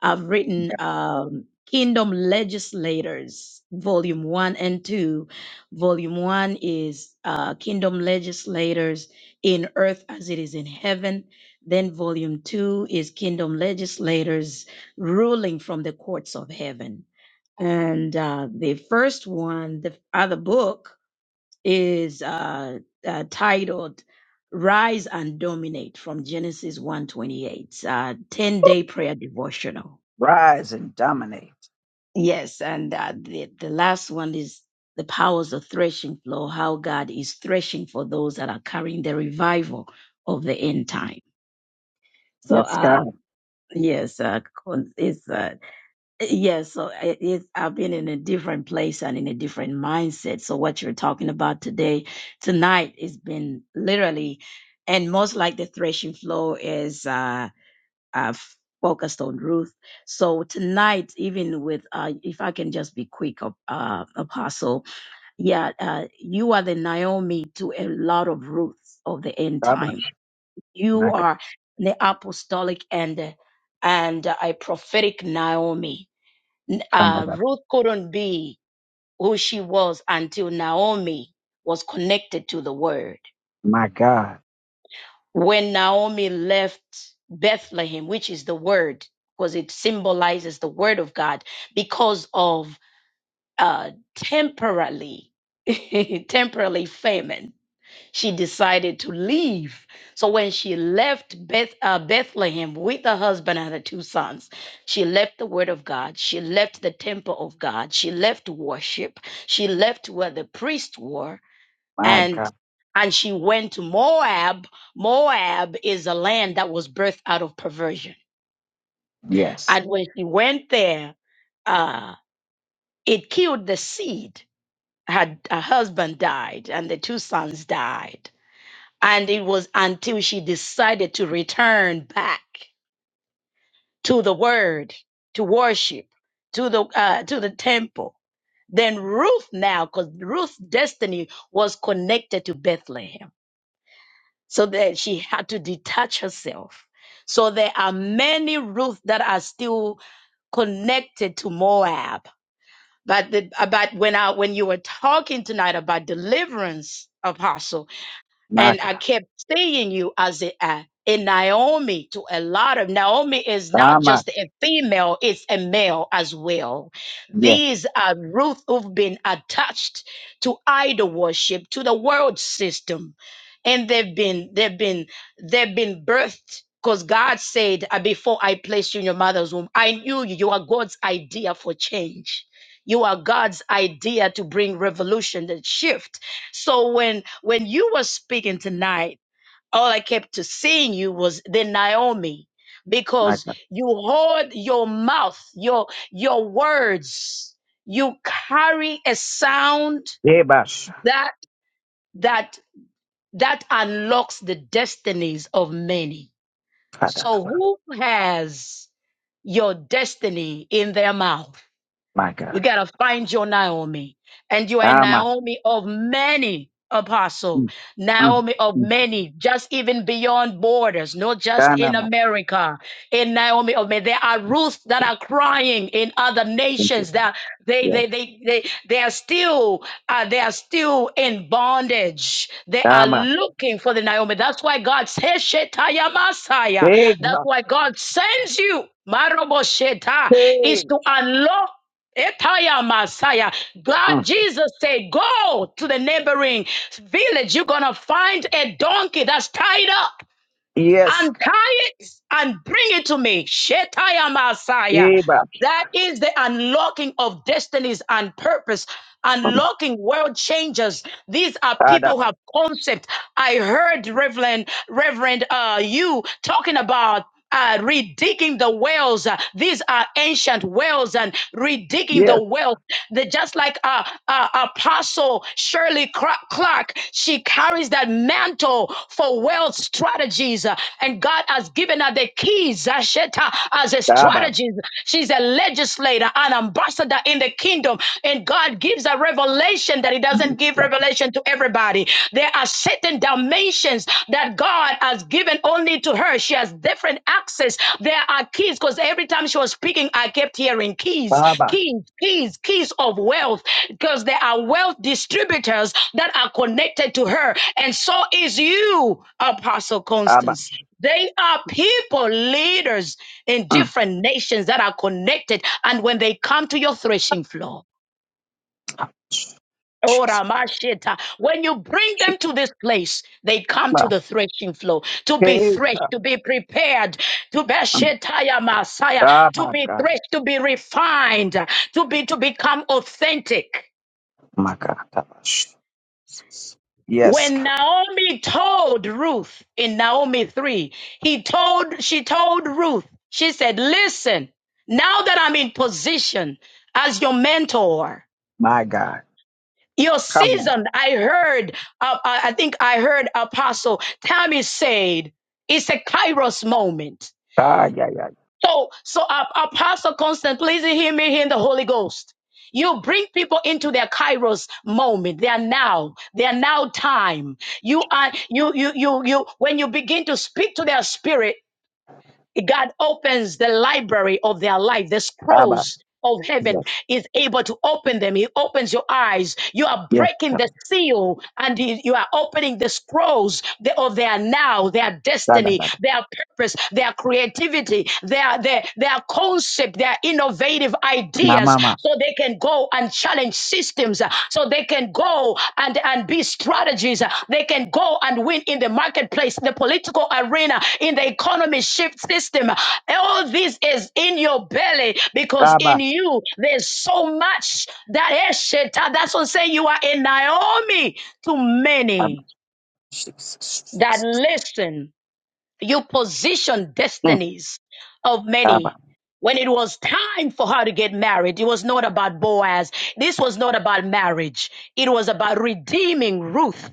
S12: I've written um, Kingdom Legislators, Volume 1 and 2. Volume 1 is uh, Kingdom Legislators in Earth as it is in Heaven then volume two is Kingdom Legislators Ruling from the Courts of Heaven. And uh, the first one, the other book, is uh, uh, titled Rise and Dominate from Genesis 128, uh, 10 day prayer devotional.
S1: Rise and dominate.
S12: Yes, and uh, the, the last one is The Powers of Threshing Floor, how God is threshing for those that are carrying the revival of the end time. So,
S1: Yes, God.
S12: uh, Yes, uh, con- it's uh, yes. So it, it's I've been in a different place and in a different mindset. So what you're talking about today, tonight, has been literally, and most like the threshing floor is uh, uh focused on Ruth. So tonight, even with uh, if I can just be quick, uh, uh, Apostle, yeah, uh, you are the Naomi to a lot of Ruths of the end
S1: Baba.
S12: time you
S1: My God.
S12: are the apostolic and and a prophetic Naomi. N- Uh,
S1: Kanada.
S12: Ruth couldn't be who she was until Naomi was connected to the word.
S1: My God.
S12: When Naomi left Bethlehem, which is the word, because it symbolizes the word of God, because of uh, temporarily, temporarily famine she decided to leave. So when she left Beth, uh, Bethlehem with her husband and her two sons, she left the word of God. She left the temple of God. She left worship. She left where the priests were
S1: My
S12: and
S1: God.
S12: and she went to Moab. Moab is a land that was birthed out of perversion.
S1: Yes.
S12: And when she went there, uh, it killed the seed. Her, her husband died, and the two sons died And it was until she decided to return back to the word, to worship, to the uh, to the temple. Then Ruth now, because Ruth's destiny was connected to Bethlehem. So that she had to detach herself. So there are many Ruth that are still connected to Moab. But the, about when I when you were talking tonight about deliverance, Apostle.
S1: My
S12: and I
S1: God.
S12: kept seeing you as a, a in Naomi to a lot of Naomi is not
S1: Dama.
S12: just a female, it's a male as well.
S1: Yes.
S12: These are Ruth who've been attached to idol worship, to the world system. And they've been, they've been, they've been birthed because God said, "Uh, Before I placed you in your mother's womb, I knew you. You are God's idea for change. You are God's idea to bring revolution and shift so when when you were speaking tonight, all I kept to seeing you was the Naomi,
S1: My
S12: because
S1: God.
S12: you hold your mouth, your your words. You carry a sound
S1: Debash.
S12: that that that unlocks the destinies of many.
S1: Father.
S12: So who has your destiny in their mouth?
S1: My
S12: You
S1: God.
S12: got to find your Naomi. And you are a
S1: Dama.
S12: Naomi of many apostle,
S1: Mm, mm.
S12: Naomi of many, just even beyond borders, not just in
S1: Dynamics.
S12: America. In Naomi of many, there are Ruths that are crying in other
S1: Thank you.
S12: nations that they they
S1: Yes.
S12: they they, they are still uh, they are still in bondage. They are
S1: Dynamics.
S12: looking for the Naomi. That's why God says Shetaya Masaya.
S1: Hey,
S12: That's why God sends you. Marobosheta is
S1: Hey.
S12: to unlock Etaya Messiah. God,
S1: Mm.
S12: Jesus said, Go to the neighboring village. You're going to find a donkey that's tied up.
S1: Yes.
S12: Untie it and bring it to me. Shetaya Messiah.
S1: Hey, boss.
S12: That is the unlocking of destinies and purpose
S1: Mm.
S12: unlocking world changers. These are people who have
S1: Dynamics.
S12: concept. I heard Reverend Reverend uh, you talking about. Uh, redigging the wells. Uh, these are ancient wells and redigging the
S1: Yes.
S12: wells. They just like uh, uh, Apostle Shirley Cra- Clark, she carries that mantle for wealth strategies. Uh, and God has given her the keys, Zasheta, as a
S1: Dynamics.
S12: strategist. She's a legislator, an ambassador in the kingdom. And God gives a revelation that He
S1: Mm.
S12: doesn't give
S1: Yeah.
S12: revelation to everybody. There are certain dimensions that God has given only to her. She has different access. There are keys because every time she was speaking, I kept hearing keys,
S1: Dynamics.
S12: keys, keys, keys of wealth because there are wealth distributors that are connected to her. And so is you, Apostle
S1: Dynamics.
S12: Constance. They are people, leaders in
S1: Mm.
S12: different nations that are connected. And when they come to your threshing floor, oh,
S1: Jesus.
S12: Ramashita, when you bring them
S1: Jesus.
S12: to this place, they come to the threshing floor to
S1: Hey,
S12: be threshed, to
S1: God.
S12: be prepared, to be
S1: Mm.
S12: Shetaya Messiah,
S1: Oh,
S12: to
S1: my
S12: be
S1: God.
S12: threshed, to be refined, to be to become authentic.
S1: My God. Dynamics. Jesus. Yes.
S12: When
S1: God.
S12: Naomi told Ruth in Naomi 3, he told, she told Ruth, she said, listen, now that I'm in position as your mentor,
S1: My God.
S12: your
S1: Come on.
S12: season, I heard, uh, I I think I heard Apostle Tammy said, it's a Kairos moment
S1: Ah, yeah, yeah.
S12: so, so uh, Apostle Constant, please hear me here in the Holy Ghost. You bring people into their kairos moment, their now, their now time. You are you you you you when you begin to speak to their spirit, God opens the library of their life, the
S1: Dynamics.
S12: scrolls of heaven
S1: Yes.
S12: is able to open them. He opens your eyes. You are
S1: Yes.
S12: breaking the
S1: Come.
S12: seal and you you are opening the scrolls the- of their now, their destiny,
S1: Dynamics.
S12: their purpose, their creativity, their, their, their concept, their innovative
S1: Now,
S12: ideas,
S1: mama.
S12: so they can go and challenge systems uh, so they can go and, and be strategies. uh, They can go and win in the marketplace, the political arena, in the economy shift system. All this is in your belly because in
S1: Dynamics.
S12: you there's so much that Esheta, that's what I'm saying you are a Naomi to
S1: Dynamics.
S12: many
S1: Jesus.
S12: that
S1: Jesus.
S12: listen you positioned
S1: Mm.
S12: destinies of many.
S1: Dynamics.
S12: When it was time for her to get married, it was not about Boaz. This was not about marriage. It was about redeeming Ruth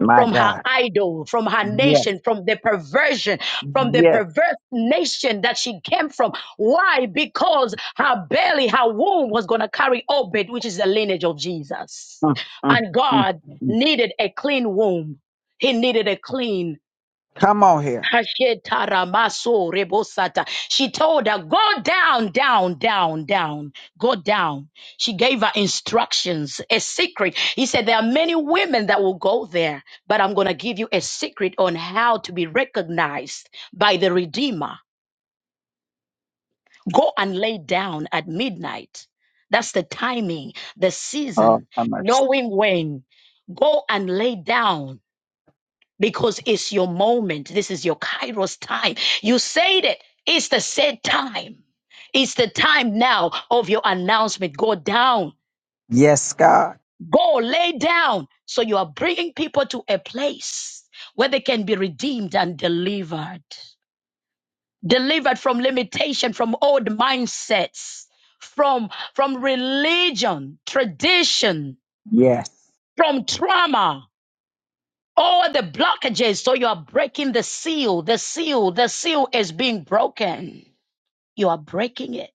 S1: My
S12: from her
S1: God.
S12: idol, from her
S1: Yes.
S12: nation, from the perversion, from the
S1: Yes.
S12: perverse nation that she came from. Why? Because her belly, her womb was going to carry Obed, which is the lineage of Jesus.
S1: Mm, mm,
S12: And
S1: mm,
S12: God
S1: mm.
S12: needed a clean womb. He needed a clean
S1: Come on here.
S12: Hashetaramaso rebosata. She told her, Go down, down, down, down, go down. She gave her instructions, a secret. He said, There are many women that will go there, but I'm going to give you a secret on how to be recognized by the Redeemer. Go and lay down at midnight. That's the timing, the
S1: Oh,
S12: season,
S1: have mercy.
S12: knowing when. Go and lay down because it's your moment. This is your Kairos time. You said it. It's the said time. It's the time now of your announcement. Go down.
S1: Yes, God.
S12: Go lay down. So you are bringing people to a place where they can be redeemed and delivered. Delivered from limitation, from old mindsets, from, from religion, tradition,
S1: Yes.
S12: from trauma all the blockages. So you are breaking the seal. The seal, the seal is being broken. You are breaking it.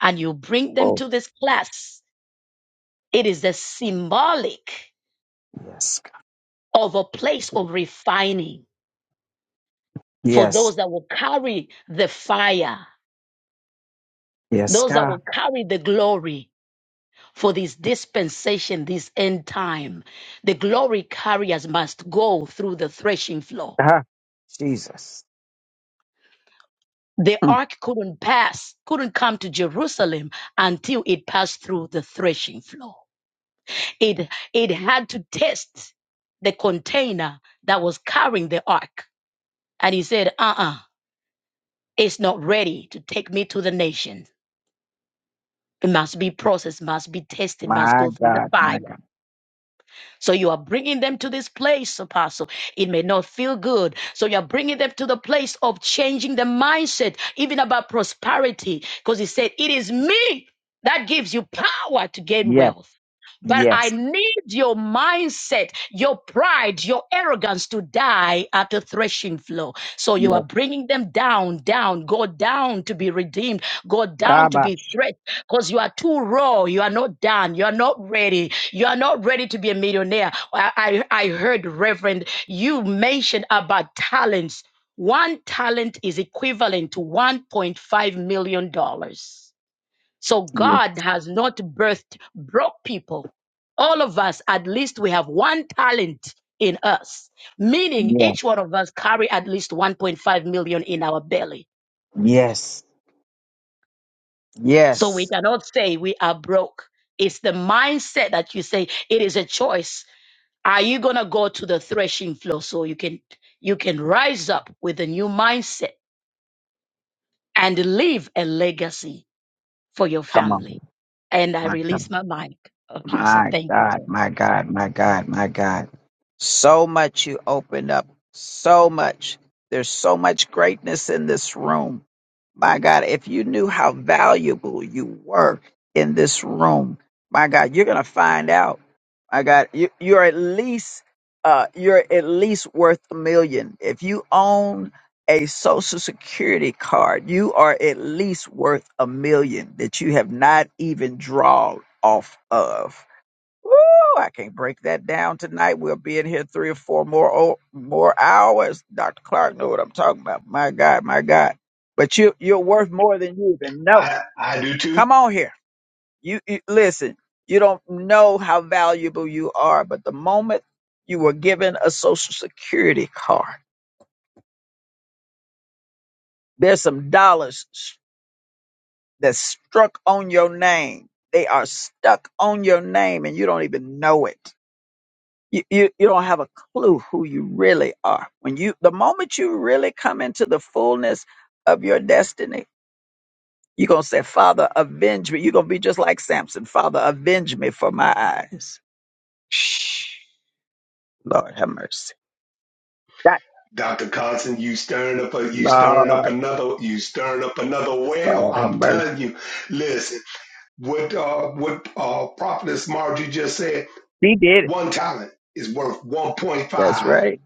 S12: And you bring them
S1: Oh,
S12: to this class. It is the symbolic
S1: yes. God.
S12: of a place of refining for
S1: Yes.
S12: those that will carry the fire,
S1: Yes,
S12: those that
S1: God.
S12: will carry the glory for this dispensation, this end time. The glory carriers must go through the threshing floor.
S1: Ah, Jesus.
S12: The
S1: Mm.
S12: ark couldn't pass, couldn't come to Jerusalem until it passed through the threshing floor. It, it had to test the container that was carrying the ark. And he said, uh uh it's not ready to take me to the nation. It must be processed, must be tested, must
S1: My
S12: go through the
S1: God. My
S12: fire.
S1: God.
S12: So you are bringing them to this place, Apostle. It may not feel good. So you are bringing them to the place of changing the mindset, even about prosperity, because he said, It is me that gives you power to gain
S1: Yes.
S12: wealth. But I
S1: Yes.
S12: need your mindset, your pride, your arrogance to die at the threshing floor. So you are
S1: Yes.
S12: bringing them down, down, go down to be redeemed, go down to be
S1: Kabash.
S12: threshed because you are too raw. You are not done. You are not ready. You are not ready to be a millionaire. I, I, I heard, Reverend, you mentioned about talents. One talent is equivalent to $1.5 million. dollars. So
S1: Yes.
S12: God has not birthed broke people. All of us, at least we have one talent in us, meaning
S1: Yes.
S12: each one of us carry at least 1.5 million in our belly.
S1: Yes.
S12: So we
S1: Yes.
S12: cannot say we are broke. It's the mindset that you say it is a choice Are you gonna go to the threshing floor so you can you can rise up with a new mindset and leave a legacy for your
S1: Come on.
S12: family? And I
S1: My God.
S12: release my mic. Apostle,
S1: My
S12: thank you
S1: God,
S12: so much.
S1: my God, my God, my God. So much you opened up. So much. There's so much greatness in this room. My God, if you knew how valuable you were in this room, my God, you're going to find out. My God, you, you're at least uh, you're at least worth a million. If you own a social security card, you are at least worth a million that you have not even drawn off of Woo, I can't break that down tonight. We'll be in here three or four more o- more hours. Dr. Clark know what I'm talking about. My God, my God. But you you're worth more than you even know.
S4: I I do too,
S1: Come on here. You, you listen. You don't know how valuable you are, but the moment you were given a social security card, there's some dollars s- that's struck on your name. They are stuck on your name and you don't even know it. you, you, you don't have a clue who you really are. When you, the moment you really come into the fullness of your destiny, you're going to say, Father, avenge me. You're going to be just like Samson. Father, avenge me for my eyes. Shh. Lord have mercy. That,
S4: Doctor Constant. You stirring up a you stirring up
S1: Lord,
S4: another you stirring up another well.
S1: Lord have
S4: I'm
S1: mercy.
S4: telling you. Listen. What uh, what uh, Prophetess Margie just said,
S1: He did it.
S4: one talent is worth
S1: That's
S4: 1.5
S1: right.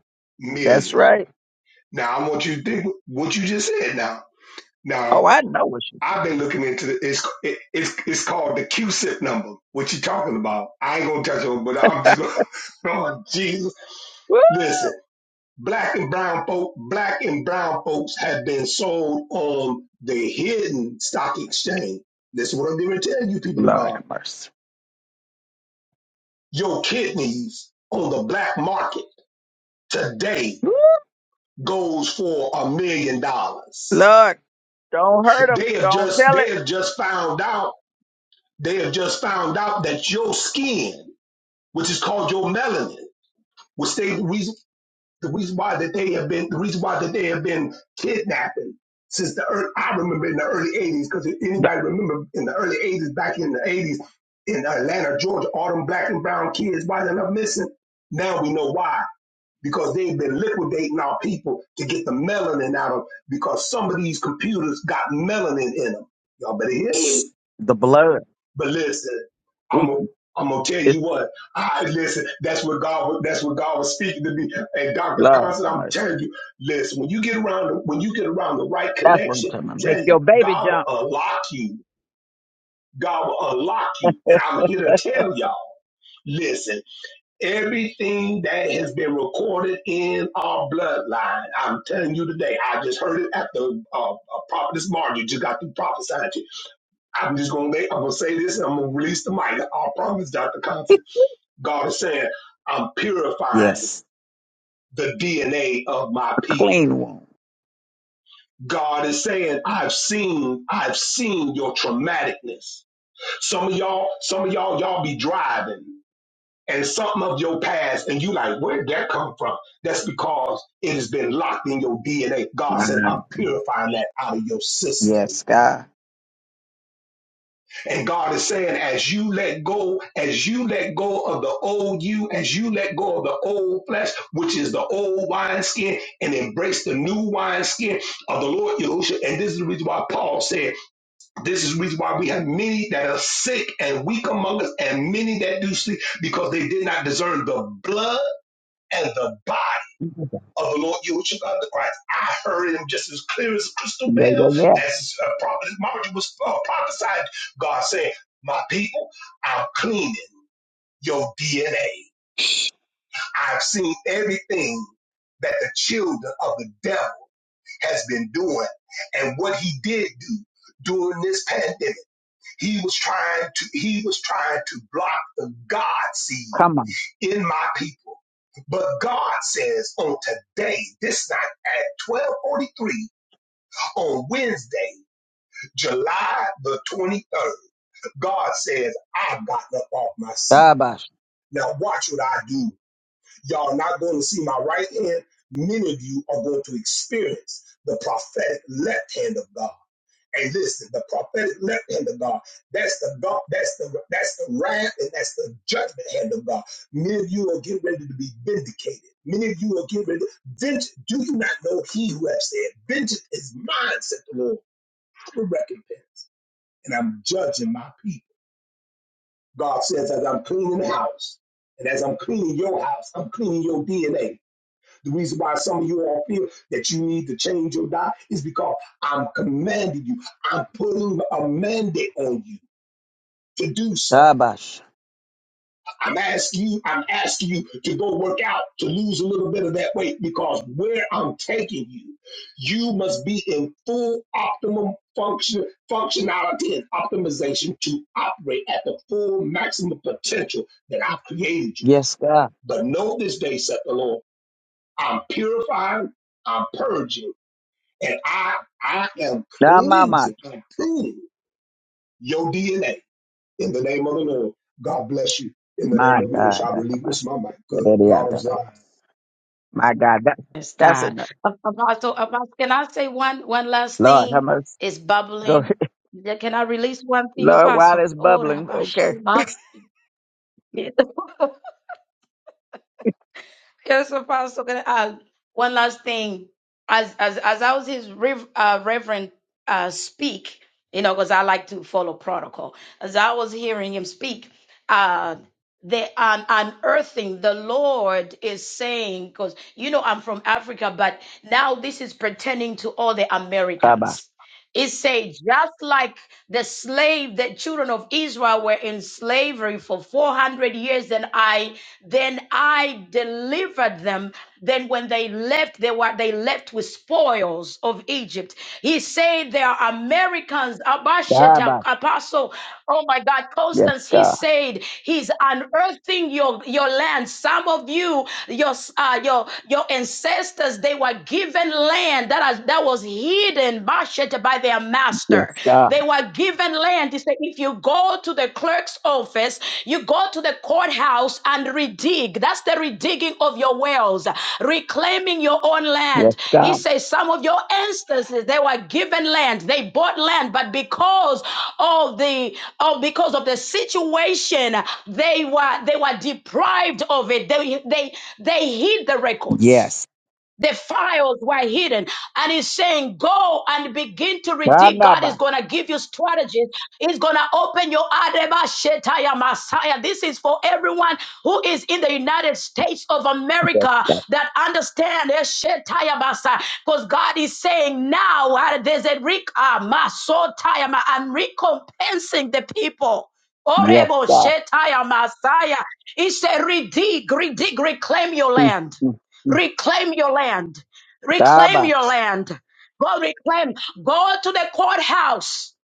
S1: That's
S4: million.
S1: right.
S4: Now I want you to think what you just said. Now,
S1: Oh,
S4: now
S1: I know what she
S4: I've been looking into the, it's it, it's it's called the QSIP number. What you talking about? I ain't gonna touch on, it, but I'm just gonna. oh Jesus!
S1: Woo.
S4: Listen, black and brown folk, black and brown folks have been sold on the hidden stock exchange. This is what I'm going to tell you, people of God
S1: Lord have mercy.
S4: Your kidneys on the black market today
S1: Woo.
S4: goes for a million dollars.
S1: Lord, don't hurt him.
S4: They have
S1: Don't
S4: just
S1: tell it.
S4: they have just found out they have just found out that your skin, which is called your melanin, which they the reason the reason why that they have been the reason why that they have been kidnapping since the early, I remember in the early '80s because if
S1: The,
S4: anybody remember in the early '80s back in the '80s in Atlanta, Georgia, all them black and brown kids why they're not missing. Now we know why because they've been liquidating our people to get the melanin out of them. because some of these computers got melanin in them. Y'all better hear me.
S1: the blood.
S4: But listen,
S1: We,
S4: I'm a, I'm gonna tell
S1: it's
S4: you what. I listen. That's what God. That's what God was speaking to me. And Doctor
S1: Lord
S4: Constant,
S1: have
S4: I'm
S1: mercy.
S4: telling you. Listen, when you get around, when you get around the right
S1: That's what I'm
S4: connection,
S1: talking
S4: I'm
S1: about. Make
S4: telling you,
S1: your baby
S4: God
S1: jump.
S4: will unlock you. God will unlock you. And I'm here to tell y'all. Listen. Everything that has been recorded in our bloodline, I'm telling you today, I just heard it at the uh, uh, prophetess Margie just got through prophesying to you. I'm just gonna make, I'm gonna say this and I'm gonna release the mic. I promise, Dr. Constant, God is saying, I'm purifying
S1: Yes.
S4: the DNA of my
S1: A
S4: people.
S1: clean one.
S4: God is saying, I've seen, I've seen your traumaticness. Some of y'all, some of y'all, y'all be driving. and something of your past, and you like, where did that come from? That's because it has been locked in your DNA. God said,
S1: Mhm.
S4: I'm purifying that out of your system.
S1: Yes, God.
S4: And God is saying, as you let go, as you let go of the old you, as you let go of the old flesh, which is the old wineskin, and embrace the new wineskin of the Lord Yahushua. And this is the reason why Paul said, this is the reason why we have many that are sick and weak among us, and many that do sleep, because they did not discern the blood and the body of the Lord Yahushua the Christ. I heard him just as clear as a crystal
S1: Yeah,
S4: bell
S1: yeah, yeah.
S4: as uh, prophet Margie was uh, prophesied. God said, "My people, I'm cleaning your DNA. I've seen everything that the children of the devil has been doing, and what he did do." During this pandemic, he was trying to he was trying to block the God seed
S1: Come on.
S4: in my people. But God says on today, this night at 12:43, on Wednesday, July the 23rd, God says, I've gotten up off my seat.
S1: Dabash.
S4: Now watch what I do. Y'all not going to see my right hand. Many of you are going to experience the prophetic left hand of God. And listen, the prophetic left hand of God, that's the God, that's the that's the wrath and that's the judgment hand of God. Many of you are getting ready to be vindicated. Many of you are getting ready. to Vengeance, do you not know he who has said, Vengeance is mine, said the Lord. I will recompense. and I'm judging my people. God says, as I'm cleaning the house, and as I'm cleaning your house, I'm cleaning your DNA. The reason why some of you all feel that you need to change your diet is because I'm commanding you. I'm putting a mandate on you to do so.
S1: Dabash.
S4: I'm asking you, I'm asking you to go work out, to lose a little bit of that weight because where I'm taking you, you must be in full optimum function, functionality and optimization to operate at the full maximum potential that I've created you.
S1: Yes, God.
S4: But know this day, said the Lord, I'm purifying, I'm purging, and I I am
S1: Damamash.
S4: cleansing, I'm pruning your DNA in the name of the Lord. God bless you. In the name
S1: My
S4: of
S1: God.
S4: Yahushua, I relinquish
S1: Dabash.
S4: my mic. Good.
S1: Dabash.
S4: God of Zion.
S1: Dabash. My God. That,
S12: Yes,
S1: that's
S12: God.
S1: enough.
S12: A- Apostle, Apostle, can I say one one last
S1: Lord, how
S12: thing?
S1: much?
S12: It's
S1: Go
S12: bubbling.
S1: ahead.
S12: Yeah, Can I release one thing,
S1: Lord, while
S12: Apostle?
S1: it's
S12: Oh,
S1: bubbling.
S12: Rabash.
S1: Okay.
S12: Yes, so Pastor. Can I add one last thing? As as as I was his rev, uh, Reverend uh, speak, you know, because I like to follow protocol. As I was hearing him speak, uh, the un- unearthing the Lord is saying, because you know I'm from Africa, but now this is pertaining to all the
S1: Dabash.
S12: Americans it said, just like the slave, the children of Israel were in slavery for 400 years, then I then I delivered them. Then when they left, they were they left with spoils of Egypt. He said there are Americans, Abasheta,
S1: Dabash.
S12: Apostle, oh my God,
S1: Yes,
S12: Constance, he
S1: God.
S12: said he's unearthing your, your land. Some of you, your, uh, your, your ancestors, they were given land land that, has, that was hidden Bashet, by their
S1: Yes,
S12: master.
S1: God.
S12: They were given land. He said, if you go to the clerk's office, you go to the courthouse and redig. That's the redigging of your wells, reclaiming your own
S1: Yes,
S12: land. He
S1: God.
S12: says, some of your ancestors, they were given land. They bought land, but because of the of because of the situation, they were they were deprived of it. They they they hid the records.
S1: Yes.
S12: The files were hidden. And he's saying, go and begin to redeem. God is
S1: Dabash.
S12: going to give you strategies. He's going to open your Adeba Shetaya Messiah. This is for everyone who is in the United States of
S1: Yes,
S12: America
S1: God.
S12: that understand their Shetaya Messiah. Because God is saying now, uh, there's a Rick, uh, Masotaya, Ma- I'm recompensing the people.
S1: Yes,
S12: Orebo
S1: God.
S12: Shetaya Messiah. He said, redig, redig, reclaim your
S1: Mm,
S12: land.
S1: mm.
S12: Reclaim your land. Reclaim your
S1: Dabash.
S12: land. Go reclaim. Go to the courthouse.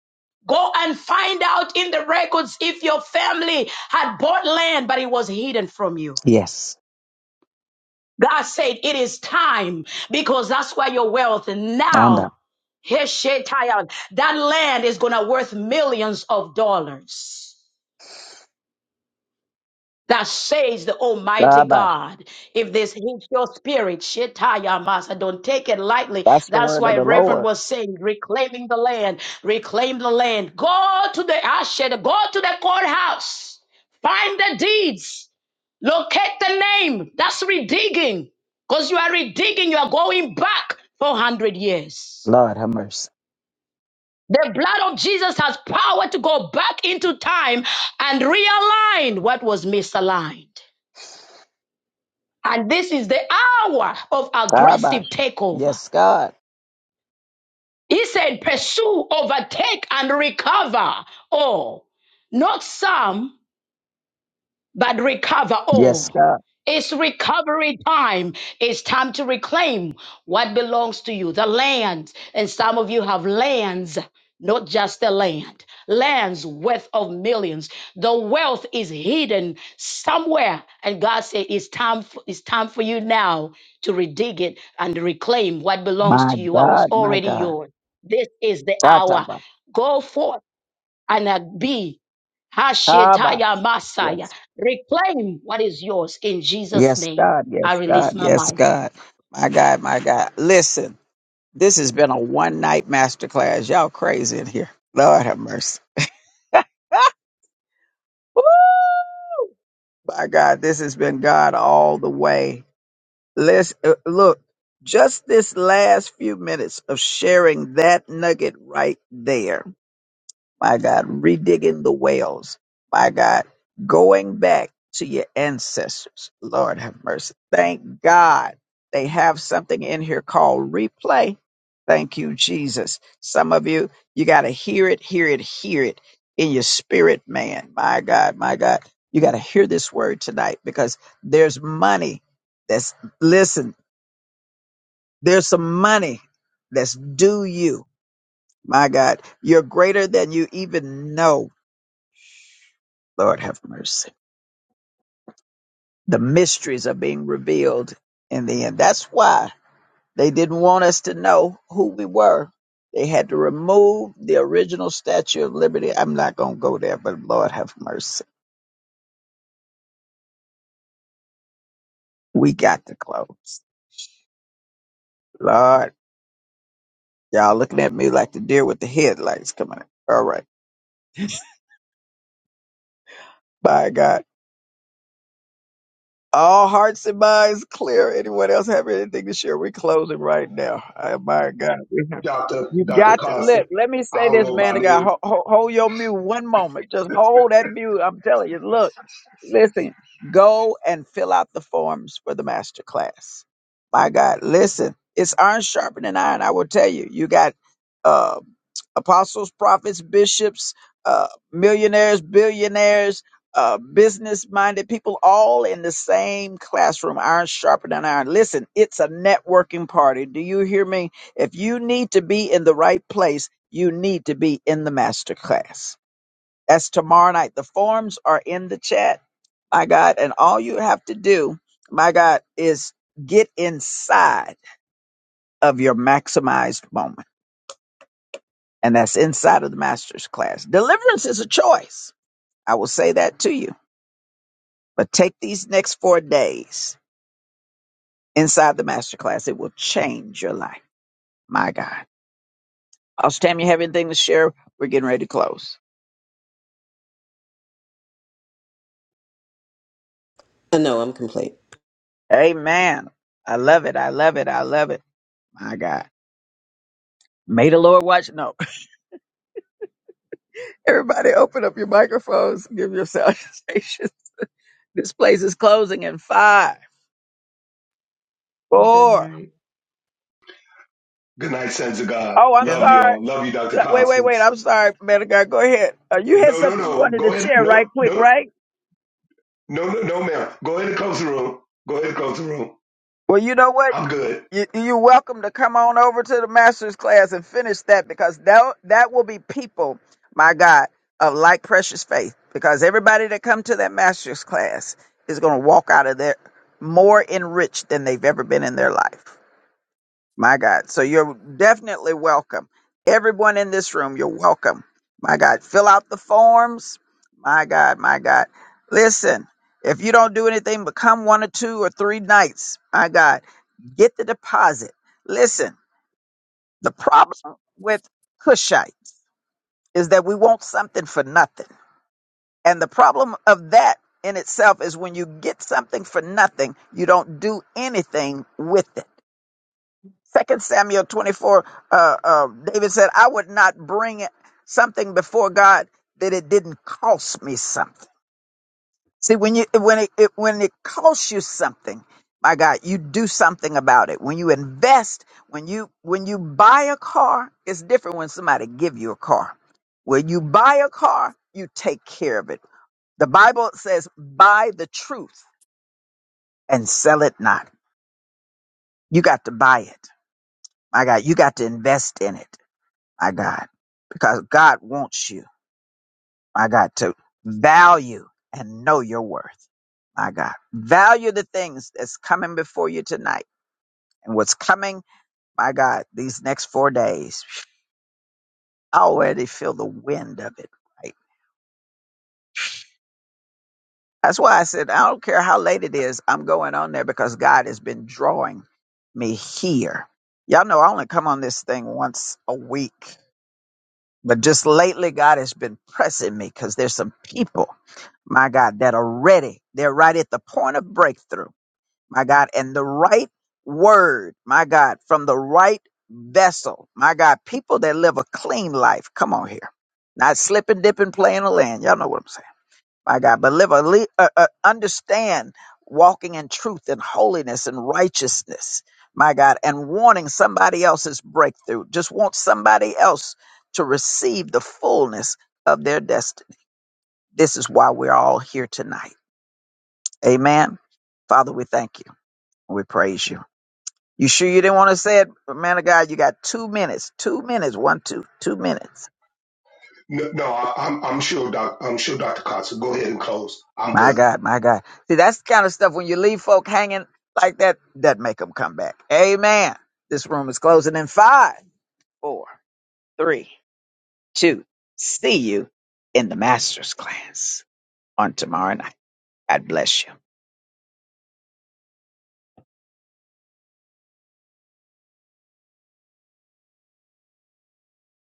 S12: Go and find out in the records if your family had bought land, but it was hidden from you.
S1: Yes.
S12: God said it is time because that's where your wealth
S1: Stand up.
S12: now. Heshetayah, That land is gonna worth millions of dollars. That says the Almighty
S1: Dabash.
S12: God, if this hits your spirit, Shetaya Masa, don't take it lightly.
S1: That's the
S12: That's
S1: word of
S12: why
S1: the
S12: Reverend
S1: Lord.
S12: was saying, reclaiming the land, reclaim the land. Go to the Ashed, go to the courthouse, find the deeds, locate the name. That's redigging, because you are redigging, you are going back 400 years.
S1: Lord have mercy.
S12: The blood of Jesus has power to go back into time and realign what was misaligned. And this is the hour of aggressive
S1: Dabash.
S12: takeover.
S1: Yes, God.
S12: He said, pursue, overtake, and recover all. Not some, but recover
S1: Yes,
S12: all.
S1: God.
S12: It's recovery time. It's time to reclaim what belongs to you, the land. And some of you have lands, not just the land, lands worth of millions. The wealth is hidden somewhere. And God said, it's time, for, it's time for you now to redig it and reclaim what belongs
S1: My
S12: to you. I was
S1: God, my
S12: already
S1: God.
S12: yours. This is the hour.
S1: Tatabash.
S12: Go forth and uh, be Hashetaya
S1: Tabash,
S12: Messiah.
S1: Yes.
S12: Reclaim what is yours in Jesus'
S1: Yes,
S12: name.
S1: God.
S12: I
S1: Yes,
S12: release
S1: God.
S12: my
S1: Yes,
S12: mind.
S1: God. My God, my God. Listen, this has been a one night masterclass. Y'all crazy in here. Lord have mercy. Woo! My God, this has been God all the way. Let's uh, look. Just this last few minutes of sharing that nugget right there. My God, redigging the wells. My God, going back to your ancestors. Lord have mercy. Thank God they have something in here called replay. Thank you, Jesus. Some of you, you got to hear it, hear it, hear it in your spirit, man. My God, my God. You got to hear this word tonight because there's money that's listen there's some money that's due you. My God, you're greater than you even know. Lord have mercy. The mysteries are being revealed in the end. That's why they didn't want us to know who we were. They had to remove the original Statue of Liberty. I'm not going to go there, but Lord have mercy. We got to close. Lord, y'all looking at me like the deer with the headlights coming. All right. Bye, God. All hearts and minds clear. Anyone else have anything to share? We're closing right now. Oh, my God.
S4: Dr.
S1: You
S4: Dr.
S1: got to let
S4: Constant.
S1: let me say
S4: I don't
S1: this,
S4: know
S1: man. To
S4: about
S1: God,
S4: any
S1: hold, hold, your mute one moment. Just hold that mute. I'm telling you. Look, listen. Go and fill out the forms for the master class. My God, listen. It's iron sharpening iron. I will tell you. You got uh, apostles, prophets, bishops, uh, millionaires, billionaires, uh, business-minded people, all in the same classroom. Iron sharpening iron. Listen, it's a networking party. Do you hear me? If you need to be in the right place, you need to be in the master class. That's tomorrow night. The forms are in the chat, my God. And all you have to do, my God, is get inside of your maximized moment. And that's inside of the master's class. Deliverance is a choice. I will say that to you. But take these next four days inside the master class. It will change your life. My God. Austin, you have anything to share? We're getting ready to close.
S7: I know I'm complete.
S1: Amen. I love it. I love it. I love it. My God. May the Lord watch. No. Everybody open up your microphones. Give your salutations. This place is closing in five,
S8: Good
S1: four.
S8: night.
S4: good night, sons of God.
S1: Oh, I'm
S13: In
S4: Love you
S1: sorry.
S4: all. Love you, Dr.
S1: Uh, Wait, wait, wait.
S4: Constance.
S1: I'm sorry, man of God. Go ahead. Uh, you had
S4: No, no,
S1: something you
S4: no.
S1: wanted to
S4: Go ahead.
S1: share
S4: No,
S1: right quick,
S4: no,
S1: right?
S4: no, no, no, ma'am. Go ahead and close the room. Go ahead and close the room.
S1: Well, you know what?
S4: I'm good.
S1: You, you're welcome to come on over to the master's class and finish that because that that will be people, my God, of like precious faith. Because everybody that come to that master's class is going to walk out of there more enriched than they've ever been in their life. My God, so you're definitely welcome. Everyone in this room, you're welcome. My God, fill out the forms. My God, my God, listen. If you don't do anything but come one or two or three nights, my God. Get the deposit. Listen, the problem with Cushites is that we want something for nothing. And the problem of that in itself is when you get something for nothing, you don't do anything with it. Second Samuel 24, uh, uh, David said, I would not bring something before God that it didn't cost me something. See, when you when it, it when it costs you something, my God, you do something about it. When you invest, when you when you buy a car, it's different when somebody give you a car. When you buy a car, you take care of it. The Bible says, "Buy the truth and sell it not." You got to buy it, my God. You got to invest in it, my God, because God wants you. My God, to value and know your worth. My God, value the things that's coming before you tonight and what's coming. My God, these next four days, I already feel the wind of it. Right. That's why I said, I don't care how late it is. I'm going on there because God has been drawing me here. Y'all know I only come on this thing once a week, but just lately God has been pressing me because there's some people, my God, that are ready. They're right at the point of breakthrough my God, and the right word, my God, from the right vessel, my God, people that live a clean life. Come on here. Not slipping, dipping, playing the land. Y'all know what I'm saying. My God, but live a, le- uh, uh, understand walking in truth and holiness and righteousness. My God, and wanting somebody else's breakthrough. Just want somebody else to receive the fullness of their destiny. This is why we're all here tonight. Amen. Father, we thank you. We praise you. You sure you didn't want to say it, man of God? You got two minutes. Two minutes. One, two, two minutes.
S4: No, no I, I'm, I'm sure, doc, I'm sure, Dr. Constance. Go ahead and close. I'm
S1: My
S4: good.
S1: God, my God. See, that's the kind of stuff when you leave folk hanging like that, that make them come back. Amen. This room is closing in five, four, three, two. See you in the master's class on tomorrow night. God bless you.